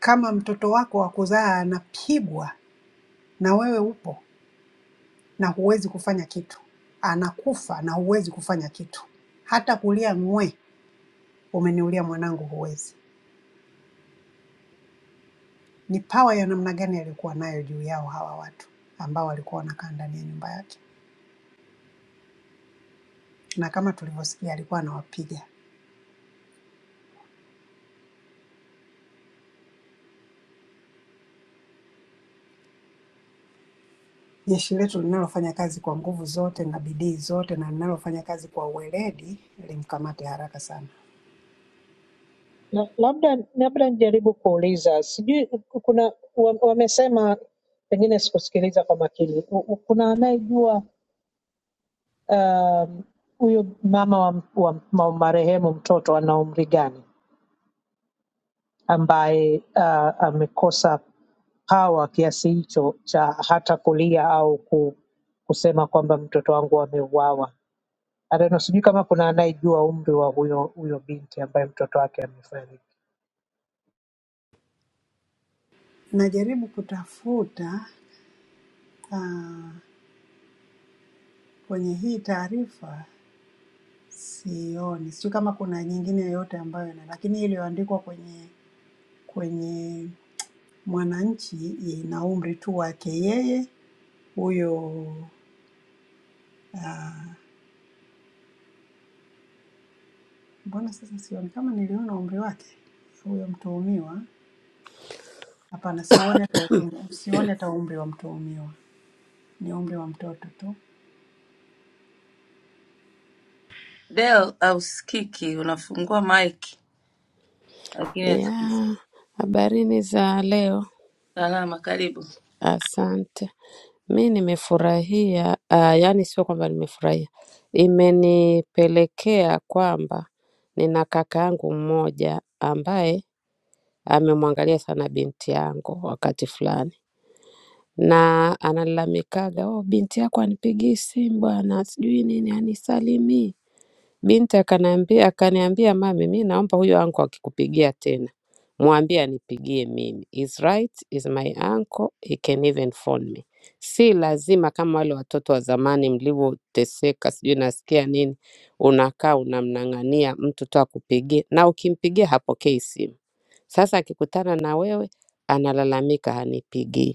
S7: Kama mtoto wako wa kuzaa anapigwa na wewe upo na huwezi kufanya kitu, anakufa na huwezi kufanya kitu, hata kulia ng'we, umeniulia mwanangu, huwezi. Ni pawa ya namna gani alikuwa nayo juu yao hawa watu ambao walikuwa wanakaa ndani ya nyumba yake? na kama tulivyosikia alikuwa anawapiga. Jeshi letu linalofanya kazi kwa nguvu zote na bidii zote na linalofanya kazi kwa uweledi limkamate haraka sana.
S9: Na- Labda labda nijaribu kuuliza, sijui kuna wa- wamesema, pengine sikusikiliza kwa makini. U- u- Kuna anayejua huyu um, huyo mama wa, wa, wa marehemu mtoto ana umri gani ambaye uh, amekosa pawa kiasi hicho cha hata kulia au ku, kusema kwamba mtoto wangu ameuawa. Areno, sijui kama kuna anayejua umri wa huyo huyo binti ambaye mtoto wake amefariki.
S7: Najaribu kutafuta ah, kwenye hii taarifa sioni, sijui kama kuna nyingine yoyote ambayo ina, lakini iliyoandikwa kwenye kwenye Mwananchi ina umri tu wake yeye huyo. ah, Mbona sasa sioni kama niliona umri wake huyo mtuhumiwa Hapana, sioni hata utum, sioni hata umri wa mtuhumiwa, ni umri wa mtoto tu.
S1: Au- Hausikiki, unafungua mic lakini hatu-
S10: ya habarini za leo.
S1: salama. Karibu.
S10: Asante, mi nimefurahia ah, yaani sio kwamba nimefurahia, imenipelekea kwamba nina kaka yangu mmoja ambaye amemwangalia sana binti yangu wakati fulani, na analalamikaga oh, binti yako anipigii simu bwana, sijui nini, anisalimii Binti akaniambia akaniambia mami mi naomba huyo uncle akikupigia tena mwambie anipigie mimi. He's right, he's my uncle, he can even phone me. Si lazima kama wale watoto wa zamani mlivyoteseka, sijui nasikia nini, unakaa unamnang'ania mtu tu akupigie, na ukimpigia hapokei simu. Sasa akikutana na wewe analalamika hanipigii.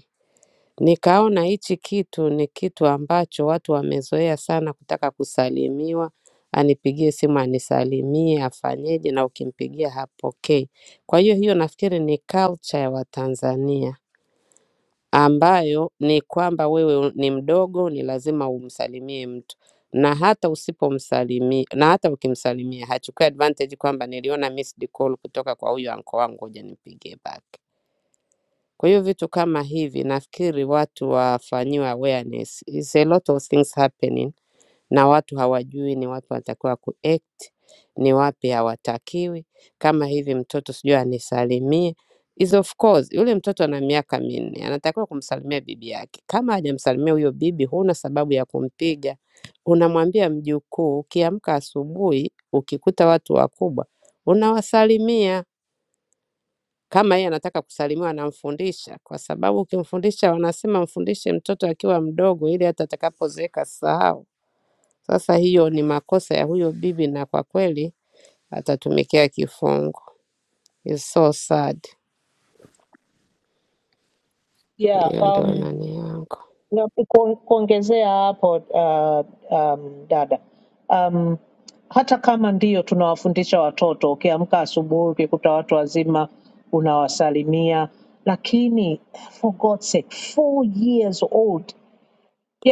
S10: Nikaona hichi kitu ni kitu ambacho watu wamezoea sana kutaka kusalimiwa, anipigie simu anisalimie, afanyeje na ukimpigia hapokei. Kwa hiyo hiyo nafikiri ni culture ya Watanzania ambayo ni kwamba wewe ni mdogo, ni lazima umsalimie mtu na hata usipomsalimia na hata ukimsalimia hachukui advantage kwamba niliona missed call kutoka kwa huyu anko wangu, ngoja nimpigie back. Kwa hiyo vitu kama hivi nafikiri watu wafanyiwe awareness. It's a lot of things happening na watu hawajui ni wapi wanatakiwa kuact, ni wapi hawatakiwi. Kama hivi mtoto sijui anisalimie, is of course yule mtoto ana miaka minne, anatakiwa kumsalimia bibi yake. Kama hajamsalimia huyo bibi, huna sababu ya kumpiga. Unamwambia mjukuu, ukiamka asubuhi ukikuta watu wakubwa unawasalimia kama yeye anataka kusalimiwa anamfundisha, kwa sababu ukimfundisha, wanasema mfundishe mtoto akiwa mdogo, ili hata atakapozeeka asisahau. Sasa hiyo ni makosa ya huyo bibi, na kwa kweli atatumikia kifungo. It's so sad.
S9: Yeah,
S10: Hiyo ndio
S9: um,
S10: nani yangu
S9: Na kuon- kuongezea hapo uh, um, dada um, hata kama ndio tunawafundisha watoto, ukiamka asubuhi ukikuta watu wazima unawasalimia, lakini for God's sake, four years old,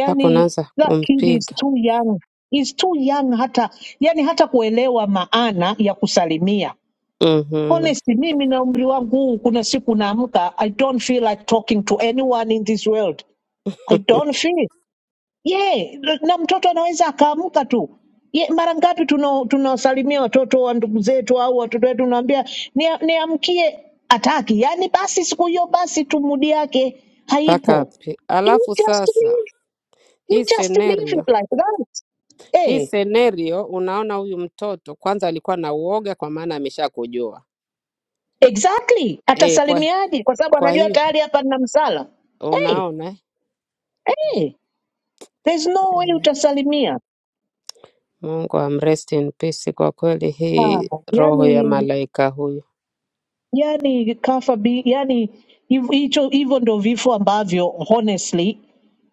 S10: mpaka unaanza
S9: that kid is
S10: kumpiga
S9: too young, is too young hata yani hata kuelewa maana ya kusalimia.
S10: Mhm.
S9: Honestly, mimi na umri wangu huu, kuna siku naamka, I don't feel like talking to anyone in this world. I don't feel ye na mtoto anaweza akaamka tu ye, mara ngapi tunawasalimia tuna tunawasalimia watoto wa ndugu zetu au watoto wetu unaambia niamkie ni niamkie," ataki yaani basi siku hiyo basi tu mudi yake
S10: mpaka
S9: haipo
S10: pi-
S9: you
S10: alafu
S9: just
S10: sasa
S9: leave you
S10: hii
S9: just leave
S10: scenario
S9: it like that
S10: hii
S9: eh
S10: scenario unaona huyu mtoto kwanza alikuwa na uoga kwa maana ameshakujua
S9: exactly
S10: e, kwa,
S9: atasalimiaje kwa sababu
S10: kwa
S9: anajua
S10: hiyo
S9: tayari hapa nina msala hey,
S10: unaona
S9: hey, there's no way
S10: eh?
S9: utasalimia
S10: Mungu amrest in peace. Kwa kweli
S9: ah,
S10: hii roho ya
S9: yani
S10: malaika huyu,
S9: yani kafa bi, yani hiv- hicho hivyo ndo vifo ambavyo honestly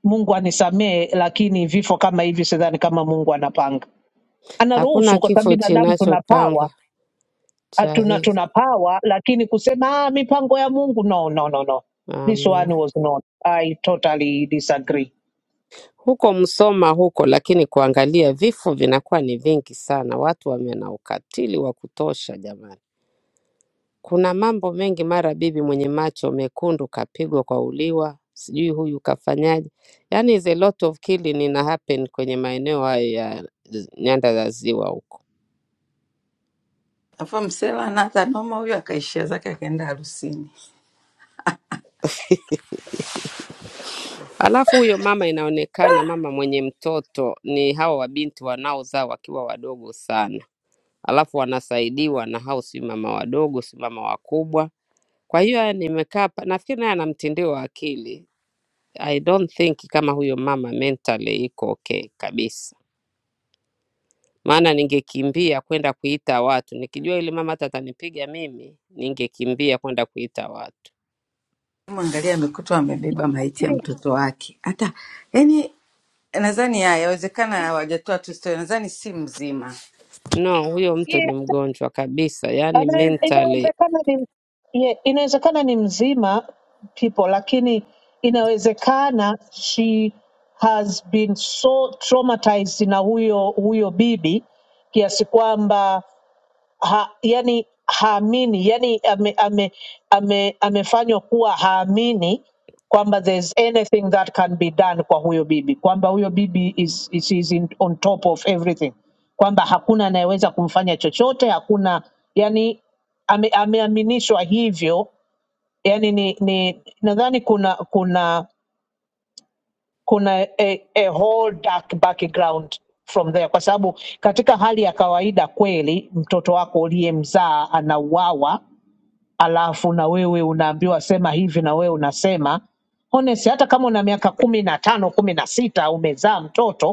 S9: Mungu anisamehe, lakini vifo kama hivi sidhani kama Mungu anapanga,
S10: hakuna
S9: anaruhusu kwa sababu
S10: kifo
S9: binadamu tuna pawa
S10: kinachopangwa
S9: ah,
S10: cha
S9: tuna
S10: hivi
S9: tuna pawa, lakini kusema ah, mipango ya Mungu no, no, no, no. This one
S10: amna.
S9: was not. I totally disagree.
S10: Huko Msoma huko, lakini kuangalia vifo vinakuwa ni vingi sana, watu wame na ukatili wa kutosha jamani. Kuna mambo mengi, mara bibi mwenye macho mekundu kapigwa kwa uliwa, sijui huyu kafanyaje. Yani is a lot of killing ina happen kwenye maeneo hayo ya nyanda za ziwa huko.
S1: Afu msela na hata noma huyo, akaishia zake akaenda harusini.
S10: Alafu huyo mama inaonekana mama mwenye mtoto ni hawa wabinti wanaozaa wakiwa wadogo sana, alafu wanasaidiwa na hao, si mama wadogo, si mama wakubwa. Kwa hiyo haya, nimekaa pa- nafikiri naye ana mtindio wa akili. I don't think kama huyo mama mentally iko okay kabisa, maana ningekimbia kwenda kuita watu nikijua yule mama hata atanipiga mimi, ningekimbia kwenda kuita watu.
S1: Mwangalia amekutwa amebeba maiti ya mtoto wake, hata yani nadhani haya yawezekana hawajatoa tu story nadhani si mzima
S10: No, huyo mtu ni mgonjwa kabisa, yani
S9: Ana-
S10: mentally,
S9: inawezekana ni ye- inawezekana ni mzima people lakini inawezekana she has been so traumatized na huyo huyo bibi kiasi kwamba ha, yani haamini yani ame, ame, ame, amefanywa kuwa haamini kwamba there is anything that can be done kwa huyo bibi kwamba huyo bibi is, is, is in, on top of everything kwamba hakuna anayeweza kumfanya chochote hakuna yani ame, ameaminishwa hivyo yani ni, ni nadhani kuna kuna kuna a, a whole dark background from there, kwa sababu katika hali ya kawaida kweli mtoto wako uliyemzaa anauawa, alafu na wewe unaambiwa sema hivi na wewe unasema honest, hata kama una miaka kumi na tano kumi na sita umezaa mtoto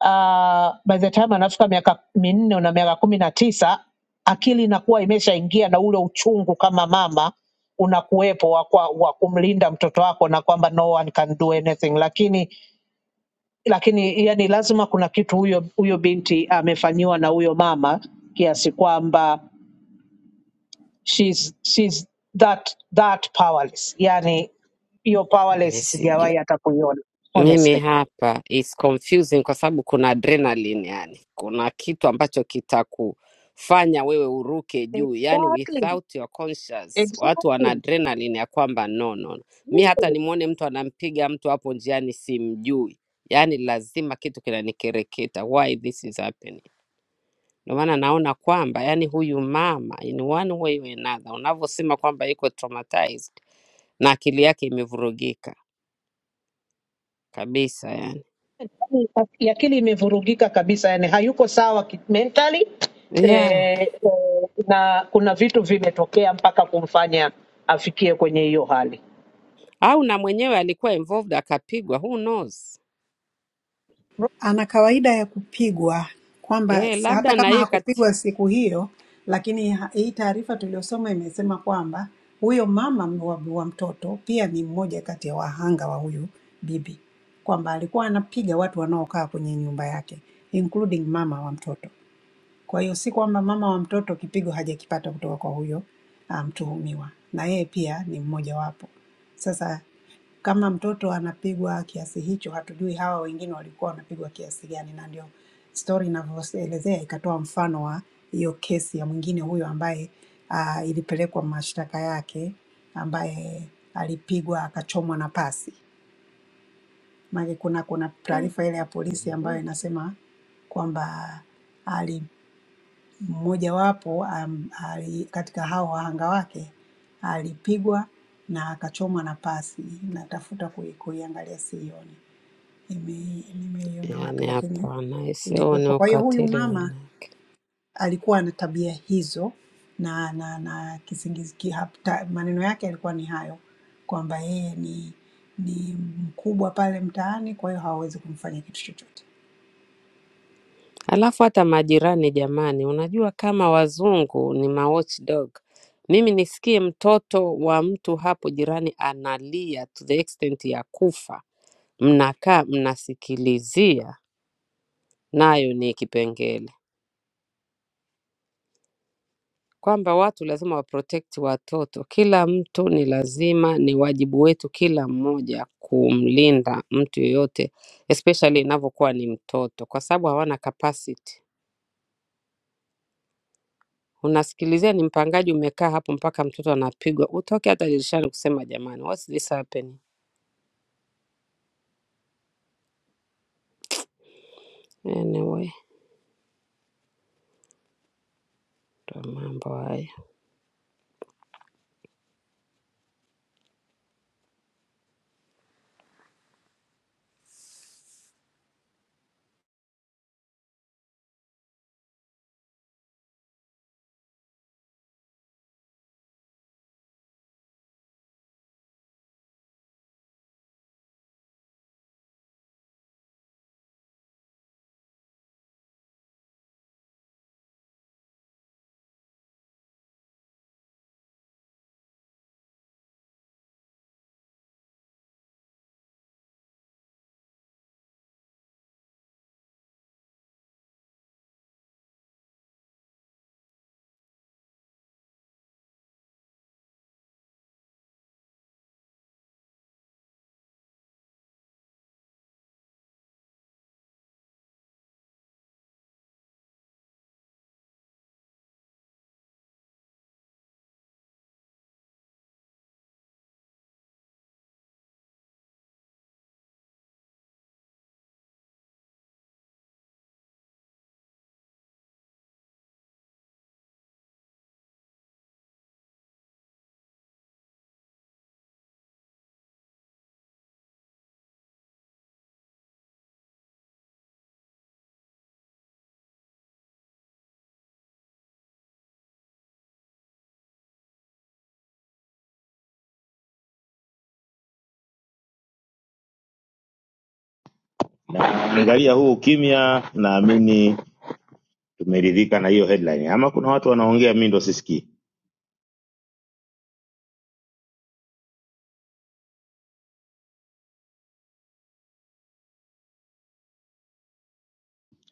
S9: uh, by the time anafika miaka minne una miaka kumi na tisa akili inakuwa imeshaingia na ule uchungu kama mama unakuwepo wa kwa- wa kumlinda mtoto wako na kwamba no one can do anything, lakini lakini yani lazima kuna kitu huyo huyo binti amefanyiwa na huyo mama kiasi kwamba she's, she's that, that powerless. Yani hiyo
S10: mimi
S9: powerless
S10: sijui.
S9: sijawahi hata kuiona
S10: Mimi
S9: honestly.
S10: hapa is confusing kwa sababu kuna adrenaline, yani kuna kitu ambacho kitakufanya wewe uruke juu, yani
S9: Exactly.
S10: without your conscious. Watu wana
S9: Exactly.
S10: adrenaline ya kwamba no, no. no. Mi hata
S9: Yeah.
S10: nimwone mtu anampiga mtu hapo njiani simjui, yani lazima kitu kinanikereketa, why this is happening. Ndio maana naona kwamba yani huyu mama in one way or another, unavyosema kwamba iko traumatized na akili yake imevurugika kabisa yani.
S9: Aki- Akili imevurugika kabisa, yani hayuko sawa ki- mentally
S10: yeah.
S9: eh, eh, na kuna vitu vimetokea mpaka kumfanya afikie kwenye hiyo hali.
S10: au na mwenyewe alikuwa involved akapigwa, who knows?
S7: Ana kawaida ya kupigwa, kwamba
S10: Eh,
S7: s- hata
S10: labda na
S7: kama
S10: yeye kati
S7: hakupigwa siku hiyo, lakini ha- hii taarifa tuliyosoma imesema kwamba huyo mama m- wa, wa mtoto pia ni mmoja kati ya wahanga wa huyu bibi, kwamba alikuwa anapiga watu wanaokaa kwenye nyumba yake including mama wa mtoto. Kwa hiyo si kwamba mama wa mtoto kipigo hajakipata kutoka kwa huyo ah, mtuhumiwa, na yeye pia ni mmojawapo. Sasa Kama mtoto anapigwa kiasi hicho, hatujui hawa wengine walikuwa wanapigwa kiasi gani, na ndio stori inavyoelezea ikatoa mfano wa hiyo kesi ya mwingine huyo ambaye uh, ilipelekwa mashtaka yake ambaye alipigwa akachomwa na pasi. Maana kuna kuna
S10: mm.
S7: taarifa ile ya polisi ambayo
S10: Mhm.
S7: inasema kwamba Mmojawapo am- ali- katika hao wahanga wake alipigwa na akachomwa na pasi. Natafuta kui- kuiangalia siioni, Nime- nimeiona wapi,
S10: Yaani
S7: lakini
S10: hapana, sioni
S7: ilikuwepo. Kwa hiyo huyu
S10: ukatili
S7: mama
S10: wena.
S7: alikuwa na tabia hizo na na na kisingizi, ki- hapta- maneno yake yalikuwa ni hayo kwamba yeye ni ni mkubwa pale mtaani, kwa hiyo hawawezi kumfanya kitu chochote.
S10: Alafu hata majirani jamani, unajua kama wazungu ni ma watchdog. Mimi nisikie mtoto wa mtu hapo jirani analia to the extent ya kufa, mnakaa mnasikilizia, nayo ni kipengele. kwamba watu lazima waprotect watoto. Kila mtu ni lazima, ni wajibu wetu kila mmoja kumlinda mtu yoyote, especially inavyokuwa ni mtoto, kwa sababu hawana capacity. Unasikilizia ni mpangaji, umekaa hapo mpaka mtoto anapigwa, utoke hata dirishani kusema jamani, what's this happening? Anyway, ndo mambo hayo.
S2: naangalia huu ukimya naamini tumeridhika na hiyo headline ama kuna watu wanaongea mi ndo sisikii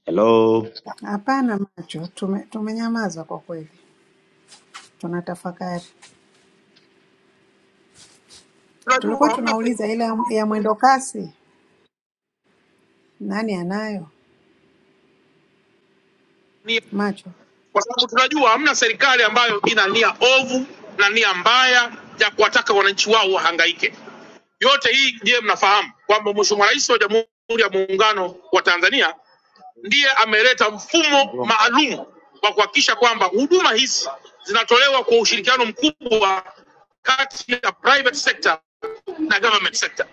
S2: hello
S7: Hapana macho, tume, tumenyamaza kwa kweli, tunatafakari. Tulikuwa
S2: Tunajua hamna serikali
S7: tunauliza ile ya ya
S2: ambayo
S7: mwendo kasi, nani anayo
S2: inaenda nia,
S7: macho?
S2: kwa sababu tunajua hamna serikali ambayo ina nia ovu na nia mbaya ya kuwataka wananchi wao wahangaike. Yote hii je, mnafahamu kwamba Mheshimiwa Rais wa Jamhuri ya Muungano wa Tanzania ndiye ameleta mfumo maalum wa kuhakikisha kwamba huduma hizi zinatolewa kwa ushirikiano mkubwa kati ya private sector na government sector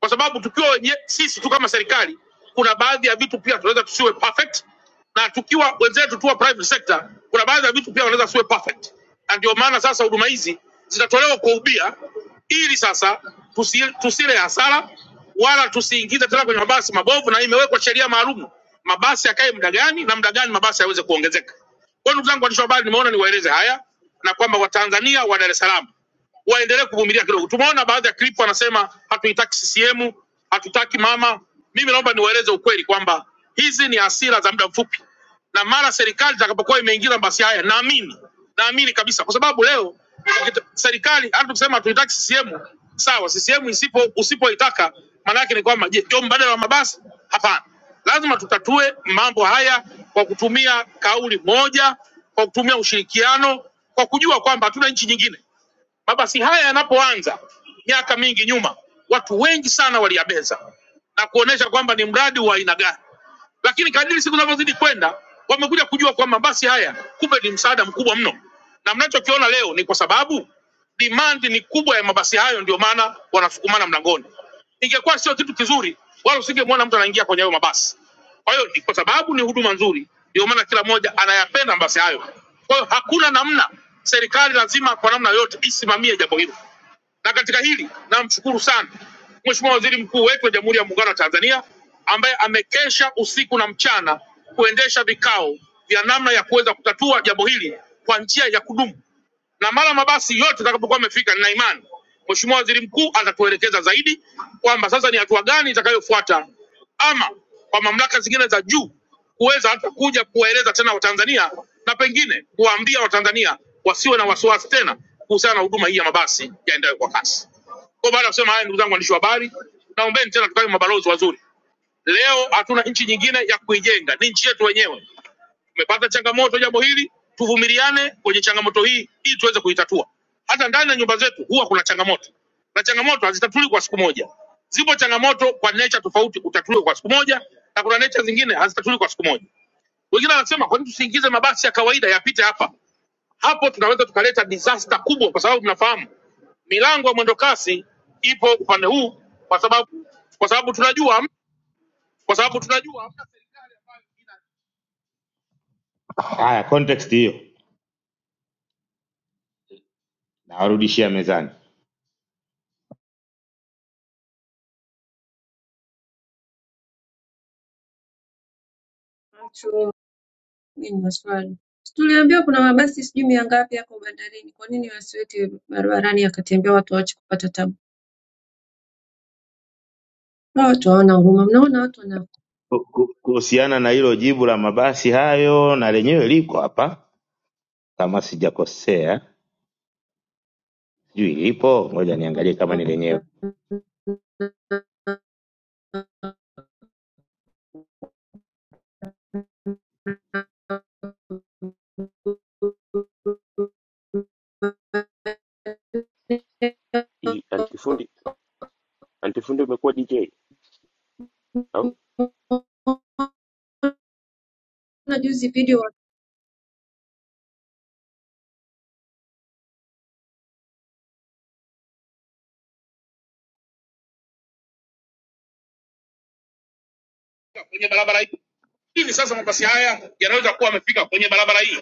S2: kwa sababu tukiwa wenye sisi tu kama serikali, kuna baadhi ya vitu pia tunaweza tusiwe perfect, na tukiwa wenzetu tu wa private sector, kuna baadhi ya vitu pia wanaweza tusiwe perfect, na ndio maana sasa huduma hizi zitatolewa kwa ubia, ili sasa tusi, tusile hasara wala tusiingize tena kwenye mabasi mabovu, na imewekwa sheria maalum mabasi yakae muda gani na muda gani mabasi yaweze kuongezeka. Kwa hiyo ndugu zangu waandishi wa habari, nimeona niwaeleze haya na kwamba Watanzania wa Dar es Salaam waendelee kuvumilia kidogo. Tumeona baadhi ya clip wanasema hatuitaki CCM, hatutaki mama. Mimi naomba niwaeleze ukweli kwamba hizi ni hasira za muda mfupi, na mara serikali itakapokuwa imeingiza basi haya, naamini naamini kabisa, kwa sababu leo ukita- serikali hata tukisema hatuitaki CCM, sawa, CCM isipo usipoitaka, maana yake ni kwamba je, ndio mbadala wa mabasi? Hapana, lazima tutatue mambo haya kwa kutumia kauli moja, kwa kutumia ushirikiano, kwa kujua kwamba hatuna nchi nyingine. Mabasi haya yanapoanza miaka mingi nyuma, watu wengi sana waliyabeza na kuonesha kwamba ni mradi wa aina gani lakini kadiri siku zinavyozidi kwenda wamekuja kujua kwamba basi haya kumbe ni msaada mkubwa mno, na mnachokiona leo ni kwa sababu demand ni kubwa ya mabasi hayo, ndio maana wanasukumana mlangoni. Ingekuwa sio kitu kizuri, wala usingemwona mtu anaingia kwenye hayo mabasi. Kwa hiyo ni kwa sababu ni huduma nzuri, ndio maana kila mmoja anayapenda mabasi hayo. Kwa hiyo hakuna namna, serikali lazima kwa namna yote isimamie jambo hilo. Na katika hili namshukuru sana Mheshimiwa Waziri Mkuu wetu wa Jamhuri ya Muungano wa Tanzania ambaye amekesha usiku na mchana kuendesha vikao vya namna ya kuweza kutatua jambo hili kwa njia ya kudumu na mara mabasi yote atakapokuwa amefika, nina imani Mheshimiwa Waziri Mkuu atatuelekeza zaidi kwamba sasa ni hatua gani itakayofuata, ama kwa mamlaka zingine za juu kuweza hata kuja kuwaeleza tena Watanzania na pengine kuwaambia Watanzania wasiwe na wasiwasi tena kuhusiana na huduma hii ya mabasi yaendayo kwa kasi. Kwa baada ya kusema haya, ndugu zangu waandishi wa habari, naombeni tena tukawe mabalozi wazuri. Leo hatuna nchi nyingine ya kuijenga, ni nchi yetu wenyewe. Tumepata changamoto jambo hili, tuvumiliane kwenye changamoto hii ili tuweze kuitatua. Hata ndani ya nyumba zetu huwa kuna changamoto, na changamoto hazitatuli kwa siku moja. Zipo changamoto kwa nature tofauti, utatuliwa kwa siku moja, na kuna nature zingine hazitatuli kwa siku moja. Wengine wanasema kwa nini tusiingize mabasi ya kawaida yapite hapa? Hapo tunaweza tukaleta disaster kubwa, kwa sababu mnafahamu milango ya mwendo kasi ipo upande huu, kwa sababu kwa sababu tunajua kwa sababu tunajua hamna serikali ambayo ina haya context hiyo nawarudishia mezani.
S3: Macho, mimi ni maswali. Si Tuliambiwa kuna mabasi sijui mia ngapi yako bandarini. Kwa nini wasiweke barabarani yakatembea watu waache kupata tabu? Hawa watu hawana huruma. Mnaona watu wana
S2: Ku- ku- Kuhusiana na hilo jibu la mabasi hayo, na lenyewe liko hapa kama sijakosea, sijui lipo, ngoja niangalie kama ni lenyewe.
S11: Hii, antifundi antifundi umekuwa DJ au
S3: na juzi video wa-
S2: kwenye barabara hii. Hivi sasa mabasi haya yanaweza kuwa yamefika kwenye barabara hii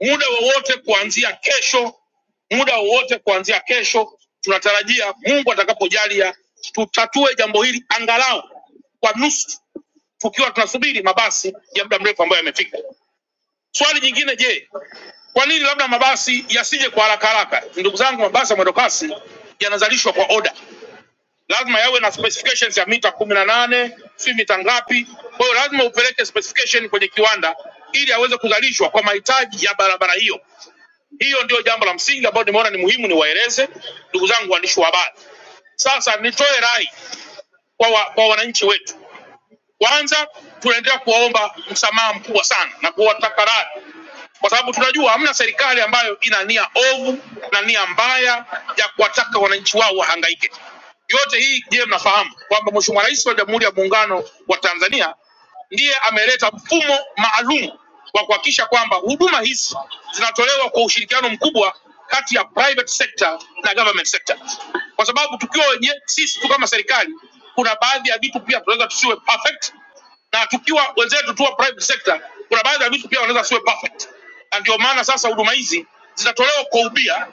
S2: muda wowote kuanzia kesho, muda wowote kuanzia kesho. Tunatarajia Mungu atakapojalia, tutatue jambo hili angalau kwa nusu, tukiwa tunasubiri mabasi ya muda mrefu ambayo yamefika. Swali jingine, je, Kwa nini labda mabasi yasije kwa haraka haraka? Ndugu zangu, mabasi ya mwendo kasi yanazalishwa kwa oda, lazima yawe na specifications ya mita kumi na nane si mita ngapi. Kwa hiyo lazima upeleke specification kwenye kiwanda ili aweze kuzalishwa kwa mahitaji ya barabara hiyo. Hiyo ndio jambo la msingi ambalo nimeona ni muhimu niwaeleze ndugu zangu waandishi wa habari. Sasa nitoe rai kwa, wa, kwa wananchi wetu. Kwanza tunaendelea kuwaomba msamaha mkubwa sana na kuwataka radhi kwa sababu tunajua hamna serikali ambayo ina nia ovu na nia mbaya ya kuwataka wananchi wao wahangaike. Yote hii je, mnafahamu kwamba Mheshimiwa Rais wa Jamhuri ya Muungano wa Tanzania ndiye ameleta mfumo maalum wa kuhakikisha kwamba huduma hizi zinatolewa kwa ushirikiano mkubwa kati ya private sector na government sector, kwa sababu tukiwa wenye sisi tu kama serikali, kuna baadhi ya vitu pia tunaweza tusiwe perfect, na tukiwa wenzetu tu wa private sector, kuna baadhi ya vitu pia wanaweza siwe perfect na ndio maana sasa huduma hizi zitatolewa kwa ubia,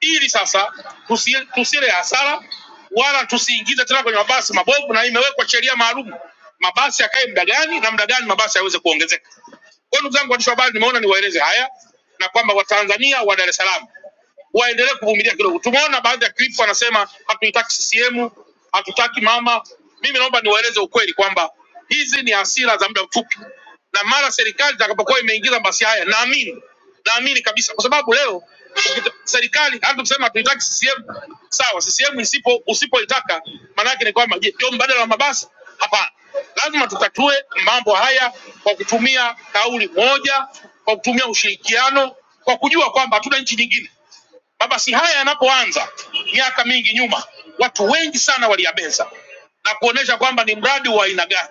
S2: ili sasa tusi- tusile hasara wala tusiingize tena kwenye mabasi mabovu, na imewekwa sheria maalum mabasi yakae muda gani na muda gani mabasi yaweze kuongezeka. Kwa hiyo ndugu zangu waandishi wa habari, nimeona niwaeleze haya na kwamba Watanzania wa Dar es Salaam waendelee kuvumilia kidogo. Tumeona baadhi ya clip wanasema hatuitaki CCM, hatutaki mama. Mimi naomba niwaeleze ukweli kwamba hizi ni hasira za muda mfupi, na mara serikali itakapokuwa imeingiza basi haya, naamini naamini kabisa, kwa sababu leo ukita- serikali hata tuseme hatuitaki CCM, sawa, CCM isipo usipoitaka, maana yake ni kwamba je, ndio mbadala wa mabasi? Hapana, lazima tutatue mambo haya kwa kutumia kauli moja, kwa kutumia ushirikiano, kwa kujua kwamba hatuna nchi nyingine Mabasi haya yanapoanza miaka mingi nyuma, watu wengi sana waliyabeza na kuonesha kwamba ni mradi wa aina gani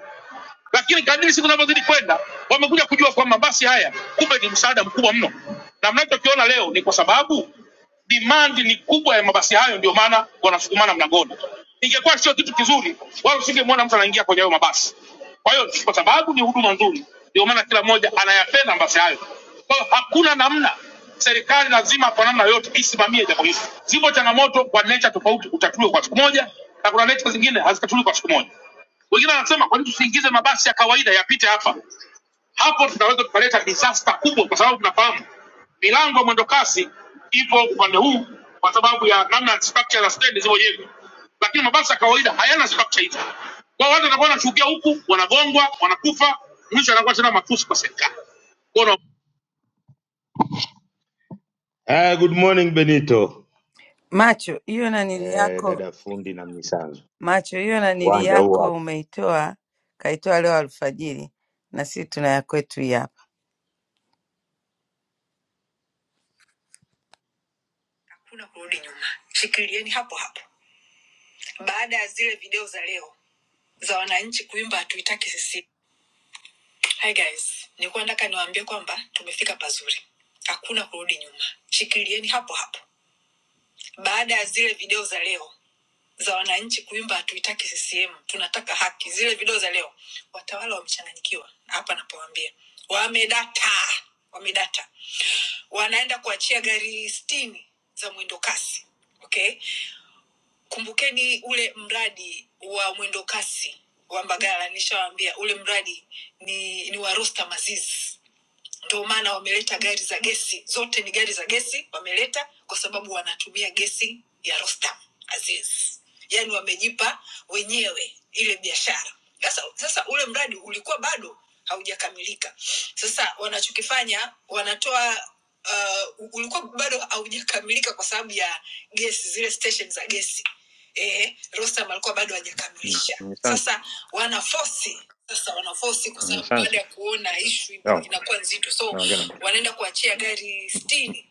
S2: lakini kadiri siku zinavyozidi kwenda wamekuja kujua kwamba basi haya kumbe ni msaada mkubwa mno, na mnachokiona leo ni kwa sababu demand ni kubwa ya mabasi hayo, ndio maana wanasukumana mlangoni. Ingekuwa sio kitu kizuri, wala usingemwona mtu anaingia kwenye hayo mabasi. Kwa hiyo kwa sababu ni huduma nzuri, ndio maana kila mmoja anayapenda mabasi hayo. Kwa hiyo hakuna namna, serikali lazima kwa namna yoyote isimamie jambo hili. Zipo changamoto kwa nature tofauti, utatuliwa kwa siku moja, na kuna nature zingine hazitatuliwi kwa siku moja. Wengine wanasema kwa nini tusiingize mabasi ya kawaida yapite hapa? Hapo tunaweza tukaleta disaster kubwa, kwa sababu tunafahamu milango ya mwendokasi ipo upande huu kwa sababu ya namna structure za stendi zilizojengwa, lakini mabasi ya kawaida hayana structure hizo. Kwa hiyo watu watakuwa wanashukia huku, wanagongwa, wanakufa, mwisho anakuwa tena matusi kwa serikali. Kwa hiyo Ah, good morning Benito.
S1: macho hiyo nanili
S2: Eh,
S1: yako
S2: dada fundi na mnisanzu.
S1: macho hiyo nanili
S2: Uwanja huu hapa.
S1: yako umeitoa kaitoa leo alfajiri na sisi tuna ya kwetu hii hapa hakuna kurudi nyuma shikilieni hapo hapo baada ya zile video za leo za wananchi kuimba hatuitaki sisi hi guys nilikuwa nataka niwaambie kwamba tumefika pazuri hakuna kurudi nyuma shikilieni hapo hapo baada ya zile video za leo za wananchi kuimba hatuitaki CCM, tunataka haki. Zile video za leo, watawala wamechanganyikiwa hapa napowaambia, wamedata, wamedata, wanaenda kuachia gari sitini za mwendo kasi. Okay, kumbukeni ule mradi wa mwendo kasi wa Mbagala, nishawaambia ule mradi ni, ni wa Rostam Aziz ndio maana wameleta gari za gesi zote ni gari za gesi wameleta kwa sababu wanatumia gesi ya rostam aziz yaani wamejipa wenyewe ile biashara sasa sasa ule mradi ulikuwa bado haujakamilika sasa wanachokifanya wanatoa uh, ulikuwa bado haujakamilika kwa sababu ya gesi zile station za gesi eh, Rostam alikuwa bado hajakamilisha. Sasa wanafosi sasa wanafosi kwa sababu baada ya kuona ishu
S4: No,
S1: inakuwa nzito, so
S4: no, i
S1: wanaenda kuachia gari sitini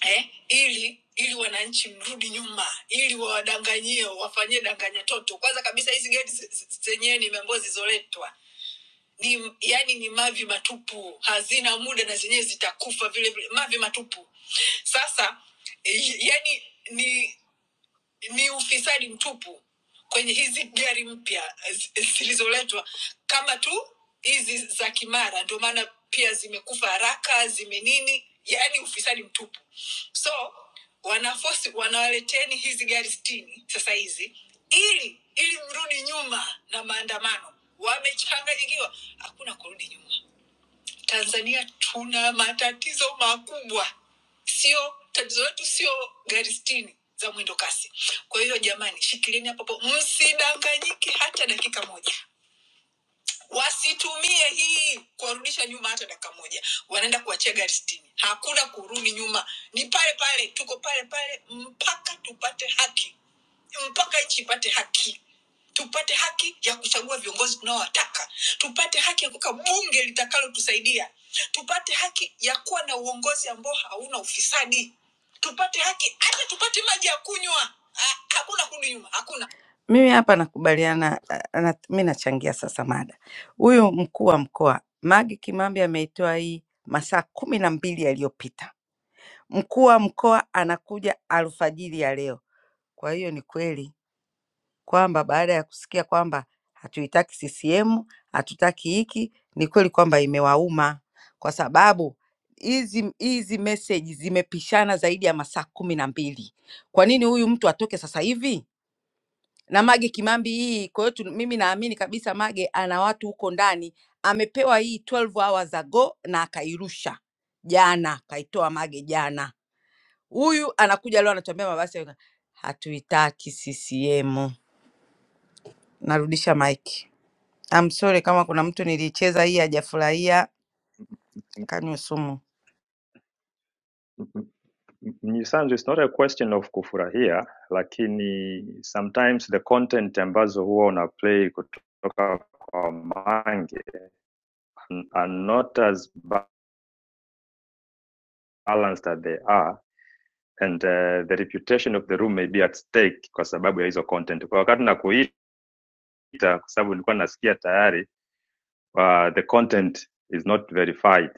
S1: eh, ili ili wananchi mrudi nyuma, ili wawadanganyie, wafanyie danganya toto. Kwanza kabisa hizi gari ze- ze- zenyewe nimeambiwa zilizoletwa ni yani ni mavi matupu, hazina muda na zenyewe zitakufa vile vile, mavi matupu. Sasa eh, yani ni ni ufisadi mtupu kwenye hizi gari mpya zi- zilizoletwa kama tu hizi za kimara ndio maana pia zimekufa haraka zimenini yaani ufisadi mtupu so wanafosi wanawaleteni hizi gari stini sasa hizi ili ili mrudi nyuma na maandamano wamechanganyikiwa hakuna kurudi nyuma Tanzania tuna matatizo makubwa, sio tatizo letu sio gari sitini za mwendo kasi. Kwa hiyo jamani, shikilieni hapo hapo, msidanganyike hata dakika moja wasitumie hii kuwarudisha nyuma hata dakika moja wanaenda kuwachia gari sitini hakuna kurudi nyuma ni pale pale tuko pale pale mpaka tupate haki mpaka nchi ipate haki tupate haki ya kuchagua viongozi tunaowataka tupate haki ya kuweka bunge litakalotusaidia tupate haki ya kuwa na uongozi ambao hauna ufisadi tupate haki hata tupate maji ya kunywa Ah, hakuna kurudi nyuma hakuna Mimi hapa nakubaliana, ah, na, mi nachangia sasa mada. Huyu mkuu wa mkoa Magi Kimambi ameitoa hii masaa kumi na mbili yaliyopita. Mkuu wa mkoa anakuja alfajiri ya leo. Kwa hiyo ni kweli kwamba baada ya kusikia kwamba hatuitaki CCM, hatutaki hiki, ni kweli kwamba imewauma kwa sababu hizi hizi meseji zimepishana zaidi ya masaa kumi na mbili. Kwa nini huyu mtu atoke sasa hivi? na Mage Kimambi hii. Kwa hiyo tu- mimi naamini kabisa Mage ana watu huko ndani, amepewa hii 12 hours ago na akairusha jana, kaitoa Mage jana. Huyu anakuja leo anatuambia mabasi ya- hatuitaki CCM. Narudisha mic. I'm sorry kama kuna mtu nilicheza hii hajafurahia, kanywe sumu.
S4: Mnyisanzu, it's not a question of kufurahia, lakini sometimes the content ambazo huwa una play kutoka kwa Mange are not as balanced as they are and uh, the reputation of the room may be at stake kwa sababu ya hizo content. Kwa wakati nakuita, kwa sababu nilikuwa nasikia tayari uh, the content is not verified.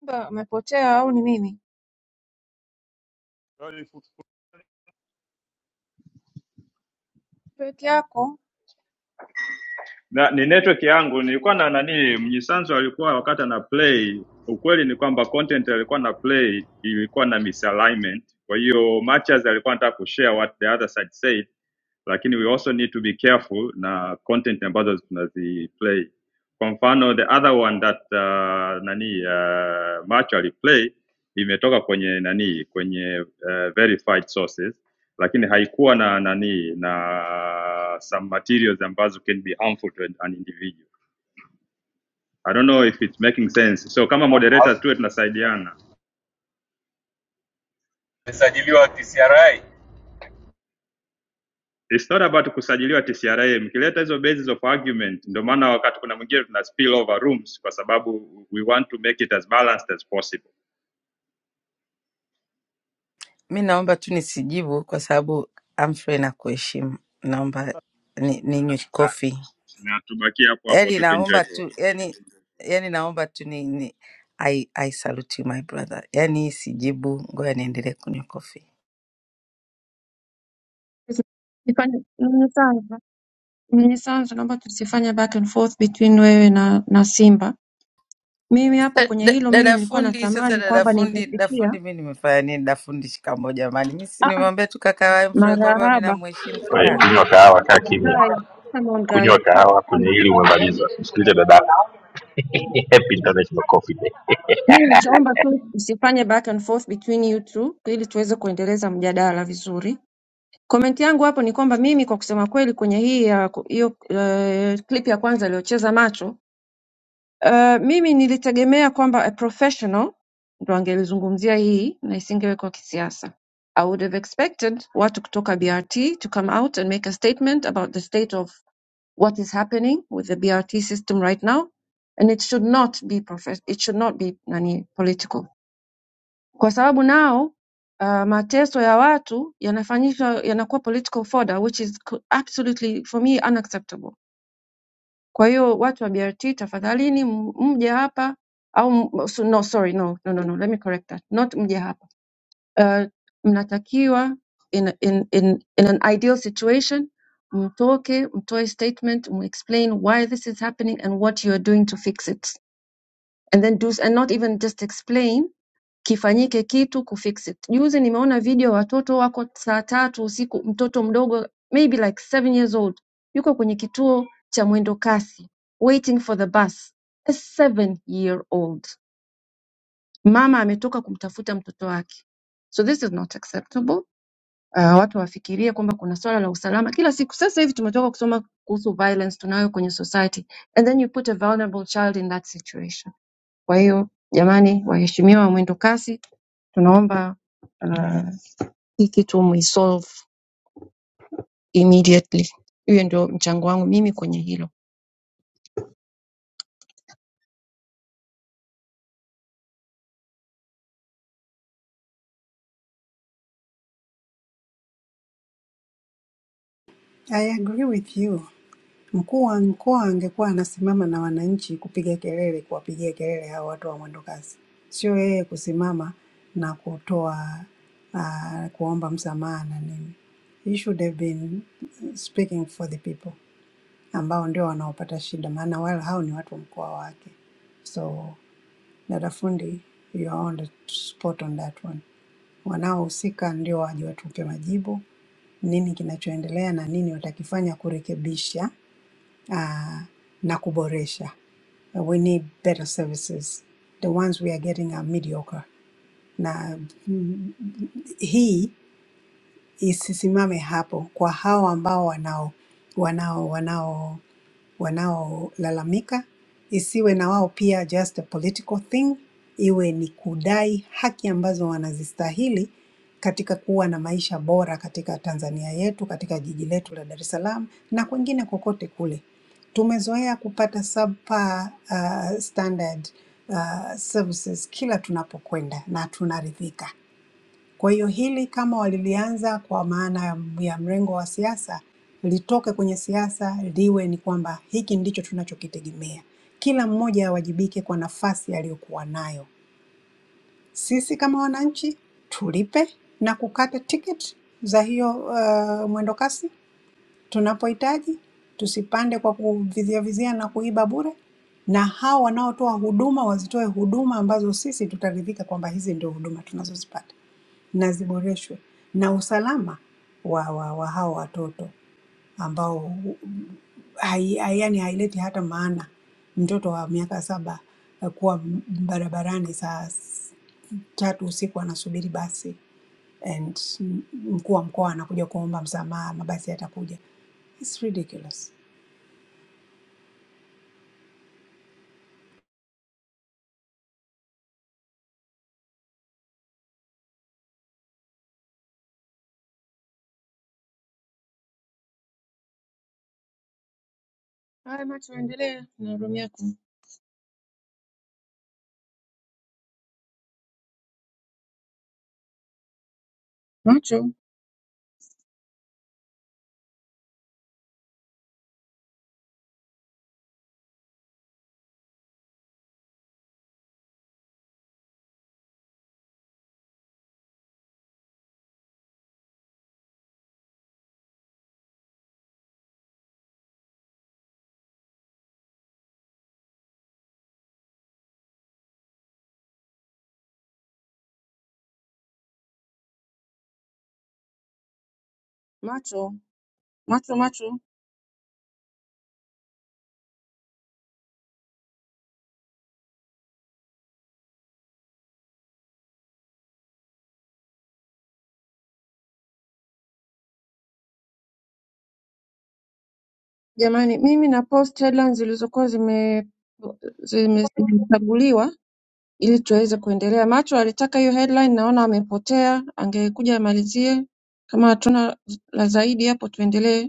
S3: Simba amepotea au ni nini? peke yako
S4: na ni network yangu nilikuwa na nani mnyisanzo alikuwa wakati ana play ukweli ni kwamba content alikuwa na play ilikuwa na misalignment kwa hiyo matches alikuwa anataka kushare what the other side said lakini we also need to be careful na content ambazo tunaziplay kwa mfano the other one that uh, nani uh, match aliplay imetoka kwenye nani kwenye uh, verified sources lakini haikuwa na nani na some materials ambazo can be harmful to an individual i don't know if it's making sense so kama moderator tuwe tunasaidiana
S12: Alisajiliwa na TCRA
S4: it's not about kusajiliwa tcra mkileta hizo basis of argument ndio maana wakati kuna mwingine tuna spill over rooms kwa sababu we want to make it as balanced as possible
S1: Mi naomba tu nisijibu kwa sababu Humphrey na kuheshimu, naomba ni-
S4: Sana
S1: ninywe
S4: mizani.
S1: coffee
S4: na tubakie hapo hapo
S1: yani
S4: tu
S1: naomba
S4: tuenjoy
S1: tu yani yani naomba tu ni, ni I, I salute you my brother. Yani sijibu, ngoja niendelee kunywa kofi.
S3: zifanye nini sanzu nini sanzu naomba tusifanye back and forth between wewe na na Simba. Mimi hapo
S1: Da-
S3: kwenye
S1: da-
S3: hilo mimi
S1: Dada
S3: nilikuwa
S1: fundi sasa,
S3: natamani
S1: dada
S3: kwamba
S1: fundi, dada
S3: ningefikia
S1: fundi, mi nimefanya nini? Dada fundi, shikamo jamani, mi si
S3: ah ah
S1: nimwambia tu kaka Humphrey kwamba mi
S3: marahaba
S1: namheshimu kaka,
S3: guys come on guys Hmm. mimi nilichoomba tu usifanye back and forth between you two ili tuweze kuendeleza mjadala vizuri. Comment yangu hapo ni kwamba mimi kwa kusema kweli kwenye hii ya hiyo eh, clip ya kwanza iliyocheza macho Uh, mimi nilitegemea kwamba a professional ndo angelizungumzia hii na isingewekwa kisiasa. I would have expected watu kutoka BRT to come out and make a statement about the state of what is happening with the BRT system right now and it should not be profes it should not be nani political. Kwa sababu nao uh, mateso ya watu yanafanyishwa yanakuwa political fodder which is co- absolutely for me unacceptable. Kwa hiyo watu wa BRT tafadhalini m- mje hapa au m- so- no sorry no no no no let me correct that not mje hapa. Uh, mnatakiwa in, in, in, in an ideal situation mtoke mtoe statement explain why this is happening and what you are doing to fix it and then do and not even just explain Kifanyike kitu kufix it juzi nimeona video watoto wako saa tatu usiku mtoto mdogo maybe like seven years old yuko kwenye kituo cha mwendo kasi waiting for the bus a seven year old mama ametoka kumtafuta mtoto wake so this is not acceptable uh, watu wafikirie kwamba kuna swala la usalama kila siku sasa hivi tumetoka kusoma kuhusu violence tunayo kwenye society and then you put a vulnerable child in that situation kwa hiyo jamani waheshimiwa wa mwendo kasi Tunaomba uh, hii kitu muisolve immediately. Hiyo ndio mchango wangu mimi kwenye hilo.
S7: I agree with you. Mkuu wa mkoa angekuwa anasimama na wananchi kupiga kelele, kuwapigia kelele hao watu wa mwendo kasi, sio yeye kusimama na kutoa uh, kuomba msamaha na nini. He should have been speaking for the people ambao ndio wanaopata shida, maana wale hao ni watu wa mkoa wake. So dada fundi, you are on the spot on that one. wanaohusika ndio waje watupe majibu nini kinachoendelea na nini watakifanya kurekebisha ah, na kuboresha. We need better services. The ones we are getting are mediocre. Na mm, hii isisimame hapo kwa hao ambao wanao wanao wanao wanaolalamika, isiwe na wao pia just a political thing, iwe ni kudai haki ambazo wanazistahili katika kuwa na maisha bora katika Tanzania yetu, katika jiji letu la Dar es Salaam na kwengine kokote kule. Tumezoea kupata subpar, uh, standard uh, services kila tunapokwenda na tunaridhika. Kwa hiyo hili kama walilianza kwa maana ya ya mrengo wa siasa, litoke kwenye siasa, liwe ni kwamba hiki ndicho tunachokitegemea. Kila mmoja awajibike kwa nafasi aliyokuwa nayo. Sisi kama wananchi tulipe na kukata tiketi za hiyo uh, mwendokasi, Tunapohitaji tusipande kwa kuviziavizia na kuiba bure, na hao wanaotoa huduma wazitoe huduma ambazo sisi tutaridhika kwamba hizi ndio huduma tunazozipata na ziboreshwe, na usalama wa, wa, wa hao watoto ambao hu- hai, hai, yani haileti hata maana mtoto wa miaka saba eh, kuwa m- barabarani saa s- tatu usiku anasubiri basi and m- mkuu wa mkoa anakuja kuomba msamaha, mabasi yatakuja. It's ridiculous.
S3: Haya, macho endelee na room yako. Macho, macho, macho, macho. Jamani, mimi na post headlines zilizokuwa zime zime- zimechaguliwa ili tuweze kuendelea. Macho alitaka hiyo headline, naona amepotea, angekuja amalizie. Kama hatuna la zaidi hapo, tuendelee.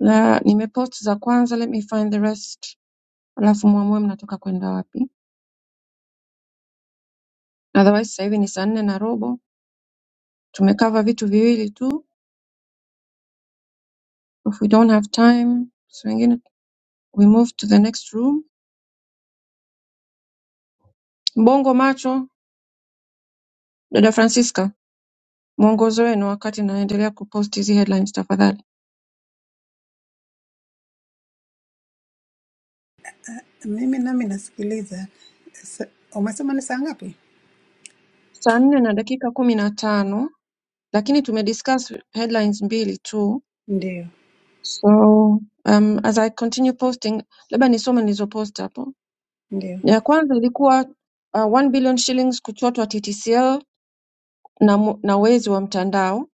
S3: na nimepost za kwanza, let me find the rest, alafu mwamue mnataka kwenda wapi. Otherwise sasa hivi ni saa nne na robo, tumekava vitu viwili tu. If we don't have time, so wengine we move to the next room. Mbongo macho, dada Francisca, mwongozo wenu wakati naendelea kupost hizi headlines tafadhali.
S7: Mimi nami nasikiliza. Sa- Umesema ni saa ngapi?
S3: Saa nne na dakika kumi na tano, lakini tumediscuss headlines mbili tu,
S7: Ndio,
S3: so um, as I continue posting, labda nisome nilizopost hapo
S7: ndio.
S3: Ya kwanza ilikuwa uh, 1 billion shillings kuchotwa TTCL na, mu- na wezi wa mtandao.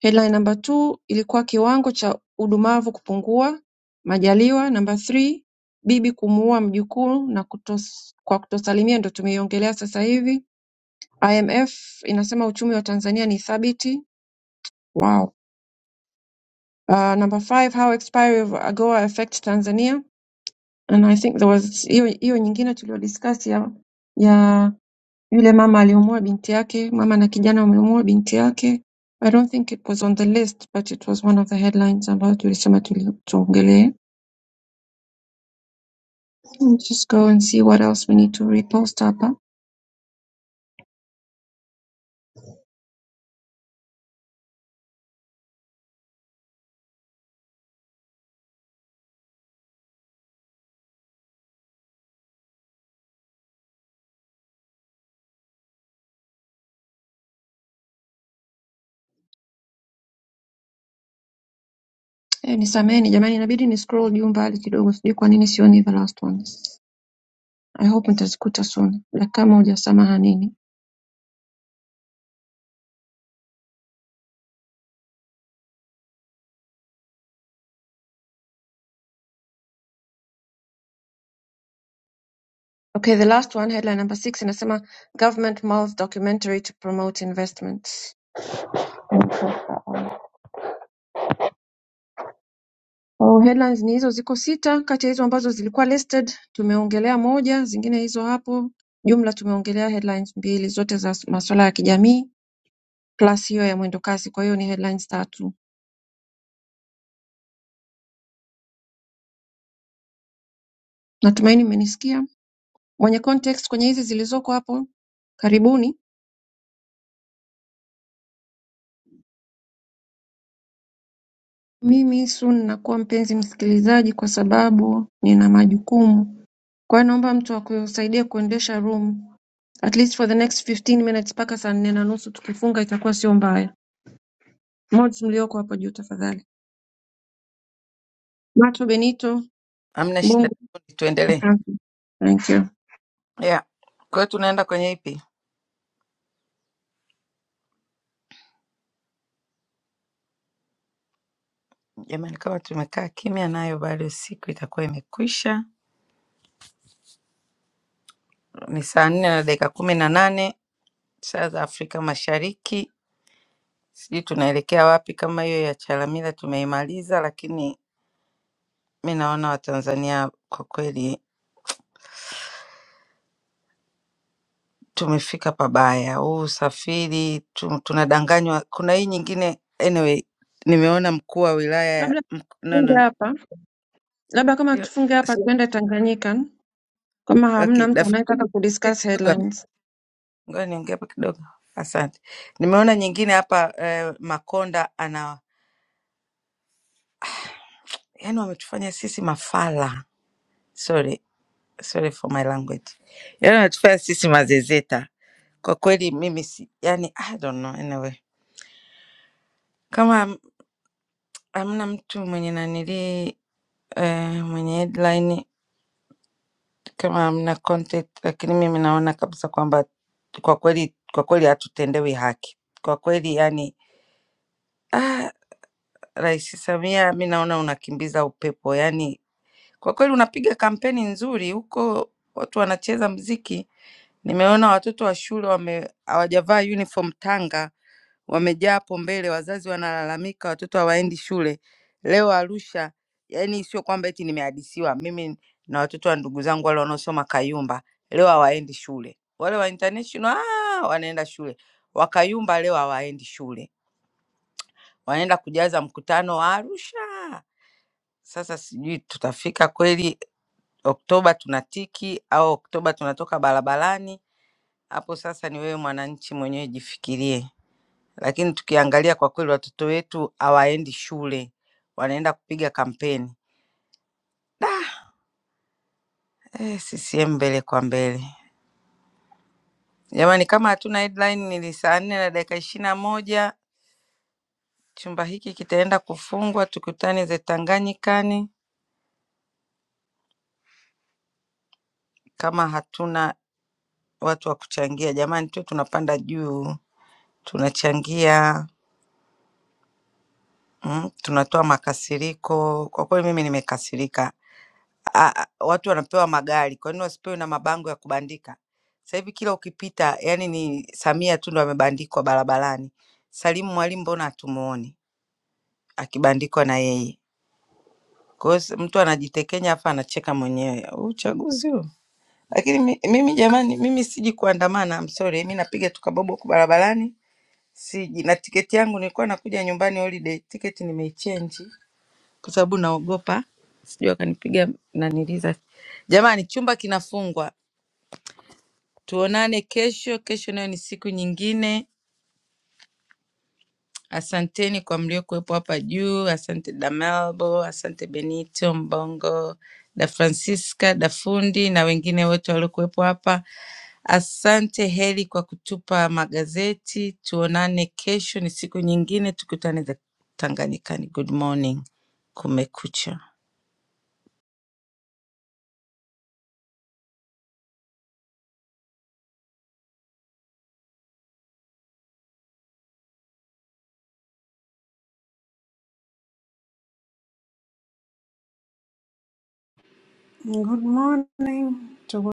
S3: Headline number 2 ilikuwa kiwango cha udumavu kupungua Majaliwa. Number 3 bibi kumuua mjukuu na kutos, kwa kutosalimia, ndo tumeiongelea sasa hivi. IMF inasema uchumi wa Tanzania ni thabiti. Wow. Uh, number 5 how expiry of AGOA affect Tanzania and I think there was hiyo hiyo nyingine tuliyodiscuss ya ya Yule mama aliumua binti yake, mama na kijana wameumua binti yake. I don't think it was on the list but it was one of the headlines ambayo tulisema tuli- tuongelee. Let's Just go and see what else we need to repost hapa. Eh, nisameheni jamani, inabidi ni scroll juu mbali kidogo, sijui kwa nini sioni the last ones. I hope nitazikuta soon. Dakika moja, samahani. Okay, The last one, headline number six, inasema government mulls documentary to promote investments. Oh, headlines ni hizo ziko sita kati ya hizo ambazo zilikuwa listed tumeongelea moja, zingine hizo hapo. Jumla tumeongelea headlines mbili zote za masuala ya kijamii plus hiyo ya mwendokasi, kwa hiyo ni headlines tatu. Natumaini mmenisikia. Mwenye context kwenye hizi zilizoko hapo, karibuni. Mimi soon nakuwa mpenzi msikilizaji kwa sababu nina majukumu. Kwa hiyo naomba mtu akusaidie kuendesha room at least for the next 15 minutes mpaka saa nne na nusu tukifunga itakuwa sio mbaya. Mods mlioko hapo juu tafadhali. Mato Benito,
S1: hamna shida. dada
S3: Mbongo,
S1: Fundi, tuendelee.
S3: asante. Thank you.
S1: Yeah, kwa hiyo tunaenda kwenye ipi jamani? Kama tumekaa kimya nayo bado siku itakuwa imekwisha. Ni saa nne na dakika kumi na nane saa za Afrika Mashariki Sijui tunaelekea wapi kama hiyo ya Chalamila tumeimaliza, lakini mi naona Watanzania kwa kweli tumefika pabaya. Huu usafiri tu, tunadanganywa. Kuna hii nyingine anyway, nimeona mkuu wa wilaya ya-
S3: Labda
S1: mk- no,
S3: tufunge
S1: no,
S3: hapa. Labda kama
S1: sio-
S3: tufunge hapa
S1: sio-
S3: tuende Tanganyika kama
S1: okay,
S3: hamna mtu
S1: dafunia
S3: anayetaka kudiscuss
S1: kidogo hapa.
S3: headlines.
S1: ngoja niongee hapa kidogo. Asante. Nimeona nyingine hapa eh, Makonda ana, yani wametufanya sisi mafala sorry sorry for my language yaani wanatufanya sisi mazezeta kwa kweli mimi si yani i don't know anyway kama ham- hamna mtu mwenye nanilii eh, mwenye headline kama hamna content lakini mimi naona kabisa kwamba kwa kweli kwa kweli hatutendewi haki kwa kweli yani ah, rais samia mi naona unakimbiza upepo yani kwa kweli unapiga kampeni nzuri huko watu wanacheza mziki Nimeona watoto wa shule wame hawajavaa uniform Tanga, wamejaa hapo mbele, wazazi wanalalamika watoto hawaendi shule. Leo Arusha, yani sio kwamba eti nimehadisiwa mimi na watoto wa ndugu zangu wale wanaosoma Kayumba, leo hawaendi shule. Wale wa international ah, wanaenda shule, wa Kayumba leo hawaendi shule, wanaenda kujaza mkutano wa Arusha. Sasa sijui tutafika kweli Oktoba tunatiki au Oktoba tunatoka barabarani hapo sasa ni wewe mwananchi mwenyewe jifikirie. Lakini tukiangalia kwa kweli, watoto wetu hawaendi shule, wanaenda kupiga kampeni. Da, eh, CCM mbele kwa mbele jamani. Kama hatuna headline, ni saa nne na dakika ishirini na moja. Chumba hiki kitaenda kufungwa, tukutane ze Tanganyikani kama hatuna watu wa kuchangia. Jamani, tu tunapanda juu, tunachangia mm, tunatoa makasiriko. Kwa kweli mimi nimekasirika a- a- watu wanapewa magari, kwa nini wasipewe na mabango ya kubandika? Sasa hivi kila ukipita, yani ni Samia tu ndo amebandikwa barabarani. Salimu Mwalimu mbona hatumuoni akibandikwa na yeye? Kwa hiyo si- mtu anajitekenya hapa anacheka mwenyewe Huu uchaguzi huu. Lakini mi- mimi jamani, mimi siji kuandamana, I'm sorry. Mimi napiga tu kabobo huku barabarani, siji na tiketi yangu nilikuwa nakuja nyumbani holiday, tiketi nimeichange kwa sababu naogopa sijui wakanipiga naniliza. Jamani, chumba kinafungwa Tuonane kesho. Kesho nayo ni siku nyingine. Asanteni kwa mliokuwepo hapa juu. Asante Damalbo, asante Benito Mbongo, da Francisca, da fundi na wengine wote waliokuwepo hapa. Asante Heli kwa kutupa magazeti. Tuonane kesho, ni siku nyingine, tukutane za Tanganyikani. Good morning, kumekucha.
S7: Good morning. to